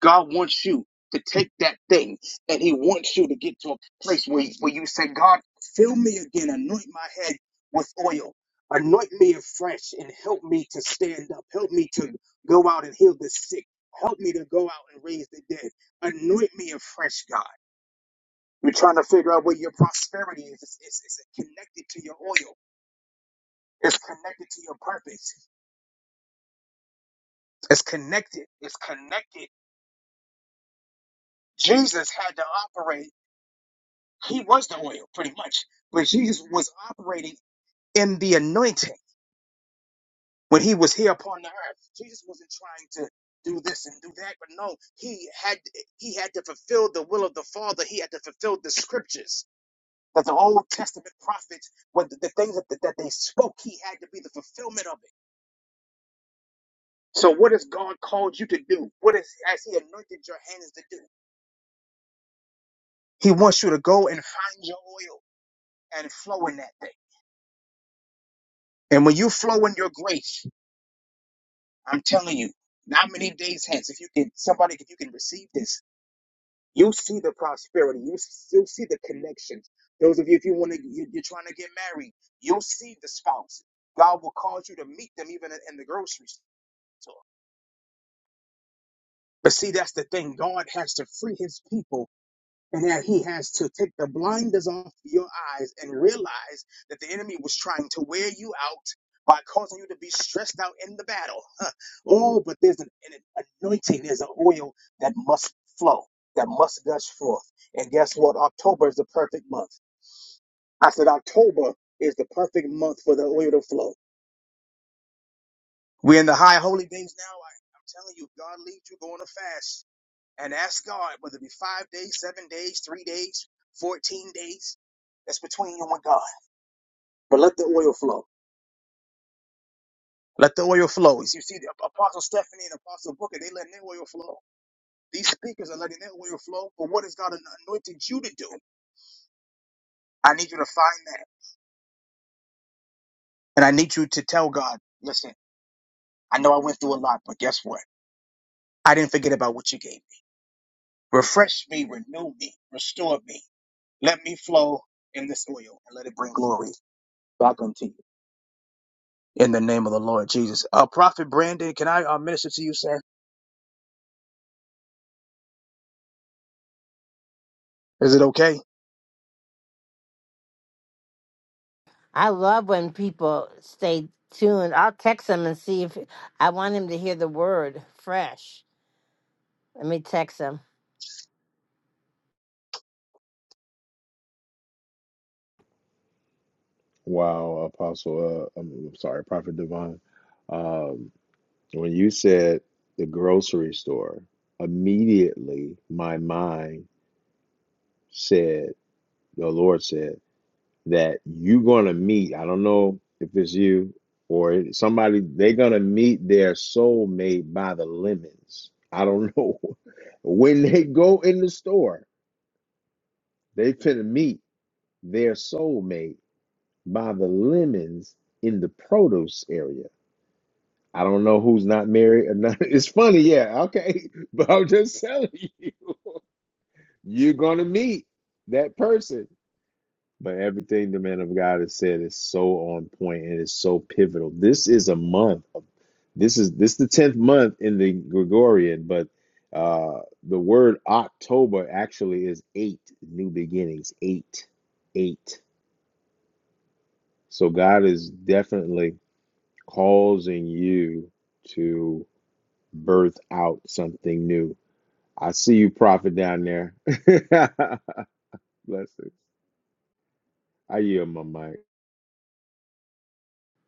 Speaker 3: God wants you to take that thing and He wants you to get to a place where, where you say, God, fill me again, anoint my head with oil, anoint me afresh, and help me to stand up. Help me to go out and heal the sick. Help me to go out and raise the dead. Anoint me afresh, God. You're trying to figure out where your prosperity is. It's, it's, it's connected to your oil. It's connected to your purpose. It's connected. It's connected. Jesus had to operate, he was the oil pretty much, but Jesus was operating in the anointing when he was here upon the earth. Jesus wasn't trying to do this and do that, but no, he had he had to fulfill the will of the Father. He had to fulfill the scriptures that the Old Testament prophets, what the, the things that, that they spoke, he had to be the fulfillment of it. So what has God called you to do? What is has he anointed your hands to do? He wants you to go and find your oil and flow in that thing. And when you flow in your grace, I'm telling you, not many days hence, if you can, somebody, if you can receive this, you'll see the prosperity. You still see the connections. Those of you, if you want to, you, you're trying to get married, you'll see the spouse. God will cause you to meet them even in, in the grocery store. But see, that's the thing. God has to free his people and that he has to take the blinders off your eyes and realize that the enemy was trying to wear you out by causing you to be stressed out in the battle. Huh. Oh, but there's an, an anointing, there's an oil that must flow, that must gush forth. And guess what? October is the perfect month. I said October is the perfect month for the oil to flow. We're in the high holy days now. I, I'm telling you, God leads you going to fast. and ask God whether it be five days, seven days, three days, 14 days. That's between you and God. But let the oil flow. Let the oil flow. As you see, the Apostle Stephanie and Apostle Booker, they letting their oil flow. These speakers are letting their oil flow. But what has God anointed you to do? I need you to find that. And I need you to tell God, listen, I know I went through a lot, but guess what? I didn't forget about what you gave me. Refresh me, renew me, restore me. Let me flow in this oil and let it bring glory back unto you. in the name of the Lord Jesus. Uh, Prophet Brandon, can I uh, minister to you, sir? Is it okay?
Speaker 2: I love when people stay tuned. I'll text him and see if I want him to hear the word fresh. Let me text him.
Speaker 1: Wow, Apostle, uh, I'm I'm sorry, Prophet Divine. Um, when you said the grocery store, immediately my mind said, the Lord said. that you're going to meet. I don't know if it's you or somebody, they're going to meet their soulmate by the lemons. I don't know. <laughs> when they go in the store, they finna meet their soulmate by the lemons in the produce area. I don't know who's not married or not. <laughs> It's funny, yeah, okay. <laughs> But I'm just telling you, you're going to meet that person But everything the man of God has said is so on point and is so pivotal. This is a month of this is this the tenth month in the Gregorian, but uh the word October actually is eight new beginnings. Eight. Eight. So God is definitely causing you to birth out something new. I see you prophet down there. <laughs> Blessings. I yield my mic.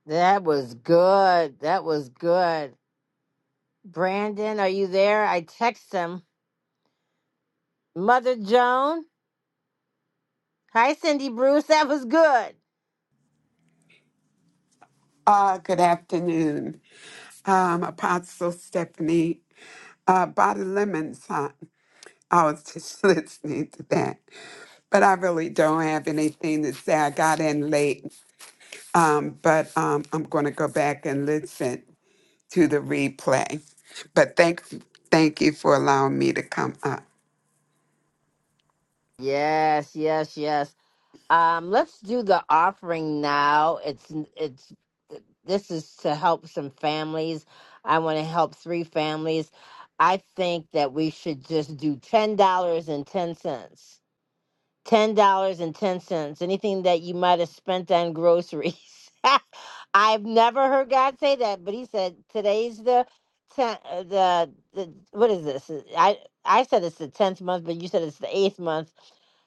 Speaker 2: That was good. That was good. Brandon, are you there? I text him. Mother Joan. Hi, Cindy Bruce. That was good.
Speaker 13: Uh, good afternoon, um, Apostle Stephanie. Uh, Body Lemons, huh? I was just <laughs> listening to that, but I really don't have anything to say. I got in late, um, but um, I'm going to go back and listen to the replay. But thank, thank you for allowing me to come up.
Speaker 2: Yes, yes, yes. Um, let's do the offering now. It's it's this is to help some families. I want to help three families. I think that we should just do ten dollars and ten cents ten dollars and ten cents. Anything that you might have spent on groceries. <laughs> I've never heard God say that, but He said today's the ten, uh, the the what is this? Uh, I I said it's the tenth month, but you said it's the eighth month.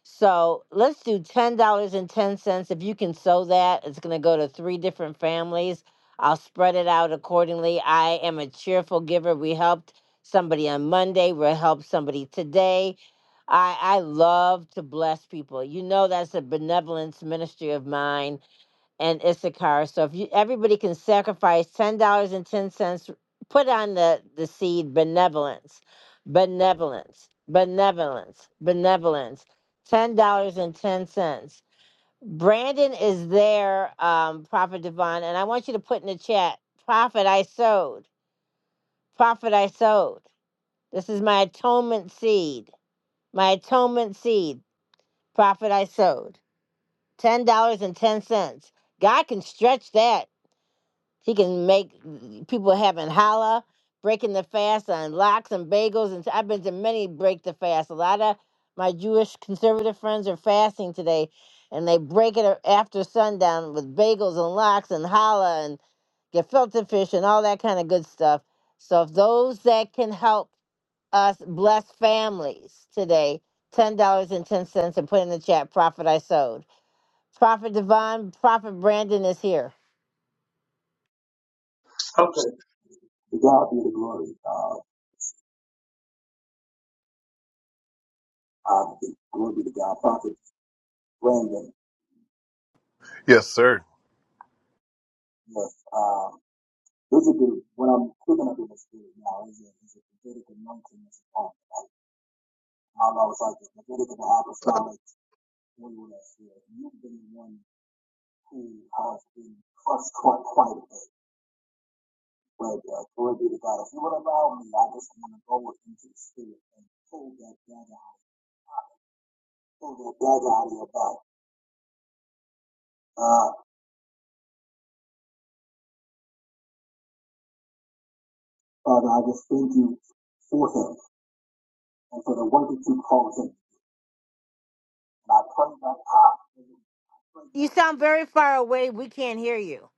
Speaker 2: So let's do ten dollars and ten cents. If you can sew that, it's gonna go to three different families. I'll spread it out accordingly. I am a cheerful giver. We helped somebody on Monday. We'll help somebody today I I love to bless people. You know that's a benevolence ministry of mine and Issachar. So if you everybody can sacrifice ten dollars and ten cents, put on the the seed benevolence, benevolence, benevolence, benevolence. Ten dollars and ten cents. Brandon is there, um, Prophet Devon, and I want you to put in the chat, Prophet I sowed, Prophet I sowed. This is my atonement seed, my atonement seed profit I sowed. Ten dollars and ten cents. God can stretch that. He can make people having challah, breaking the fast on lox and bagels. And I've been to many break the fast. A lot of my Jewish conservative friends are fasting today, and they break it after sundown with bagels and lox and challah and gefilte fish and all that kind of good stuff. So if those that can help us bless families today, ten dollars and ten cents, and put in the chat profit I sowed. Prophet Divine, Prophet Brandon is here.
Speaker 3: Okay. To God be the glory. Uh, uh, glory be to God. Prophet Brandon.
Speaker 4: Yes, sir.
Speaker 3: Yes. Um, this is the, what I'm picking up in the spirit now is a, is a prophetic anointing that's upon me. I always like the prophetic and the apostolic holiness here. You've been one who has been crushed quite, quite a bit. But uh, glory be to God. If you would allow me, I just want to go into the spirit and pull that dagger, pull that dagger out of your back. Uh, you,
Speaker 2: You sound very far away. We can't hear you.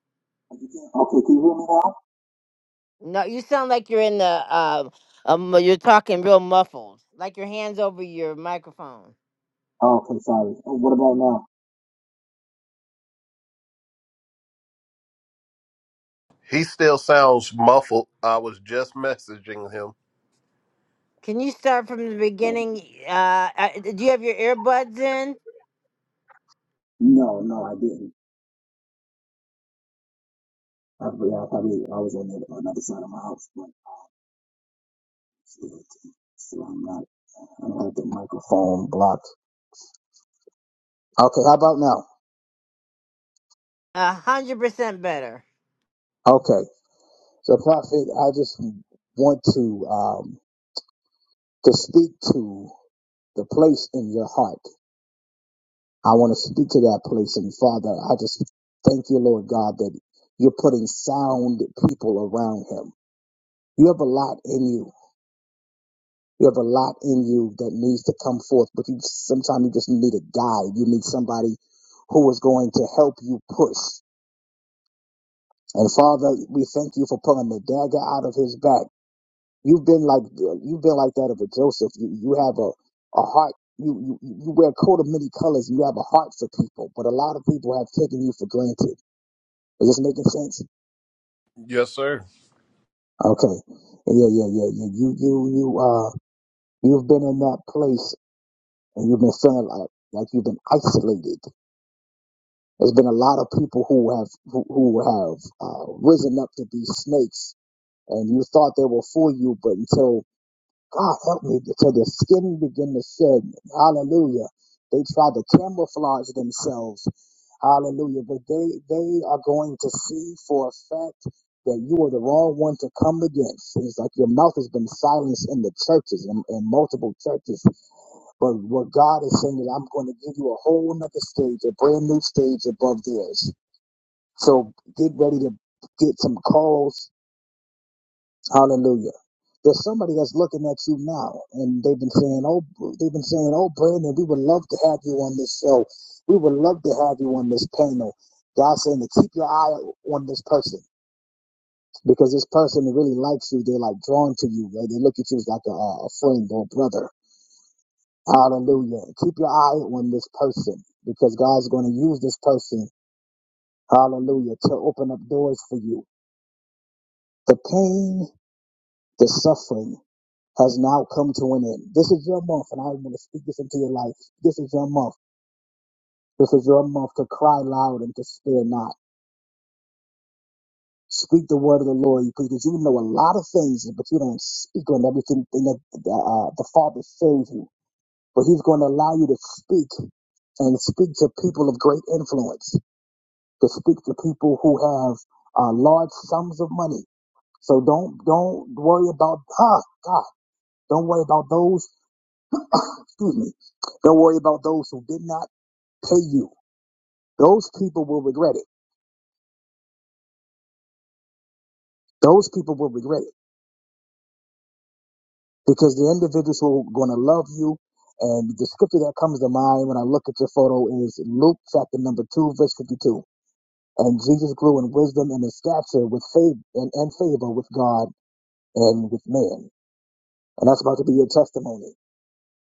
Speaker 2: No, you sound like you're in the uh, um, you're talking real muffled, like your hands over your microphone.
Speaker 3: oh,
Speaker 4: He still sounds muffled. I was just messaging him.
Speaker 2: Can you start from the beginning? Uh, uh, do you have your earbuds in?
Speaker 3: you, see, I'm not, I got the microphone blocked. Okay, how about now?
Speaker 2: A hundred percent better.
Speaker 3: Okay, so Prophet, I just want to, um, to speak to the place in your heart. I want to speak to that place, and Father, I just thank you, Lord God, that you're putting sound people around him. You have a lot in you. You have a lot in you that needs to come forth, but you sometimes you just need a guide. You need somebody who is going to help you push. And Father, we thank you for pulling the dagger out of his back. You've been like you've been like that of a Joseph. You you have a, a heart. You, you you wear a coat of many colors, and you have a heart for people. But a lot of people have taken you for granted. Is this making sense?
Speaker 4: Yes, sir.
Speaker 3: Okay. Yeah, yeah, yeah, yeah. You you you uh you've been in that place, and you've been feeling like like you've been isolated. There's been a lot of people who have who, who have uh, risen up to be snakes, and you thought they will fool you, but until God help me because the skin began to shed. Hallelujah. They tried to camouflage themselves. Hallelujah. But they, they are going to see for a fact that you are the wrong one to come against. It's like your mouth has been silenced in the churches, in, in multiple churches. But what God is saying is, I'm going to give you a whole nother stage, a brand new stage above theirs. So get ready to get some calls Hallelujah. There's somebody that's looking at you now, and they've been saying, "Oh, they've been saying, oh, Brandon, we would love to have you on this show. We would love to have you on this panel." God's saying to keep your eye on this person because this person really likes you. They're like drawn to you. Right? They look at you as like a, a friend or a brother. Hallelujah. Keep your eye on this person because God's going to use this person. Hallelujah to open up doors for you. The pain, the suffering. has now come to an end. This is your month, and I want to speak this into your life. This is your month. This is your month to cry loud and to spare not. Speak the word of the Lord because you know a lot of things, but you don't speak on everything that uh, the Father shows you. But He's going to allow you to speak and speak to people of great influence, to speak to people who have uh, large sums of money. So don't don't worry about ah, God. Don't worry about those Excuse me. Don't worry about those who did not pay you. Those people will regret it. Those people will regret it because the individuals who are going to love you. And the scripture that comes to mind when I look at your photo is Luke chapter number 2, verse 52. And Jesus grew in wisdom and in stature with favor and, and favor with God and with man. And that's about to be your testimony.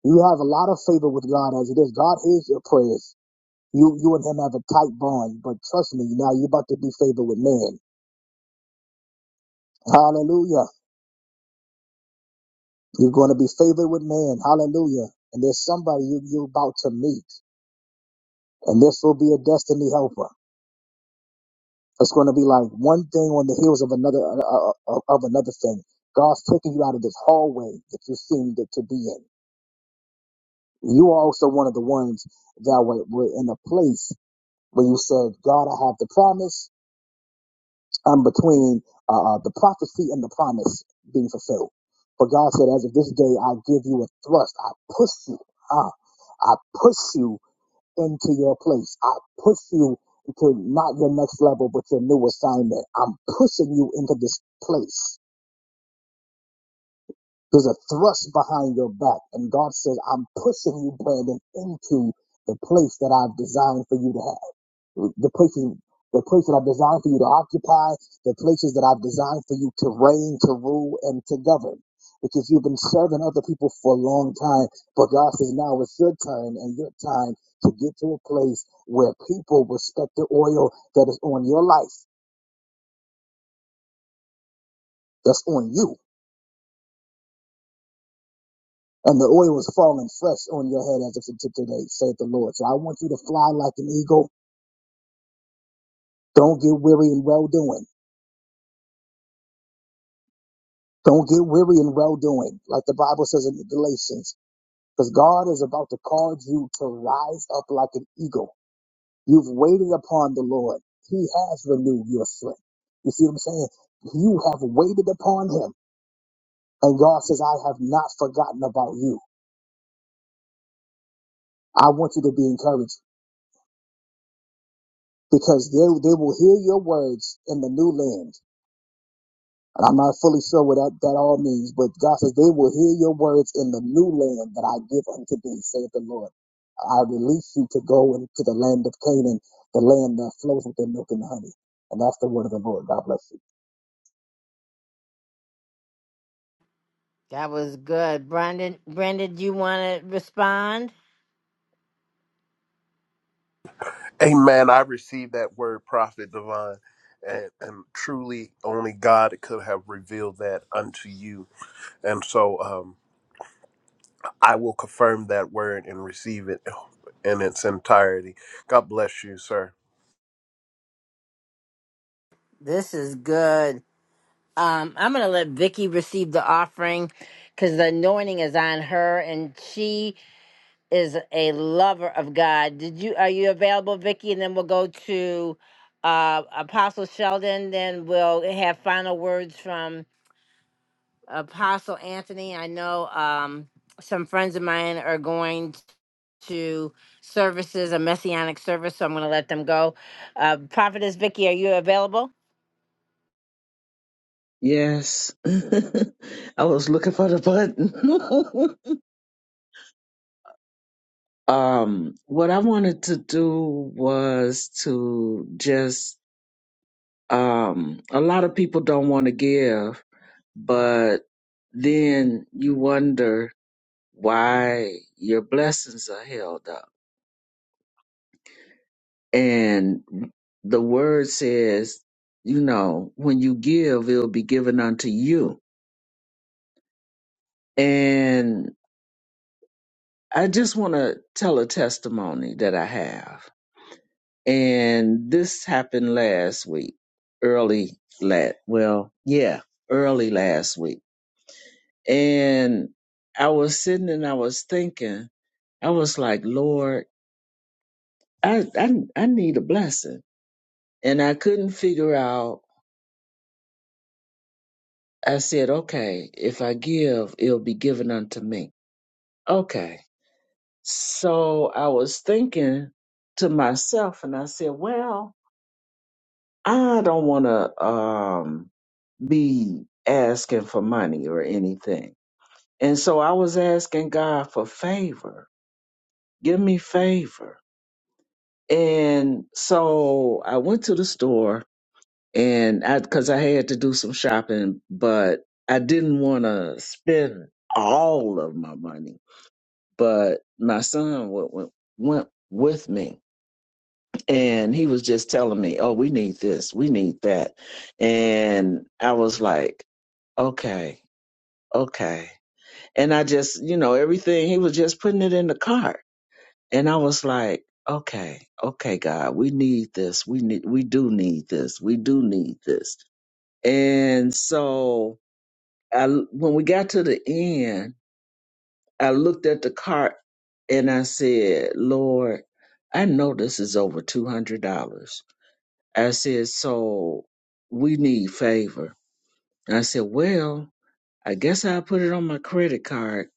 Speaker 3: You have a lot of favor with God as it is. God hears your prayers. You you and him have a tight bond, but trust me, now you're about to be favored with man. Hallelujah. You're going to be favored with man. Hallelujah. And there's somebody you, you're about to meet. And this will be a destiny helper. It's going to be like one thing on the heels of another, uh, uh, uh, of another thing. God's taking you out of this hallway that you seem to, to be in. You are also one of the ones that were, were in a place where you said, God, I have the promise. um, between uh, uh, the prophecy and the promise being fulfilled. For God said, as of this day, I give you a thrust. I push you. Ah, I push you into your place. I push you into not your next level, but your new assignment. I'm pushing you into this place. There's a thrust behind your back. And God says, I'm pushing you, Brandon, into the place that I've designed for you to have the places the places that I've designed for you to occupy, the places that I've designed for you to reign, to rule, and to govern. Because you've been serving other people for a long time, but God says now it's your turn and your time to get to a place where people respect the oil that is on your life, that's on you. And the oil is falling fresh on your head as of to today, saith the Lord. So I want you to fly like an eagle. Don't get weary in well doing. Don't get weary in well doing. Like the Bible says in Galatians, Because God is about to cause you to rise up like an eagle. You've waited upon the Lord. He has renewed your strength. You see what I'm saying? You have waited upon him. And God says, I have not forgotten about you. I want you to be encouraged because they, they will hear your words in the new land. And I'm not fully sure what that, that all means, but God says, They will hear your words in the new land that I give unto thee, saith the Lord. I release you to go into the land of Canaan, the land that flows with the milk and honey. And that's the word of the Lord. God bless you.
Speaker 2: That was good, Brandon. Brandon, do you want to respond?
Speaker 4: Amen. I received that word, prophet divine. And, and truly, only God could have revealed that unto you. And so um, I will confirm that word and receive it in its entirety. God bless you, sir.
Speaker 2: This is good. Um, I'm gonna let Vicky receive the offering because the anointing is on her, and she is a lover of God. Did you? Are you available, Vicky? And then we'll go to uh, Apostle Sheldon. Then we'll have final words from Apostle Anthony, I know um, some friends of mine are going to services, a messianic service, so I'm going to let them go. Uh, Prophetess Vicky, are you available?
Speaker 5: Yes. <laughs> I was looking for the button. <laughs> um, what I wanted to do was to just, um, a lot of people don't want to give but then you wonder why your blessings are held up. And the word says, you know, when you give, it'll be given unto you. And I just want to tell a testimony that I have. And this happened last week, early last, well, yeah, early last week. And I was sitting and I was thinking, I was like, Lord, I, I I need a blessing. And I couldn't figure out. I said, okay, if I give, it'll be given unto me. Okay. So I was thinking to myself and I said, well, I don't want to um, be asking for money or anything. And so I was asking God for favor. Give me favor. And so I went to the store and I because I had to do some shopping, but I didn't want to spend all of my money. But my son went, went went with me, and he was just telling me, "Oh, we need this, we need that," and I was like, "Okay, okay," and I just, you know, everything he was just putting it in the cart, and I was like. Okay, okay, God, we need this. We need, we do need this. We do need this. And so I when we got to the end, I looked at the cart and I said, "Lord, I know this is over two hundred dollars." I said, "So we need favor." And I said, "Well, I guess I'll put it on my credit card."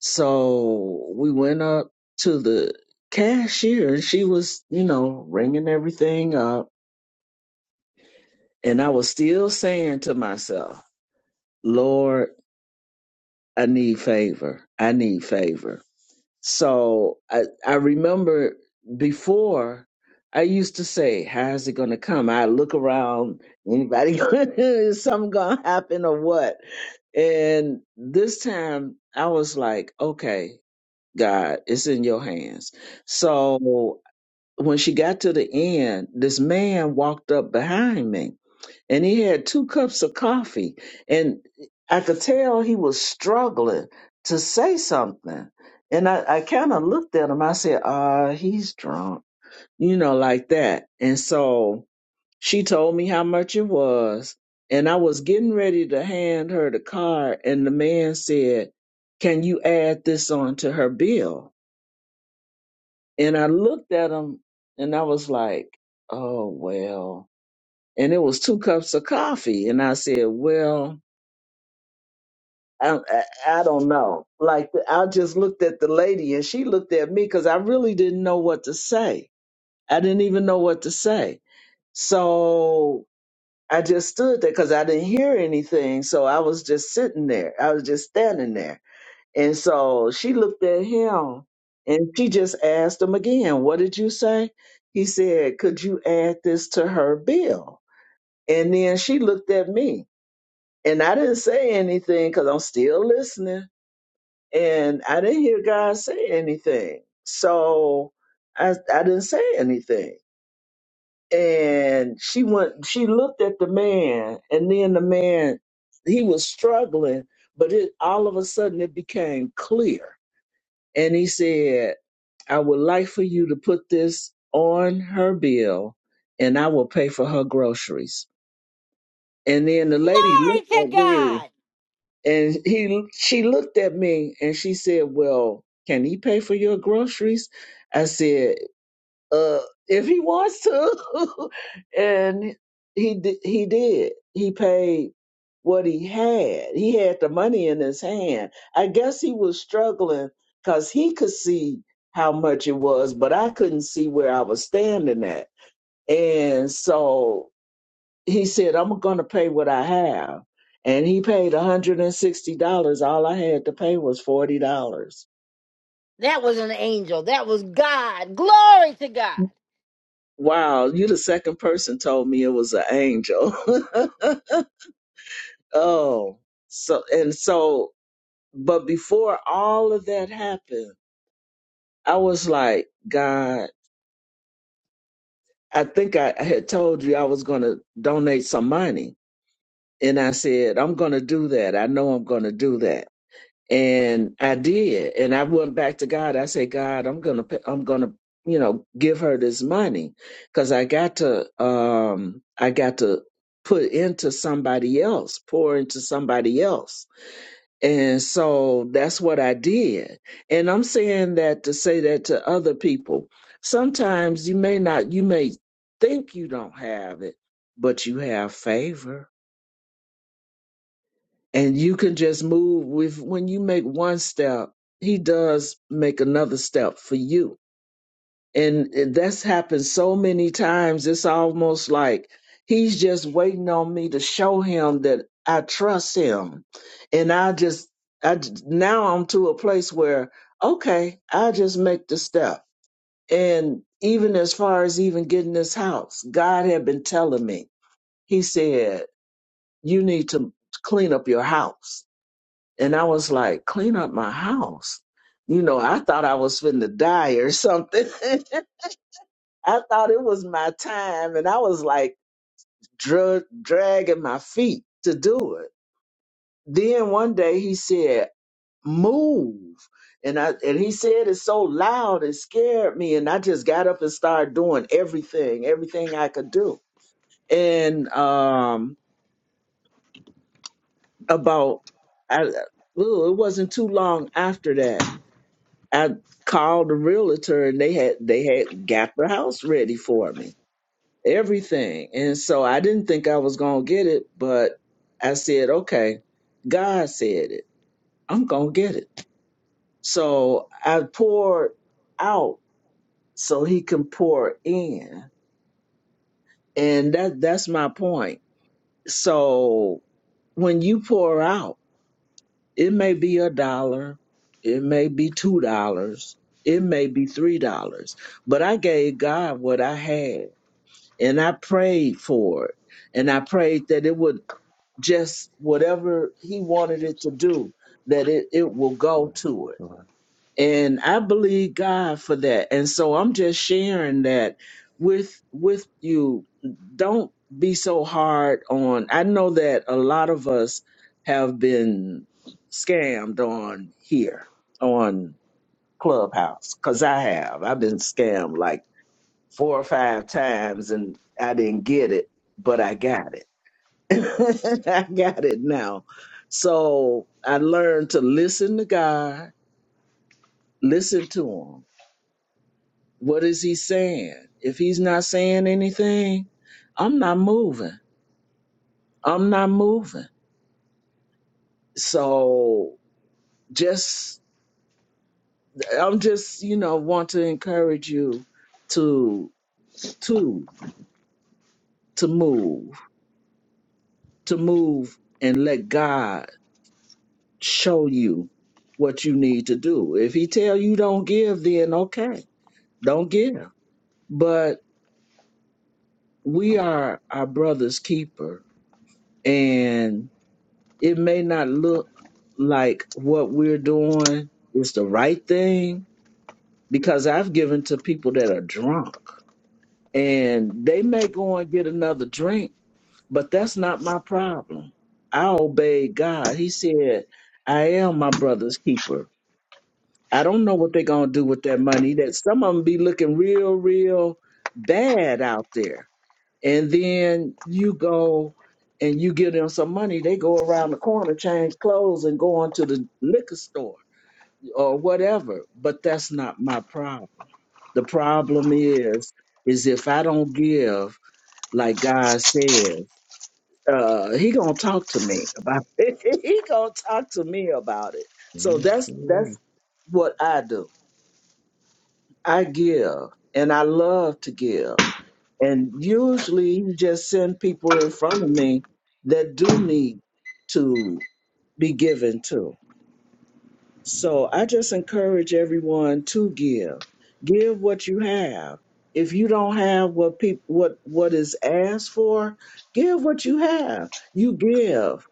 Speaker 5: So we went up to the cashier and she was, you know, ringing everything up, and I was still saying to myself, "Lord, I need favor. I need favor." So I, I remember before I used to say, how's it going to come? I look around, anybody, <laughs> is something going to happen or what? And this time I was like, okay, God, it's in your hands. So when she got to the end, this man walked up behind me and he had two cups of coffee and i could tell he was struggling to say something and i, I kind of looked at him i said uh he's drunk you know like that and so she told me how much it was and i was getting ready to hand her the card and the man said can you add this on to her bill and i looked at him and i was like oh well and it was two cups of coffee and i said well I, I don't know. Like I just looked at the lady and she looked at me because I really didn't know what to say. I didn't even know what to say. So I just stood there because I didn't hear anything. So I was just sitting there. I was just standing there. And so she looked at him and she just asked him again, What did you say? He said, Could you add this to her bill? And then she looked at me and I didn't say anything because I'm still listening and I didn't hear God say anything. So I I didn't say anything. And she went she looked at the man and then the man he was struggling, but it all of a sudden it became clear. And he said, I would like for you to put this on her bill and I will pay for her groceries. And then the lady
Speaker 2: Glory
Speaker 5: looked at
Speaker 2: to
Speaker 5: me
Speaker 2: God!
Speaker 5: And he she looked at me and she said, Well, can he pay for your groceries? I said, uh, if he wants to. <laughs> and he di- he did. He paid what he had. He had the money in his hand. I guess he was struggling because he could see how much it was, but I couldn't see where I was standing at. And so he said, I'm gonna pay what I have. And he paid $160. All I had to pay was $40.
Speaker 2: That was an angel. That was God. Glory to God.
Speaker 5: Wow, you the second person told me it was an angel. <laughs> oh. So and so but before all of that happened, I was like, God, I think I, I had told you I was gonna donate some money. And I said, I'm gonna do that. I know I'm gonna do that and I did, and I went back to God. I said, God, I'm gonna, I'm gonna, you know, give her this money, because I got to, um, I got to put into somebody else, pour into somebody else, and so that's what I did. And I'm saying that to say that to other people. Sometimes you may not, you may think you don't have it, but you have favor and you can just move with when you make one step he does make another step for you and that's happened so many times it's almost like he's just waiting on me to show him that i trust him and i just i j- now i'm to a place where okay i just make the step and even as far as even getting this house god had been telling me he said you need to clean up your house and I was like, clean up my house. You know, I thought I was finna die or something. <laughs> I thought it was my time. And I was like drug, dragging my feet to do it. Then one day he said, move. And I and he said it so loud it scared me. And I just got up and started doing everything, everything I could do. And um about I, ooh, it wasn't too long after that I called the realtor and they had they had got the house ready for me. Everything. And so I didn't think I was gonna get it, but I said, Okay, God said it. I'm gonna get it. So I poured out so he can pour in. And that that's my point. So when you pour out It may be a dollar, it may be two dollars, it may be three dollars, but I gave God what I had and I prayed for it. And I prayed that it would just whatever He wanted it to do, that it, it will go to it
Speaker 1: All
Speaker 5: and I believe God for that. And so I'm just sharing that with with you. Don't be so hard on. I know that a lot of us have been scammed on here on Clubhouse cuz I have. I've been scammed like four or five times and I didn't get it, but I got it. <laughs> I got it now. So I learned to listen to God, listen to him What is he saying? If he's not saying anything, I'm not moving. I'm not moving. So just I'm just, you know, want to encourage you to to to move, to move and let God show you what you need to do. If he tell you don't give, then okay, don't give. But we are our brother's keeper and. It may not look like what we're doing is the right thing because I've given to people that are drunk and they may go and get another drink, but that's not my problem. I obey God. He said, I am my brother's keeper. I don't know what they're going to do with that money that some of them be looking real, real bad out there and then you go and you give them some money, they go around the corner, change clothes, and go on to the liquor store or whatever. But that's not my problem. The problem is, is if I don't give, like God says, uh, He gonna talk to me about <laughs> it. he gonna talk to me about it. So that's
Speaker 1: right.
Speaker 5: that's what I do. I give, and I love to give. And usually you just send people in front of me that do need to be given to. So I just encourage everyone to give. Give what you have. If you don't have what people what what is asked for, give what you have. You give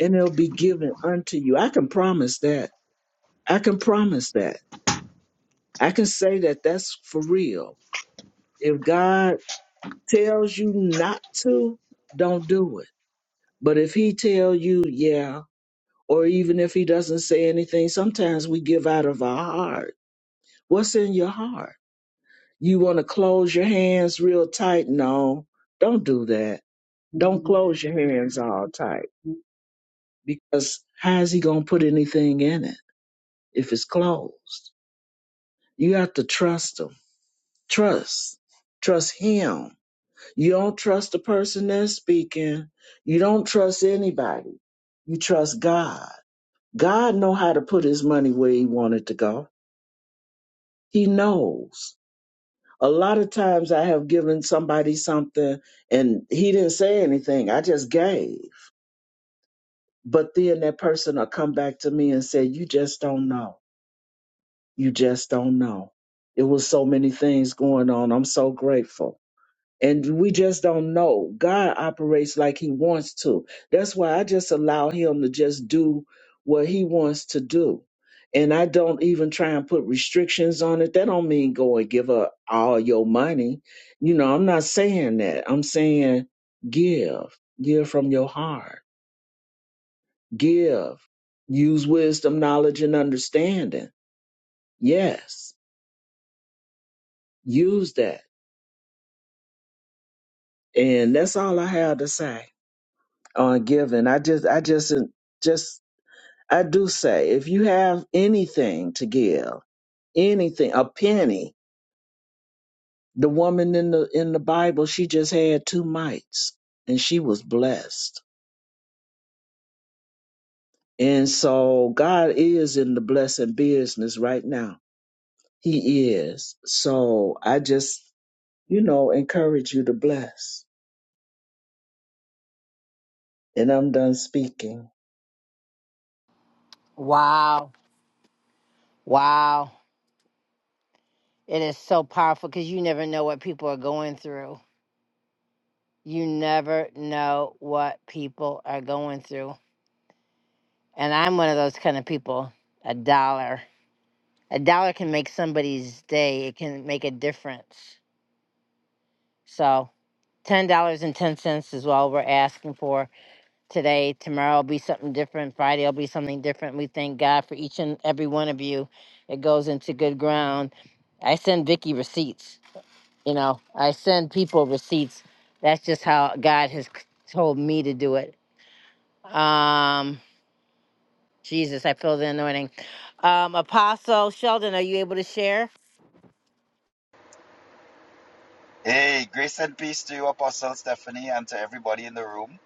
Speaker 5: and it'll be given unto you. I can promise that. I can promise that. I can say that that's for real. If God tells you not to, don't do it But if he tell you, yeah, or even if he doesn't say anything, sometimes we give out of our heart. What's in your heart? You want to close your hands real tight? No, don't do that. Don't close your hands all tight because how is he going to put anything in it if it's closed? You have to trust him. Trust. Trust him. You don't trust the person that's speaking. You don't trust anybody. You trust God God know how to put his money where he wanted to go. He knows. A lot of times I have given somebody something and he didn't say anything. I just gave. But then that person will come back to me and say, You just don't know. You just don't know. It was so many things going on. I'm so grateful. and we just don't know. God operates like He wants to. That's why I just allow Him to just do what He wants to do, and I don't even try and put restrictions on it. That don't mean go and give up all your money. You know, I'm not saying that. I'm saying give, give from your heart, give, use wisdom, knowledge, and understanding. Yes, use that, and that's all I have to say on giving. I just, I just, just I do say, if you have anything to give, anything, a penny, the woman in the in the Bible, she just had two mites and she was blessed. And so God is in the blessing business right now. He is. So I just, you know, encourage you to bless. And I'm done speaking.
Speaker 2: Wow. Wow. It is so powerful because you never know what people are going through. You never know what people are going through. And I'm one of those kind of people. A dollar. a dollar can make somebody's day. It can make a difference. So ten dollars and ten cents is all we're asking for today. Tomorrow will be something different. Friday will be something different. We thank God for each and every one of you. It goes into good ground. I send Vicky receipts. You know, I send people receipts. That's just how God has c- told me to do it. Um, Jesus, I feel the anointing. Um, Apostle Sheldon, are you able to share?
Speaker 14: Hey, grace and peace to you, Apostle Stephanie, and to everybody in the room.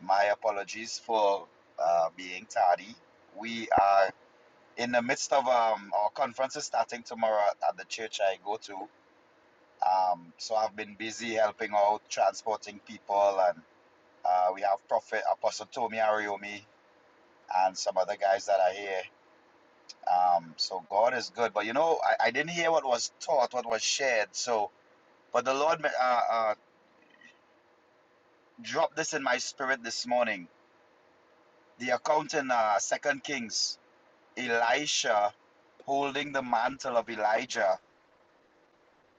Speaker 14: My apologies for uh, being tardy. We are in the midst of um, our conference is starting tomorrow at at the church I go to. Um, so I've been busy helping out, transporting people, and uh, we have Prophet Apostle Tomi Ariomi and some other guys that are here. Um, so God is good, but you know, I, I didn't hear what was taught, what was shared. So, but the Lord uh, uh, dropped this in my spirit this morning the account in uh, Second Kings, Elisha holding the mantle of Elijah.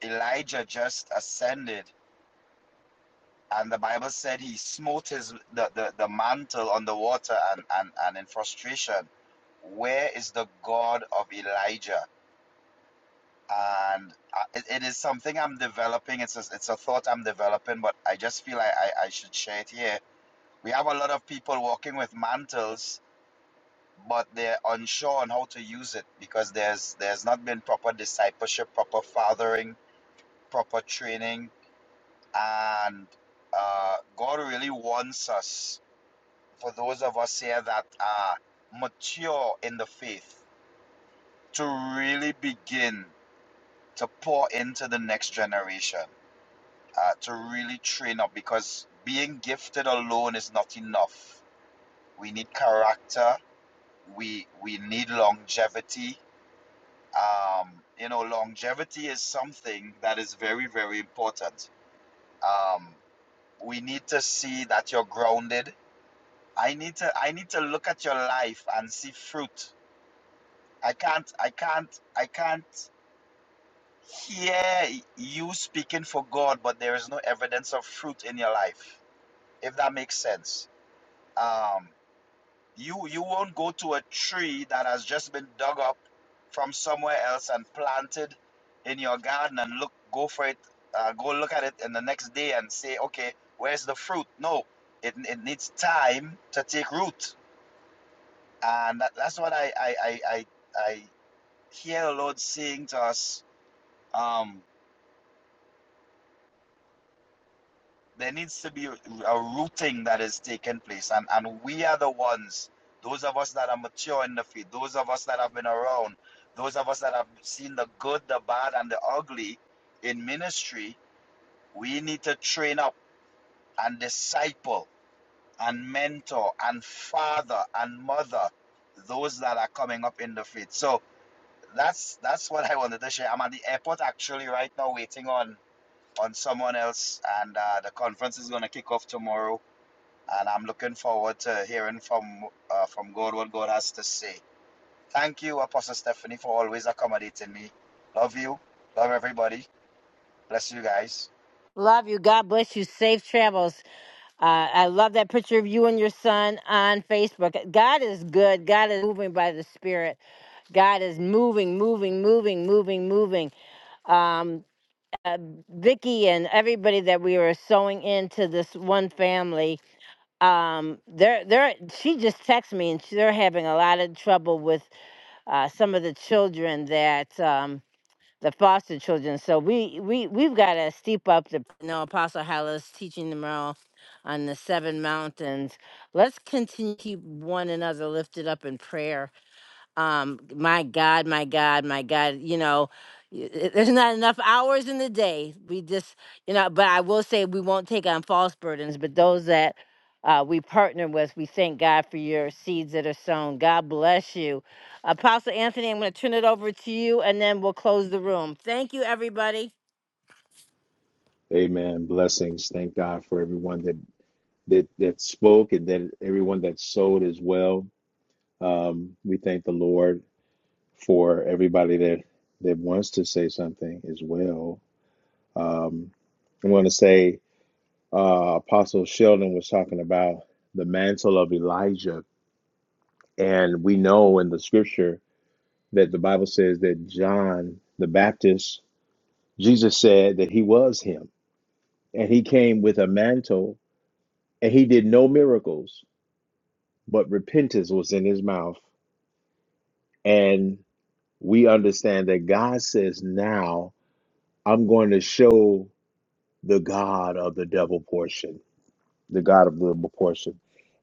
Speaker 14: Elijah just ascended, and the Bible said he smote his the, the, the mantle on the water and, and, and in frustration. Where is the God of Elijah? And uh, it, it is something I'm developing. It's a, it's a thought I'm developing, but I just feel I, I, I should share it here. We have a lot of people walking with mantles but they're unsure on how to use it because there's there's not been proper discipleship, proper fathering, proper training, and uh, God really wants us, for those of us here that are mature in the faith, to really begin to pour into the next generation, uh, to really train up because being gifted alone is not enough. We need character. We we need longevity Um, you know, longevity is something that is very, very important. Um, we need to see that you're grounded. I need to I need to look at your life and see fruit. I can't I can't I can't hear you speaking for God, but there is no evidence of fruit in your life. If that makes sense. Um, You you won't go to a tree that has just been dug up from somewhere else and planted in your garden and look go for it uh, go look at it in the next day and say okay where's the fruit? No, it it needs time to take root, and that, that's what I I I I, I hear the Lord saying to us. Um, there needs to be a rooting that is taking place and and we are the ones those of us that are mature in the faith those of us that have been around those of us that have seen the good the bad and the ugly in ministry we need to train up and disciple and mentor and father and mother those that are coming up in the faith so that's that's what i wanted to share i'm at the airport actually right now waiting on on someone else and uh, the conference is going to kick off tomorrow and I'm looking forward to hearing from uh, from God what God has to say. Thank you, Apostle Stephanie, for always accommodating me. Love you. Love everybody. Bless you guys.
Speaker 2: Love you. God bless you. Safe travels. Uh, I love that picture of you and your son on Facebook. God is good. God is moving by the Spirit. God is moving, moving, moving, moving, moving. um, uh, Vicky and everybody that we were sewing into this one family. Um, they're they're she just texted me and she- they're having a lot of trouble with uh, some of the children that um, the foster children. So we we we've got to steep up the you know Apostle Hallis teaching tomorrow on the seven mountains. Let's continue to keep one another lifted up in prayer um my god my god my god you know y- y- there's not enough hours in the day we just you know but i will say we won't take on false burdens but those that uh, we partner with we thank god for your seeds that are sown god bless you apostle anthony i'm going to turn it over to you and then we'll close the room thank you everybody
Speaker 1: Amen. Blessings. Thank God for everyone that that that spoke and that everyone that sowed as well. Um, we thank the Lord for everybody that that wants to say something as well. Um, I want to say uh, Apostle Sheldon was talking about the mantle of Elijah, and we know in the Scripture that the Bible says that John the Baptist, Jesus said that he was him, and he came with a mantle, and he did no miracles but repentance was in his mouth. And we understand that God says, Now I'm going to show the God of the double portion, the God of the double portion.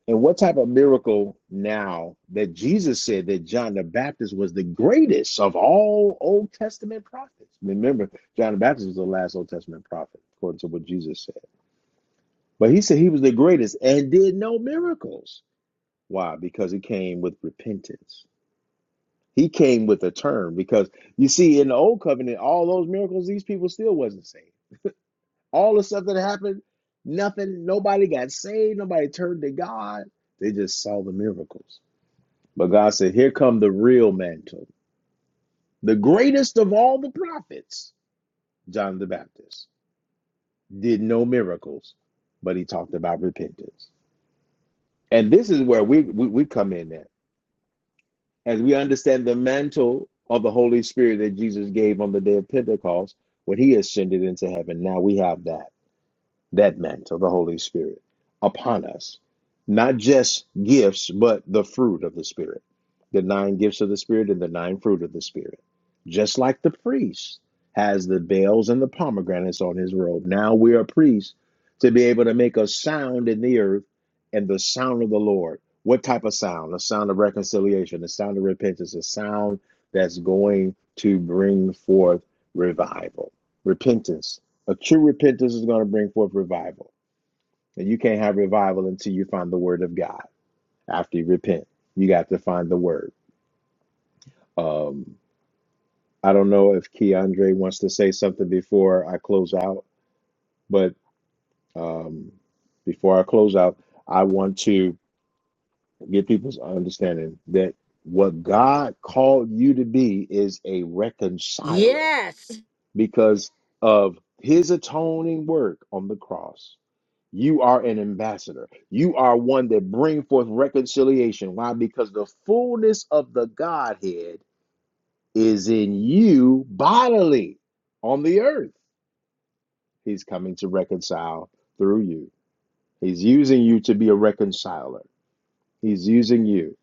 Speaker 1: And what type of miracle now that Jesus said that John the Baptist was the greatest of all Old Testament prophets? Remember, John the Baptist was the last Old Testament prophet, according to what Jesus said. But he said he was the greatest and did no miracles. Why? Because he came with repentance He came with a term because you see in the old covenant, all those miracles, these people still wasn't saved. All the stuff that happened, nothing, nobody got saved, nobody turned to God. They just saw the miracles. But God said, Here come the real mantle. The greatest of all the prophets, John the Baptist, did no miracles, but he talked about repentance. And this is where we we, we come in at. as we understand the mantle of the Holy Spirit that Jesus gave on the day of Pentecost when he ascended into heaven. Now we have that that mantle, the Holy Spirit, upon us. Not just gifts, but the fruit of the Spirit. The nine gifts of the Spirit and the nine fruit of the Spirit. Just like the priest has the bells and the pomegranates on his robe. Now we are priests to be able to make a sound in the earth and the sound of the Lord. What type of sound? A sound of reconciliation, the sound of repentance, a sound that's going to bring forth revival. Repentance a true repentance is going to bring forth revival. And you can't have revival until you find the word of God. After you repent, you got to find the word. Um, I don't know if Keandre wants to say something before I close out, but um, before I close out, I want to get people's understanding that what God called you to be is a reconciler
Speaker 2: Yes.
Speaker 1: because of his atoning work on the cross You are an ambassador. You are one that bring forth reconciliation. Why? Because the fullness of the Godhead is in you bodily on the earth. He's coming to reconcile through you. He's using you to be a reconciler. He's using you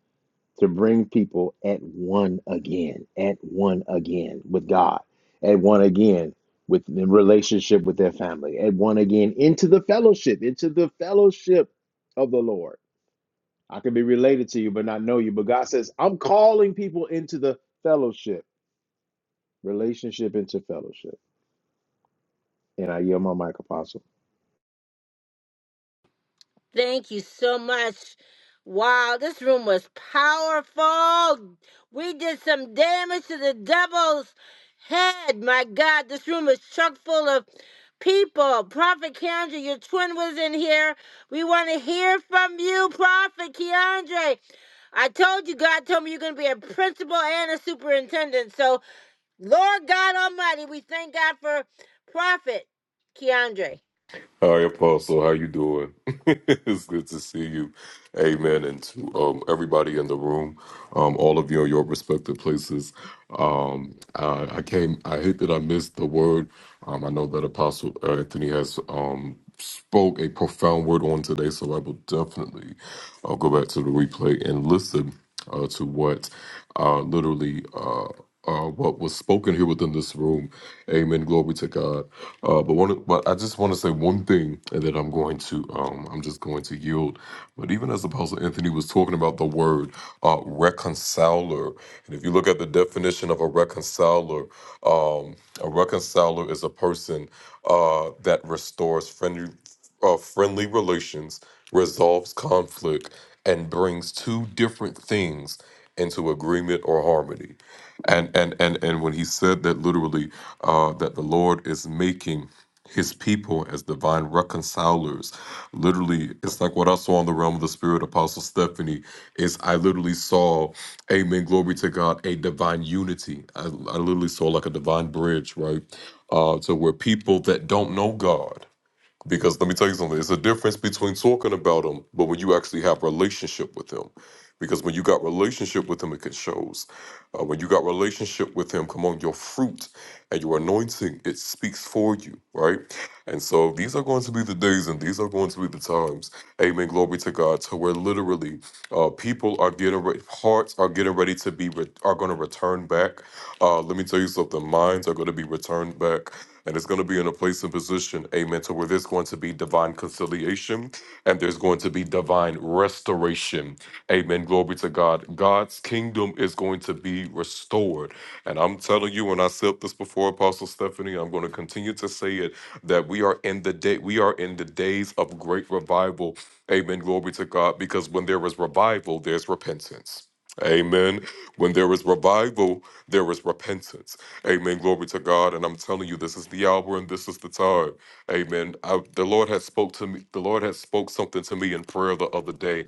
Speaker 1: to bring people at one again, at one again with God, at one again with in relationship with their family, at one again into the fellowship, into the fellowship of the Lord I could be related to you, but not know you. But God says, I'm calling people into the fellowship, relationship into fellowship. And I yield my mic, Apostle.
Speaker 2: Thank you so much. Wow, this room was powerful. We did some damage to the devil's head. My God, this room is chock full of people. Prophet Keandre, your twin was in here. We want to hear from you, Prophet Keandre. I told you, God told me you're going to be a principal and a superintendent. So, Lord God Almighty, we thank God for Prophet Keandre.
Speaker 15: Hi, Apostle. How you doing? <laughs> it's good to see you. Amen. And to um, everybody in the room, um, all of you in your respective places. Um, I, I came. I hate that I missed the word. Um, I know that Apostle uh, Anthony has um, spoke a profound word on today, so I will definitely uh, go back to the replay and listen uh, to what uh, literally. Uh, uh, what was spoken here within this room. Amen. Glory to God. Uh, but one, but I just want to say one thing, and then I'm going to, um, I'm just going to yield. But even as Apostle Anthony was talking about the word uh, reconciler, and if you look at the definition of a reconciler, um, a reconciler is a person uh, that restores friendly. Of friendly relations, resolves conflict, and brings two different things into agreement or harmony. And and and and when he said that, literally, uh, that the Lord is making his people as divine reconcilers literally it's like what i saw in the realm of the spirit apostle stephanie is i literally saw amen glory to god a divine unity i, I literally saw like a divine bridge right uh to where people that don't know god because let me tell you something, it's a difference between talking about him, but when you actually have relationship with him. Because when you got relationship with him, it can shows. Uh, when you got relationship with him, come on, your fruit and your anointing, it speaks for you, right? And so these are going to be the days and these are going to be the times, amen, glory to God, to where literally uh, people are getting ready, hearts are getting ready to be, re- are going to return back. Uh, let me tell you something, minds are going to be returned back. And it's going to be in a place and position, amen, to where there's going to be divine conciliation and there's going to be divine restoration. Amen. Glory to God. God's kingdom is going to be restored. And I'm telling you, and I said this before, Apostle Stephanie, I'm going to continue to say it that we are in the day, we are in the days of great revival. Amen. Glory to God. Because when there is revival, there's repentance. Amen. When there is revival, there is repentance. Amen. Glory to God. And I'm telling you, this is the hour and this is the time. Amen. I, the Lord has spoke to me. The Lord has spoke something to me in prayer the other day.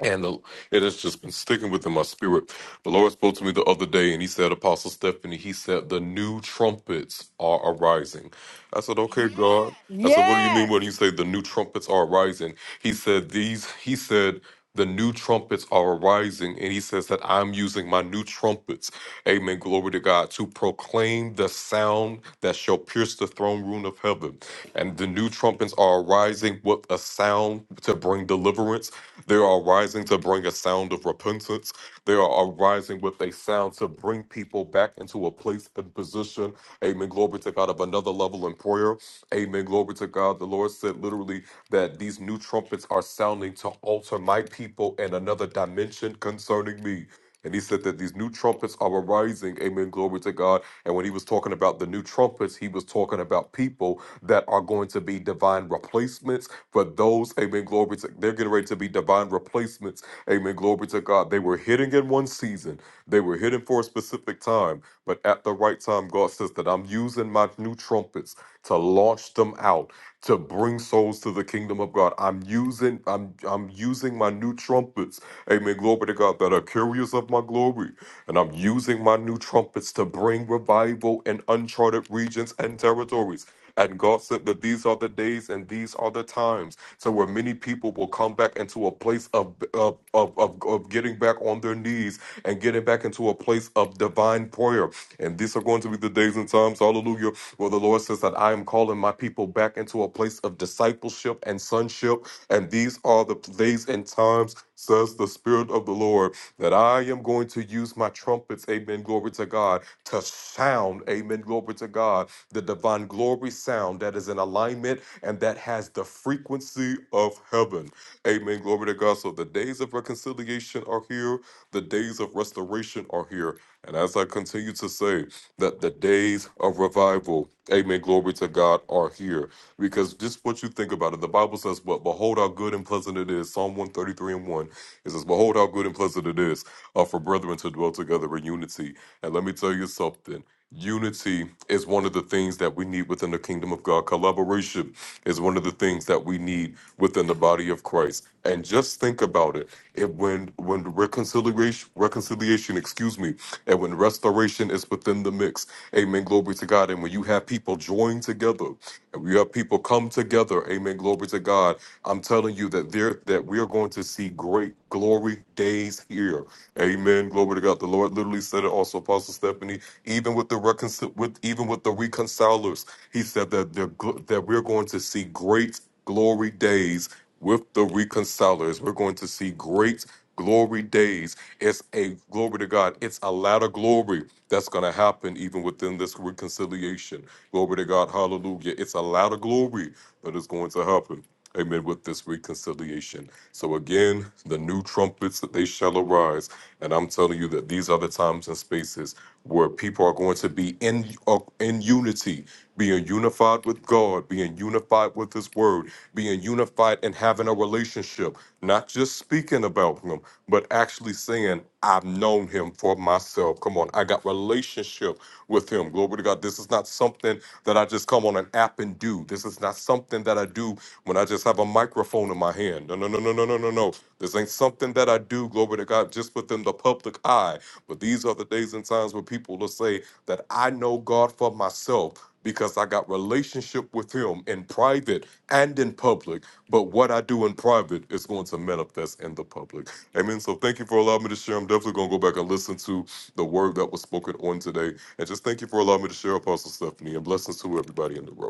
Speaker 15: And the, it has just been sticking within my spirit. The Lord spoke to me the other day and he said, Apostle Stephanie, he said, the new trumpets are arising. I said, okay, God. I said, what do you
Speaker 2: Yes.
Speaker 15: mean when you say the new trumpets are arising? He said, these, he said, the new trumpets are arising. And he says that I'm using my new trumpets, amen, glory to God, to proclaim the sound that shall pierce the throne room of heaven. And the new trumpets are arising with a sound to bring deliverance. They are arising to bring a sound of repentance. They are arising with a sound to bring people back into a place and position. Amen. Glory to God of another level in prayer. Amen. Glory to God. The Lord said literally that these new trumpets are sounding to alter my people in another dimension concerning me. And he said that these new trumpets are arising. Amen. Glory to God. And when he was talking about the new trumpets, he was talking about people that are going to be divine replacements for those. Amen. Glory to They're getting ready to be divine replacements. Amen. Glory to God. They were hidden in one season, they were hidden for a specific time. But at the right time, God says that I'm using my new trumpets to launch them out to bring souls to the kingdom of God. I'm using I'm I'm using my new trumpets. Amen. Glory to God that are curious of my glory. And I'm using my new trumpets to bring revival in uncharted regions and territories. And God said that these are the days and these are the other times to where many people will come back into a place of of, of, of of getting back on their knees and getting back into a place of divine prayer. And these are going to be the days and times, hallelujah, where the Lord says that I am calling my people back into a place of discipleship and sonship. And these are the days and times, says the Spirit of the Lord, that I am going to use my trumpets, amen, glory to God, to sound, amen, glory to God the divine glory sound that is in alignment and that has the frequency of heaven. Amen. Glory to God. So the days of reconciliation are here, the days of restoration are here. And as I continue to say, that the days of revival, amen, glory to God, are here. Because just what you think about it, the Bible says, But behold how good and pleasant it is. Psalm 133 and 1. It says, Behold how good and pleasant it is uh, for brethren to dwell together in unity. And let me tell you something. Unity is one of the things that we need within the kingdom of God. Collaboration is one of the things that we need within the body of Christ. And just think about it. It when when reconciliation reconciliation, excuse me, and when restoration is within the mix. Amen. Glory to God. And when you have people join together and we have people come together, amen. Glory to God. I'm telling you that there that we are going to see great glory days here. Amen. Glory to God. The Lord literally said it also, Apostle Stephanie. Even with the reconcil- with even with the reconcilers, he said that they're gl- that we're going to see great glory days with the reconcilers. We're going to see great glory days. It's a glory to God. It's a ladder glory that's going to happen even within this reconciliation. Glory to God. Hallelujah. It's a ladder glory that is going to happen. Amen. With this reconciliation. So again, the new trumpets that they shall arise. And I'm telling you that these are the times and spaces where people are going to be in uh, in unity being unified with God, being unified with His Word, being unified and having a relationship, not just speaking about Him, but actually saying, I've known Him for myself. Come on, I got relationship with Him. Glory to God. This is not something that I just come on an app and do. This is not something that I do when I just have a microphone in my hand. No, no, no, no, no, no, no, no. This ain't something that I do, glory to God, just within the public eye. But these are the days and times where people will say that I know God for myself because I got relationship with him in private and in public. But what I do in private is going to manifest in the public. Amen. So thank you for allowing me to share. I'm definitely going to go back and listen to the word that was spoken on today. And just thank you for allowing me to share, Apostle Stephanie, and blessings to everybody in the room.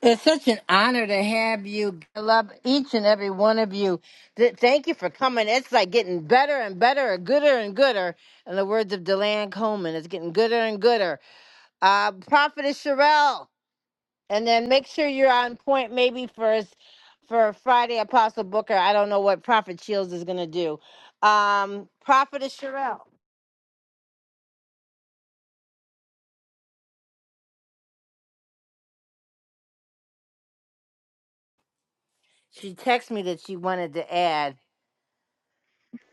Speaker 2: It's such an honor to have you. I love each and every one of you. Th- thank you for coming. It's like getting better and better, and gooder and gooder. In the words of Deland Coleman, it's getting gooder and gooder. Uh, Prophetess Sherelle, and then make sure you're on point maybe for us for Friday Apostle Booker. I don't know what Prophet Shields is going to do. Um, Prophetess Sherelle, she texted me that she wanted to add.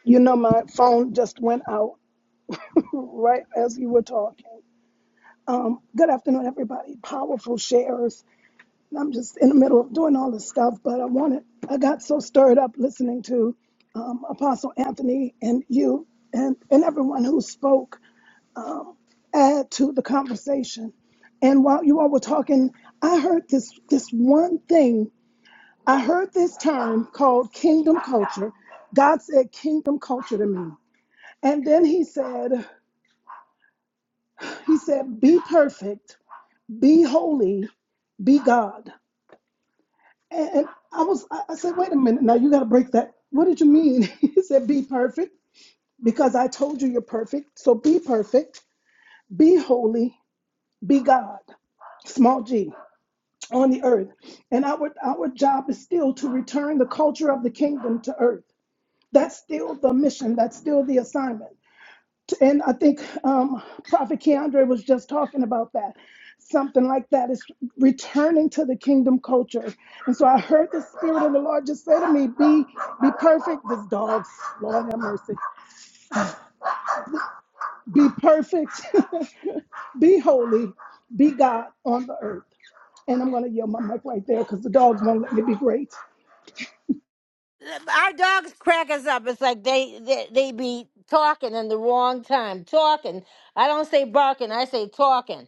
Speaker 16: You know, my phone just went out right as you were talking. Good afternoon, everybody. Powerful shares. And I'm just in the middle of doing all this stuff, but I wanted, I got so stirred up listening to um, Apostle Anthony and you and, and everyone who spoke add to the conversation. And while you all were talking, I heard this this one thing. I heard this term called kingdom culture. God said kingdom culture to me. And then he said, He said, Be perfect, be holy, be God. And, and I was, I I said, Wait a minute, now you got to break that. What did you mean? <laughs> He said, Be perfect, because I told you you're perfect. So be perfect, be holy, be God, small g, on the earth. And our, our job is still to return the culture of the kingdom to earth. That's still the mission, that's still the assignment. And I think um, Prophet Keandre was just talking about that. Something like that is returning to the kingdom culture. And so I heard the Spirit of the Lord just say to me, Be be perfect. This dog's Lord have mercy. Be perfect. <laughs> be holy. Be God on the earth. And I'm gonna yell my mic right there because the dogs won't let me be great.
Speaker 2: our dogs crack us up. It's like they, they they be talking in the wrong time. Talking. I don't say barking. I say talking.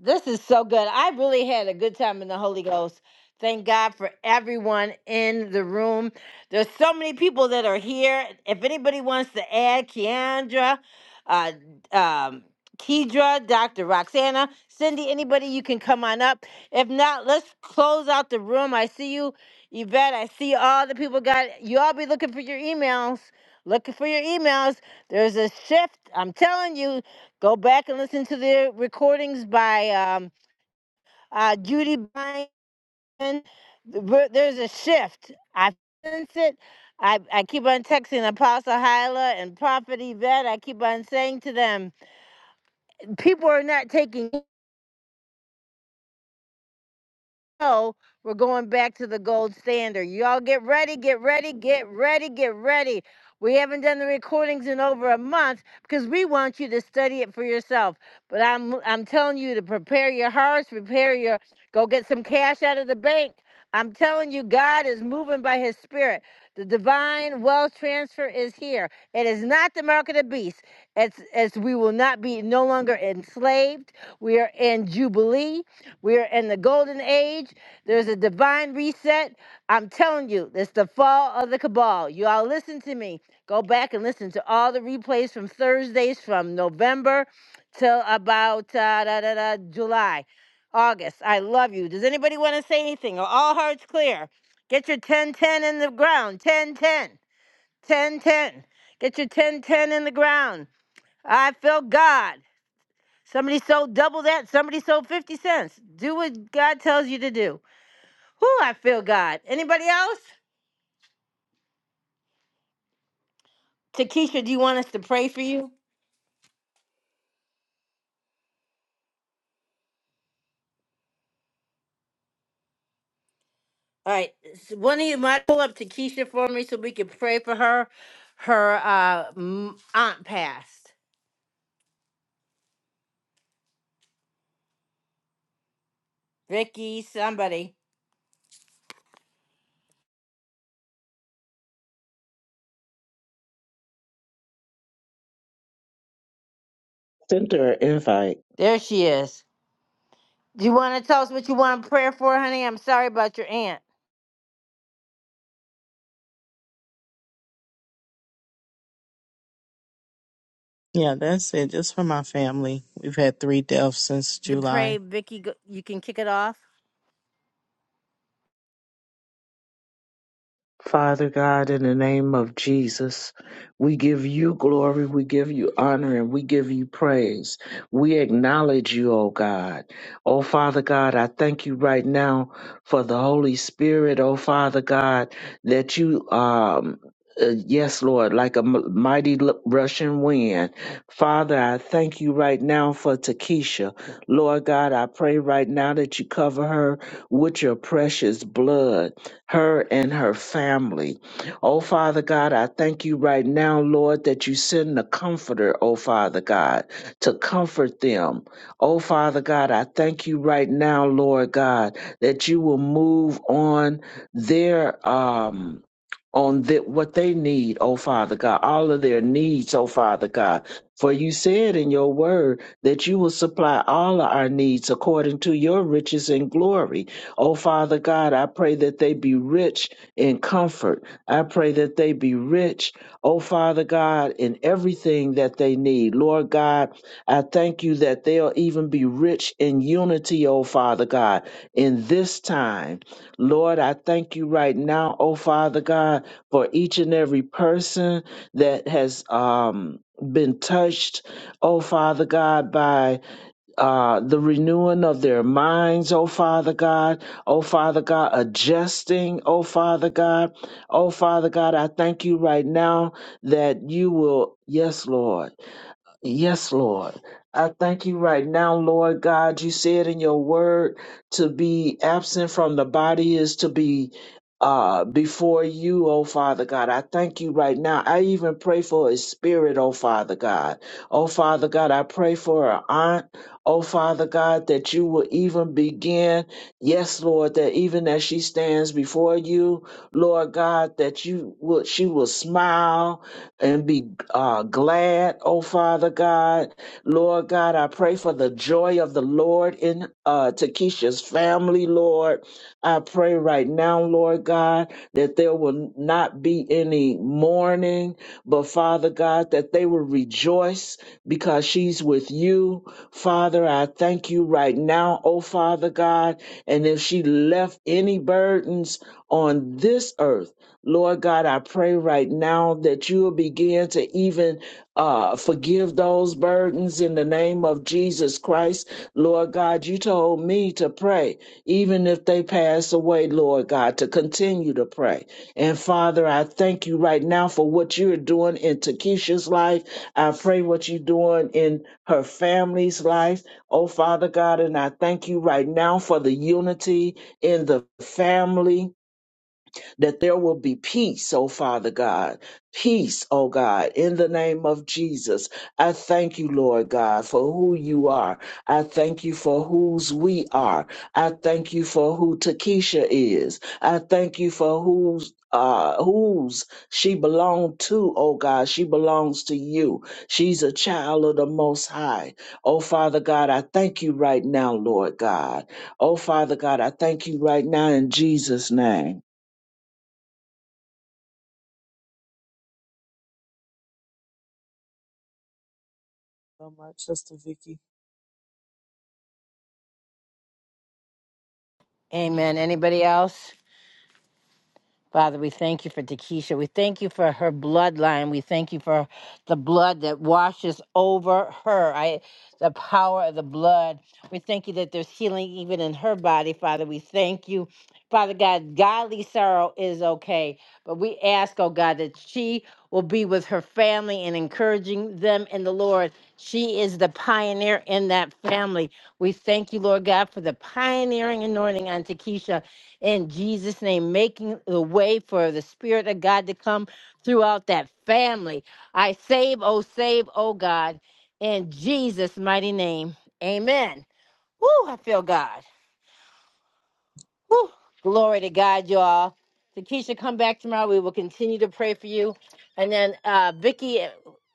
Speaker 2: This is so good. I really had a good time in the Holy Ghost. Thank God for everyone in the room. There's so many people that are here. If anybody wants to add, Keandra, uh, um, Kedra, Dr. Roxana, Cindy, anybody, you can come on up. If not, let's close out the room. I see you, Yvette. I see all the people got. You all be looking for your emails. Looking for your emails. There's a shift. I'm telling you. Go back and listen to the recordings by um, uh, Judy Byron. There's a shift. I sense it. I, I keep on texting Apostle Hyla and Prophet Yvette. I keep on saying to them, people are not taking know we're going back to the gold standard. Y'all get ready, get ready, get ready, get ready. We haven't done the recordings in over a month because we want you to study it for yourself. But I'm I'm telling you to prepare your hearts, prepare your go get some cash out of the bank. I'm telling you, God is moving by his spirit. The divine wealth transfer is here. It is not the mark of the beast. It's, it's we will not be no longer enslaved. We are in Jubilee. We are in the golden age. There's a divine reset. I'm telling you, it's the fall of the cabal. You all listen to me. Go back and listen to all the replays from Thursdays from November till about uh, da, da, da, July, August. I love you. Does anybody want to say anything? Are all hearts clear? Get your 1010 in the ground. 1010. 1010. Get your 1010 in the ground. I feel God. Somebody sold double that. Somebody sold 50 cents. Do what God tells you to do. Whoo, I feel God. Anybody else? Takesha, do you want us to pray for you? All right. s- One of you might pull up Takesha for me so we can pray for her. Her uh, m- aunt passed. Vicky, somebody.
Speaker 5: Send her an invite.
Speaker 2: There she is. Do you want to tell us what you want prayer for, honey? I'm sorry about your aunt.
Speaker 17: Yeah, that's it. Just for my family. We've had three deaths since
Speaker 2: To pray,
Speaker 17: July.
Speaker 2: Vicky, go- you can kick it off.
Speaker 5: Father God, in the name of Jesus, we give you glory, we give you honor, and we give you praise. We acknowledge you, O God. O Father God, I thank you right now for the Holy Spirit, O Father God, that you, um, uh, yes, Lord, like a m- mighty l- Russian wind. Father, I thank you right now for Takesha. Lord God, I pray right now that you cover her with your precious blood her and her family. Oh, Father God, I thank you right now, Lord, that you send the comforter, oh, Father God, to comfort them. Oh, Father God, I thank you right now, Lord God, that you will move on their, um, on the, what they need, oh Father God, all of their needs, oh Father God. For you said in your word that you will supply all of our needs according to your riches and glory. Oh, Father God, I pray that they be rich in comfort. I pray that they be rich, oh, Father God, in everything that they need. Lord God, I thank you that they'll even be rich in unity, oh, Father God, in this time. Lord, I thank you right now, oh, Father God, for each and every person that has um, been touched, oh, Father God, by uh, the renewing of their minds, oh Father God, oh Father God, adjusting, oh Father God, oh Father God, I thank you right now that you will, yes, Lord, yes, Lord. I thank you right now, Lord God. You said in your word to be absent from the body is to be uh before you oh father god i thank you right now i even pray for a spirit oh father god oh father god i pray for an aunt Oh, Father God, that you will even begin, yes, Lord, that even as she stands before you, Lord God, that you will, she will smile and be uh, glad. Oh, Father God, Lord God, I pray for the joy of the Lord in uh, Takesha's family, Lord. I pray right now, Lord God, that there will not be any mourning, but Father God, that they will rejoice because she's with you. Father, I thank you right now, oh Father God. And if she left any burdens on this earth, Lord God, I pray right now that you will begin to even uh, forgive those burdens in the name of Jesus Christ. Lord God, you told me to pray, even if they pass away, Lord God, to continue to pray. And Father, I thank you right now for what you're doing in Takesha's life. I pray what you're doing in her family's life. Oh, Father God, and I thank you right now for the unity in the family that there will be peace, oh Father God. Peace, oh God, in the name of Jesus. I thank you, Lord God, for who you are. I thank you for whose we are. I thank you for who Takesha is. I thank you for whose uh whose she belonged to, oh God. She belongs to you. She's a child of the most high. Oh Father God, I thank you right now, Lord God. Oh Father God, I thank you right now in Jesus' name.
Speaker 17: So much, Sister Vicky.
Speaker 2: Amen. Anybody else? Father, we thank you for Takesha. We thank you for her bloodline. We thank you for the blood that washes over her. I, the power of the blood. We thank you that there's healing even in her body, Father. We thank you. Father God, godly sorrow is okay. But we ask, oh God, that she will be with her family and encouraging them in the Lord. She is the pioneer in that family. We thank you, Lord God, for the pioneering anointing on Takesha in Jesus' name, making the way for the Spirit of God to come throughout that family. I save, oh, save, oh, God, in Jesus' mighty name. Amen. Woo, I feel God. Woo, glory to God, y'all. So come back tomorrow. We will continue to pray for you. And then uh, Vicky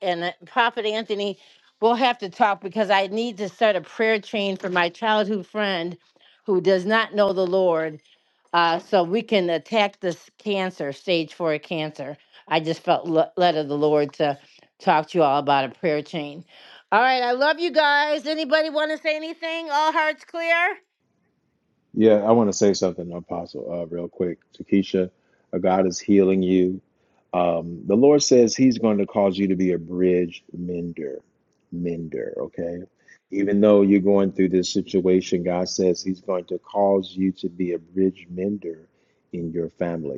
Speaker 2: and uh, Prophet Anthony, we'll have to talk because I need to start a prayer chain for my childhood friend who does not know the Lord uh, so we can attack this cancer, stage four cancer. I just felt le- led of the Lord to talk to you all about a prayer chain. All right, I love you guys. Anybody want to say anything? All hearts clear?
Speaker 1: Yeah, I want to say something, Apostle, uh, real quick. To Keisha, uh, God is healing you. Um, the Lord says He's going to cause you to be a bridge mender, mender, okay? Even though you're going through this situation, God says He's going to cause you to be a bridge mender in your family.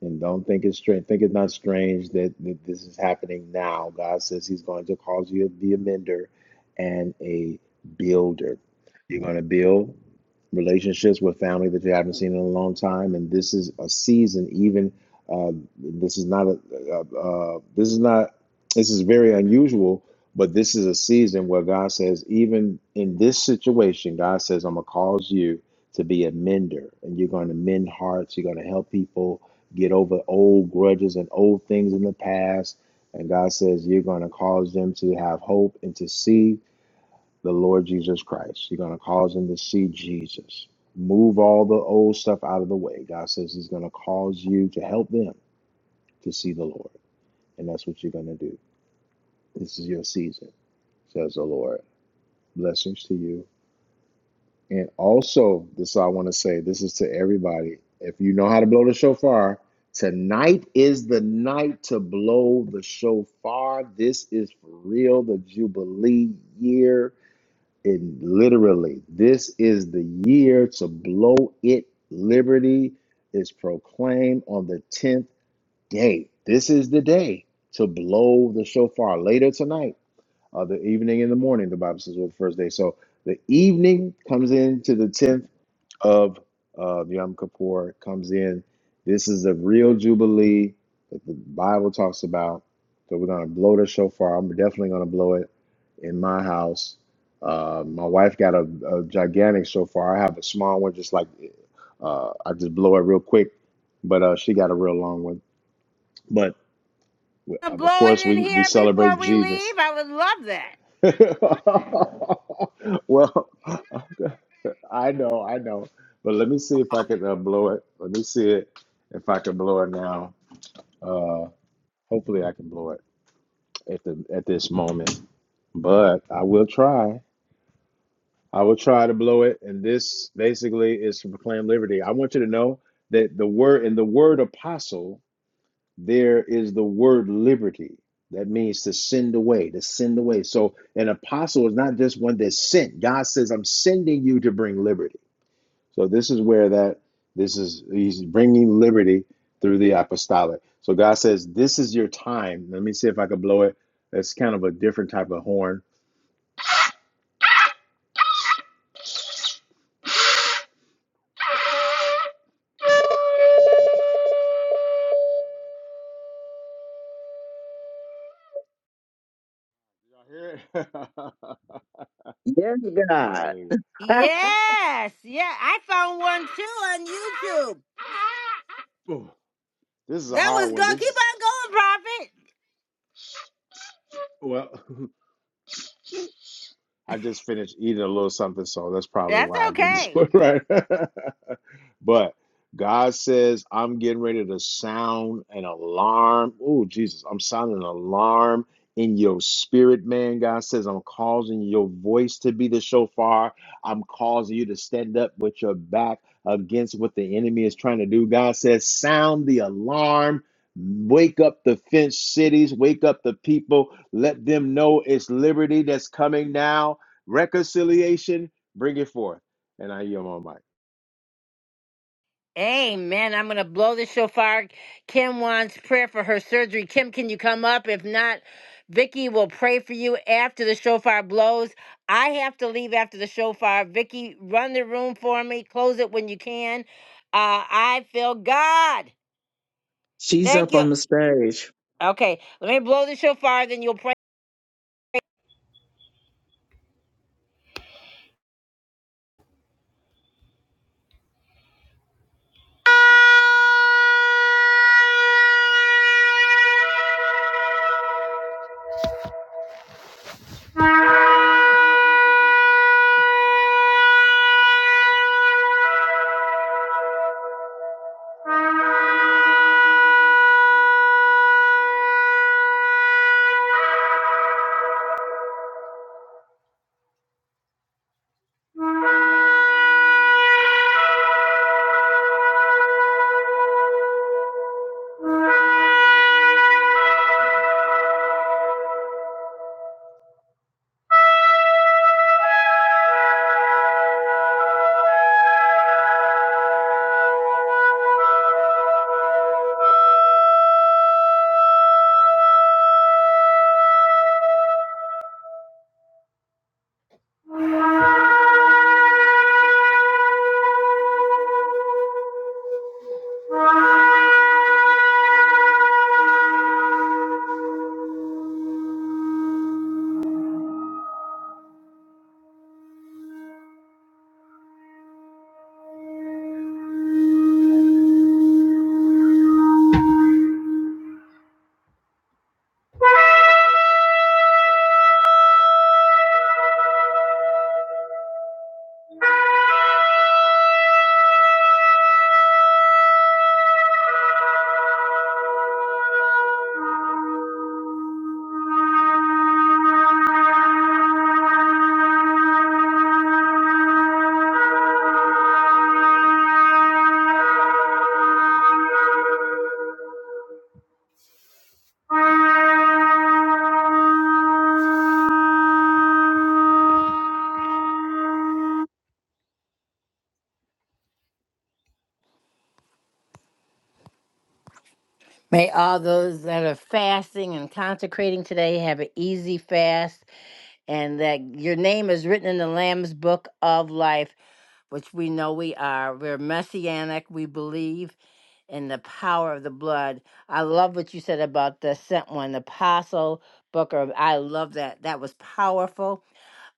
Speaker 1: And don't think it's strange. Think it's not strange that, that this is happening now. God says He's going to cause you to be a mender and a builder. You're going to build relationships with family that you haven't seen in a long time, and this is a season. Even uh, this is not a uh, uh, this is not this is very unusual, but this is a season where God says, even in this situation, God says, I'm gonna cause you to be a mender, and you're going to mend hearts. You're going to help people get over old grudges and old things in the past. And God says, You're going to cause them to have hope and to see the Lord Jesus Christ. You're going to cause them to see Jesus. Move all the old stuff out of the way. God says He's going to cause you to help them to see the Lord. And that's what you're going to do. This is your season, says the Lord. Blessings to you. And also, this is what I want to say, this is to everybody. If you know how to blow the shofar, tonight is the night to blow the shofar. This is for real, the Jubilee year. And literally, this is the year to blow it. Liberty is proclaimed on the 10th day. This is the day to blow the shofar later tonight, or the evening in the morning, the Bible says, well, the first day. So the evening comes into the 10th of uh, Yom Kippur comes in. This is the real Jubilee that the Bible talks about. So we're going to blow the shofar. I'm definitely going to blow it in my house. Uh, my wife got a, a gigantic shofar. I have a small one, just like uh, I just blow it real quick, but uh, she got a real long one. But
Speaker 2: Wanna
Speaker 1: um, of
Speaker 2: Blow
Speaker 1: course,
Speaker 2: it in
Speaker 1: we, we
Speaker 2: here
Speaker 1: celebrate
Speaker 2: before we leave.
Speaker 1: Jesus.
Speaker 2: I would love that.
Speaker 1: <laughs> well, I know, I know. But let me see if I can uh, blow it. Let me see it if I can blow it now. Uh, hopefully, I can blow it at the at this moment. But I will try. I will try to blow it. And this basically is to proclaim liberty. I want you to know that the word in the word apostle there is the word liberty. That means to send away, to send away. So an apostle is not just one that's sent. God says, "I'm sending you to bring liberty." So this is where that this is he's bringing liberty through the apostolic. So God says, "This is your time." Let me see if I can blow it. That's kind of a different type of horn. <laughs> Y'all hear it? <laughs>
Speaker 5: Yes, God.
Speaker 1: Hallelujah.
Speaker 5: Ha!
Speaker 2: Yes, yeah, I found one too on YouTube.
Speaker 1: Ooh, This is a
Speaker 2: That was
Speaker 1: hard one.
Speaker 2: good.
Speaker 1: This
Speaker 2: Keep
Speaker 1: is
Speaker 2: on going, Prophet.
Speaker 1: well, <laughs> I just finished eating a little something, so that's probably
Speaker 2: That's
Speaker 1: why I didn't <laughs>
Speaker 2: okay.
Speaker 1: do it right. <laughs> But God says, I'm getting ready to sound an alarm. Oh, Jesus, I'm sounding an alarm in your spirit, man. God says, I'm causing your voice to be the shofar. I'm causing you to stand up with your back against what the enemy is trying to do. God says, sound the alarm. Wake up the fenced cities, wake up the people, let them know it's liberty that's coming now. Reconciliation, bring it forth. And I yield my mic.
Speaker 2: Amen. I'm going to blow the shofar. Kim wants prayer for her surgery. Kim, can you come up? If not, Vicky will pray for you after the shofar blows. I have to leave after the shofar. Vicky, run the room for me. Close it when you can. Uh, I feel God.
Speaker 5: She's
Speaker 2: Thank
Speaker 5: up
Speaker 2: you.
Speaker 5: on the stage.
Speaker 2: Okay, let me blow the shofar, then you'll pray. May all those that are fasting and consecrating today have an easy fast. and that your name is written in the Lamb's book of life, which we know we are. We're messianic. We believe in the power of the blood. I love what you said about the sent one, Apostle Booker. I love that. That was powerful.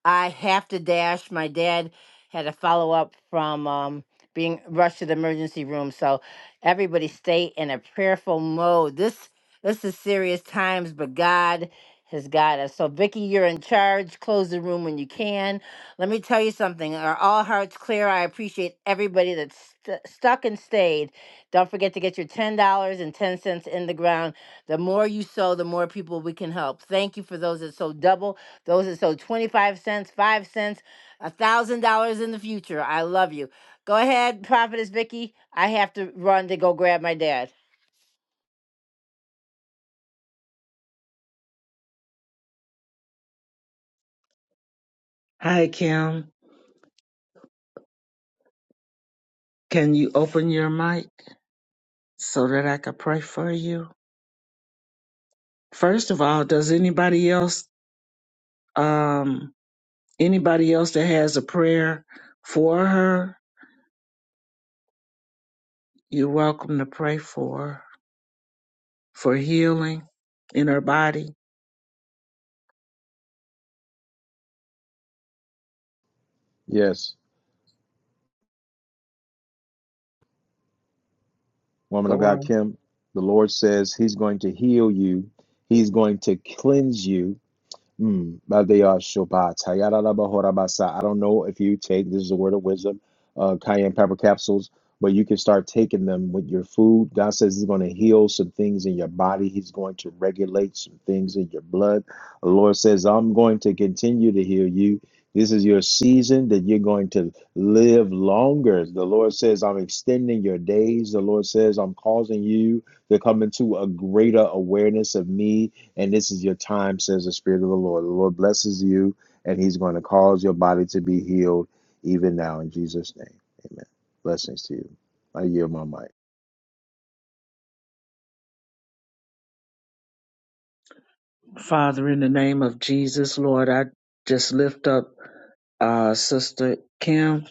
Speaker 2: I have to dash. My dad had a follow up from um, being rushed to the emergency room. So everybody stay in a prayerful mode. This this is serious times, but God has got us. So Vicky, you're in charge. Close the room when you can. Let me tell you something. Are all hearts clear? I appreciate everybody that's st- stuck and stayed. Don't forget to get your ten dollars and ten cents in the ground. The more you sow, the more people we can help. Thank you for those that sow double. Those are so 25 cents, 5 cents, a $1,000 in the future. I love you. Go ahead, Prophetess Vicky. I have to run to go grab my dad.
Speaker 5: Hi, Kim. Can you open your mic so that I can pray for you? First of all, does anybody else, um, anybody else that has a prayer for her, you're welcome to pray for her, for healing in her body.
Speaker 1: Yes. woman of
Speaker 5: Go
Speaker 1: God,
Speaker 5: on.
Speaker 1: Kim, the Lord says He's going to heal you, He's going to cleanse you, Mm. Badia Shobat. Tayaraba Horabasa. I don't know if you take this is a word of wisdom, uh, cayenne pepper capsules, but you can start taking them with your food. God says He's going to heal some things in your body. He's going to regulate some things in your blood. The Lord says, I'm going to continue to heal you. This is your season that you're going to live longer. The Lord says, I'm extending your days. The Lord says, I'm causing you to come into a greater awareness of me and this is your time, says the Spirit of the Lord. The Lord blesses you, and He's going to cause your body to be healed even now in Jesus' name. Amen. Blessings to you. I yield my mic.
Speaker 5: Father, in the name of Jesus, Lord, I just lift up uh, Sister Kim.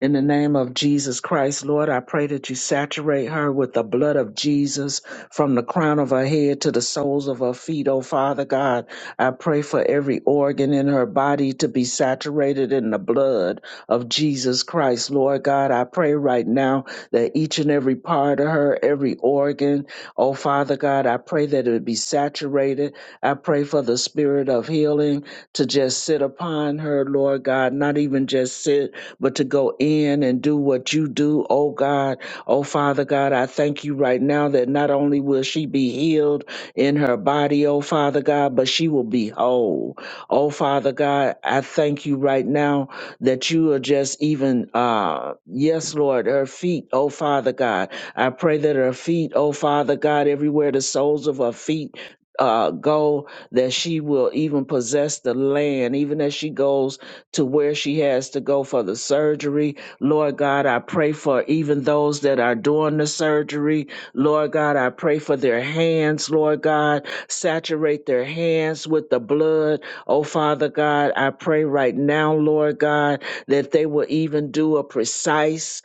Speaker 5: In the name of Jesus Christ, Lord, I pray that you saturate her with the blood of Jesus from the crown of her head to the soles of her feet, oh Father God. I pray for every organ in her body to be saturated in the blood of Jesus Christ, Lord God. I pray right now that each and every part of her, every organ, oh Father God, I pray that it be saturated. I pray for the spirit of healing to just sit upon her, Lord God, not even just sit but to go in and do what you do, oh God. Oh Father God, I thank you right now that not only will she be healed in her body, oh Father God, but she will be whole. Oh Father God, I thank you right now that you are just even, uh, yes, Lord, her feet, oh Father God. I pray that her feet, oh Father God, everywhere the soles of her feet, uh, go that she will even possess the land, even as she goes to where she has to go for the surgery. Lord God, I pray for even those that are doing the surgery. Lord God, I pray for their hands. Lord God, saturate their hands with the blood. Oh, Father God, I pray right now, Lord God, that they will even do a precise,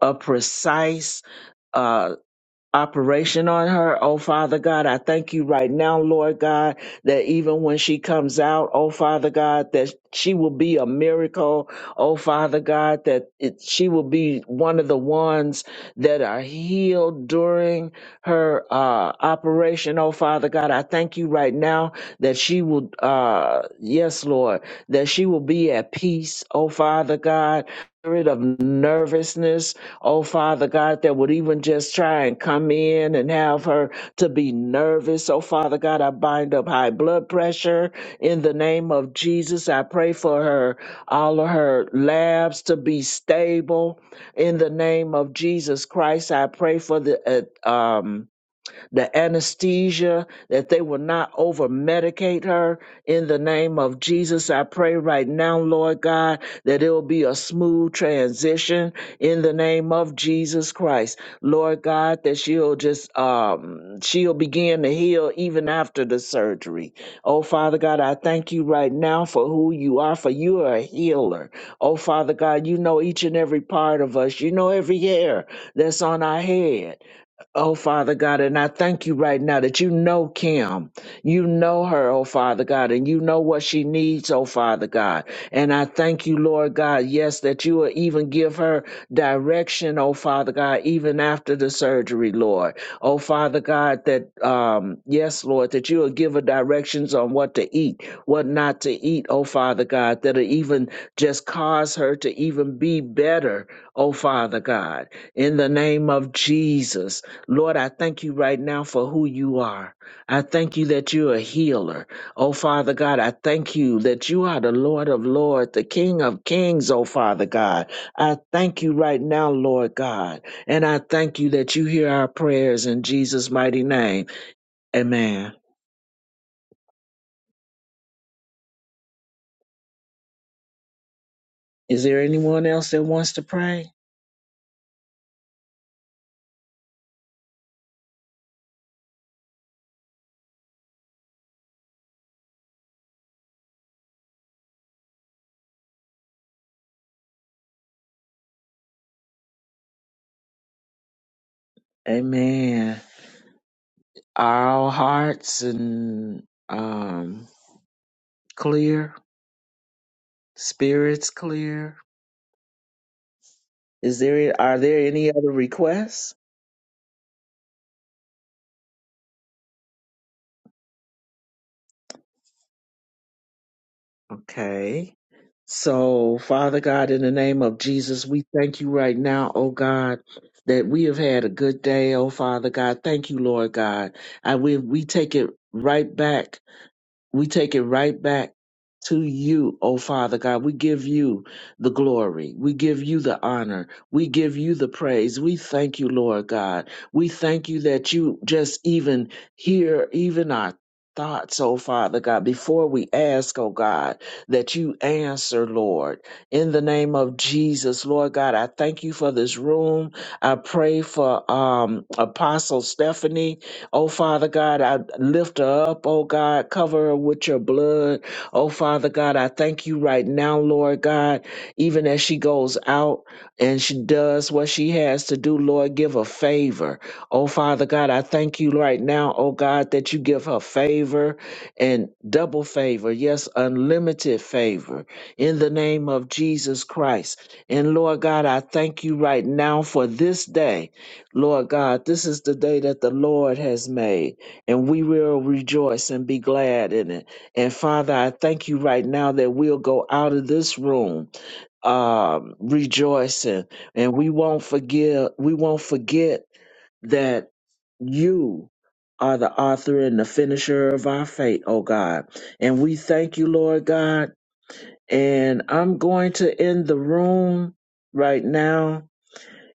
Speaker 5: a precise uh, operation on her. Oh, Father God, I thank you right now, Lord God, that even when she comes out, oh, Father God, that she will be a miracle. Oh, Father God, that it, she will be one of the ones that are healed during her uh, operation. Oh, Father God, I thank you right now that she will, uh, yes, Lord, that she will be at peace. Oh, Father God, spirit of nervousness Oh, Father God, that would even just try and come in and have her to be nervous. Oh, Father God, I bind up high blood pressure in the name of Jesus. I pray for her, all of her labs to be stable in the name of Jesus Christ. I pray for the uh, um, the anesthesia, that they will not over medicate her. In the name of Jesus, I pray right now, Lord God, that it will be a smooth transition in the name of Jesus Christ. Lord God, that she'll just, um, she'll begin to heal even after the surgery. Oh, Father God, I thank you right now for who you are, for you are a healer. Oh, Father God, you know each and every part of us. You know every hair that's on our head. Oh, Father God, and I thank you right now that you know Kim. You know her, oh Father God, and you know what she needs, oh Father God. And I thank you, Lord God, yes, that you will even give her direction, oh Father God, even after the surgery, Lord. Oh Father God, that, um, yes, Lord, that you will give her directions on what to eat, what not to eat, oh Father God, that'll even just cause her to even be better, oh Father God. In the name of Jesus, Lord, I thank you right now for who you are. I thank you that you're a healer. Oh, Father God, I thank you that you are the Lord of Lords, the King of Kings, oh, Father God. I thank you right now, Lord God. And I thank you that you hear our prayers in Jesus' mighty name. Amen. Is there anyone else that wants to pray? Amen. Are all hearts and um, clear? Spirits clear? Is there are there any other requests? Okay. So, Father God, in the name of Jesus, we thank you right now, oh God, that we have had a good day, oh Father God. Thank you, Lord God. And we we take it right back. We take it right back to you, O Father God. We give you the glory. We give you the honor. We give you the praise. We thank you, Lord God. We thank you that you just even hear even our thoughts, O Father God, before we ask, O God, that you answer, Lord. In the name of Jesus, Lord God, I thank you for this room. I pray for um Apostle Stephanie. Oh, Father God, I lift her up. Oh, God, cover her with your blood. Oh, Father God, I thank you right now, Lord God, even as she goes out and she does what she has to do, Lord, give her favor. Oh, Father God, I thank you right now, oh, God, that you give her favor and double favor. Yes, unlimited favor in the name of Jesus Christ. And Lord God, I thank you right now for this day. Lord God, this is the day that the Lord has made, and we will rejoice and be glad in it. And Father, I thank you right now that we'll go out of this room um, rejoicing, and we won't forgive. We won't forget that you are the author and the finisher of our fate, oh God. And we thank you, Lord God. And I'm going to end the room right now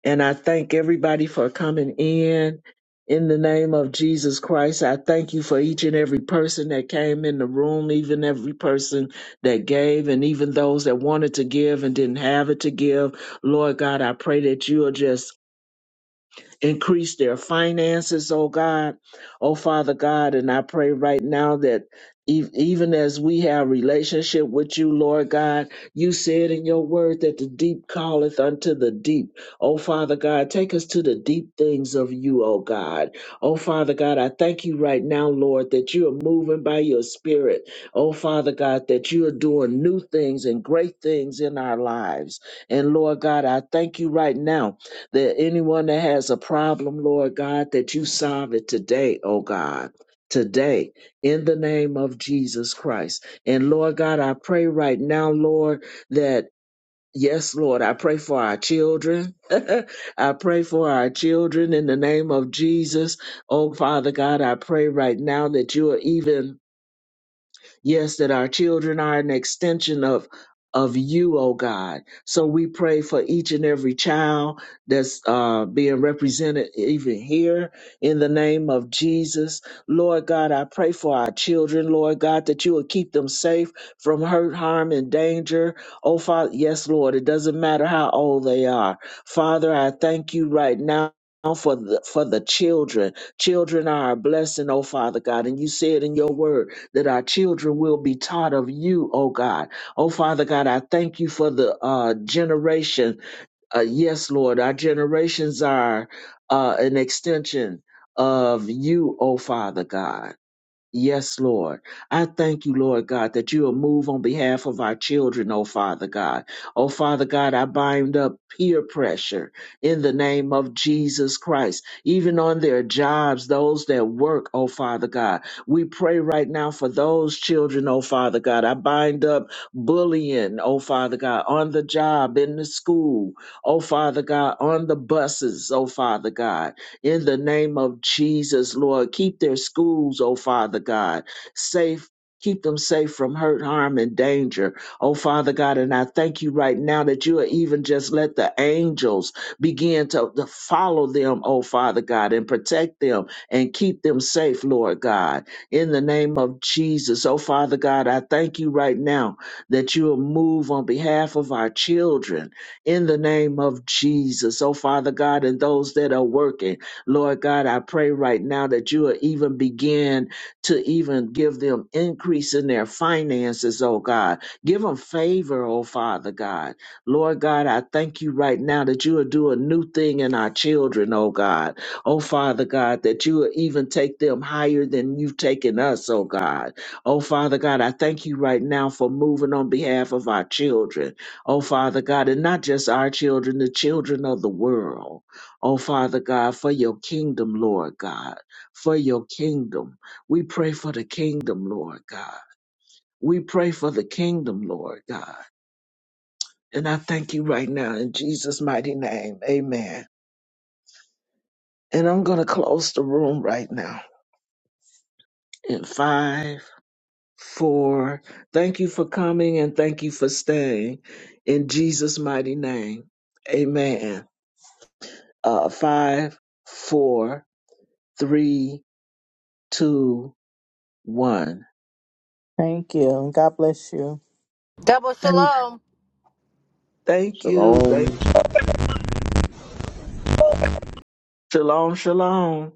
Speaker 5: and I thank everybody for coming in. In the name of Jesus Christ, I thank you for each and every person that came in the room, even every person that gave, and even those that wanted to give and didn't have it to give. Lord God, I pray that you are just increase their finances, oh God. Oh Father God, and I pray right now that e- even as we have relationship with you, Lord God, you said in your word that the deep calleth unto the deep. Oh Father God, take us to the deep things of you, oh God. Oh Father God, I thank you right now, Lord, that you are moving by your spirit. Oh Father God, that you are doing new things and great things in our lives. And Lord God, I thank you right now that anyone that has a problem, Lord God, that you solve it today, oh God. Today, in the name of Jesus Christ. And Lord God, I pray right now, Lord, that yes, Lord, I pray for our children. <laughs> I pray for our children in the name of Jesus. Oh Father God, I pray right now that you are even Yes, that our children are an extension of of you, oh God. So we pray for each and every child that's uh, being represented even here in the name of Jesus. Lord God, I pray for our children, Lord God, that you will keep them safe from hurt, harm, and danger. Oh, Father, yes, Lord, it doesn't matter how old they are. Father, I thank you right now. For the for the children, children are a blessing, oh Father God, and you said in your word that our children will be taught of you, oh God. Oh Father God, I thank you for the uh, generation. Uh, yes, Lord, our generations are uh, an extension of you, oh Father God. Yes, Lord. I thank you, Lord God, that you will move on behalf of our children, oh Father God. Oh Father God, I bind up peer pressure in the name of Jesus Christ, even on their jobs, those that work, oh Father God. We pray right now for those children, oh Father God. I bind up bullying, oh Father God, on the job, in the school, oh Father God, on the buses, oh Father God in the name of Jesus, Lord. Keep their schools, oh Father God, safe. Keep them safe from hurt, harm, and danger. Oh, Father God, and I thank you right now that you are even just let the angels begin to, to follow them, oh, Father God, and protect them and keep them safe, Lord God. In the name of Jesus, oh, Father God, I thank you right now that you will move on behalf of our children in the name of Jesus, oh, Father God, and those that are working Lord God, I pray right now that you will even begin to even give them increase in their finances, oh God. Give them favor, oh Father God. Lord God, I thank you right now that you will do a new thing in our children, oh God. Oh Father God, that you will even take them higher than you've taken us, oh God. Oh Father God, I thank you right now for moving on behalf of our children. Oh Father God, and not just our children, the children of the world. Oh, Father God, for your kingdom, Lord God, for your kingdom. We pray for the kingdom, Lord God. We pray for the kingdom, Lord God. And I thank you right now in Jesus' mighty name. Amen. And I'm going to close the room right now in five, four. Thank you for coming and thank you for staying in Jesus' mighty name. Amen. Uh, five, four, three, two, one.
Speaker 17: Thank you. God bless you.
Speaker 2: Double
Speaker 5: Thank
Speaker 2: shalom.
Speaker 5: Thank you. Thank
Speaker 1: Shalom.
Speaker 5: Shalom, shalom.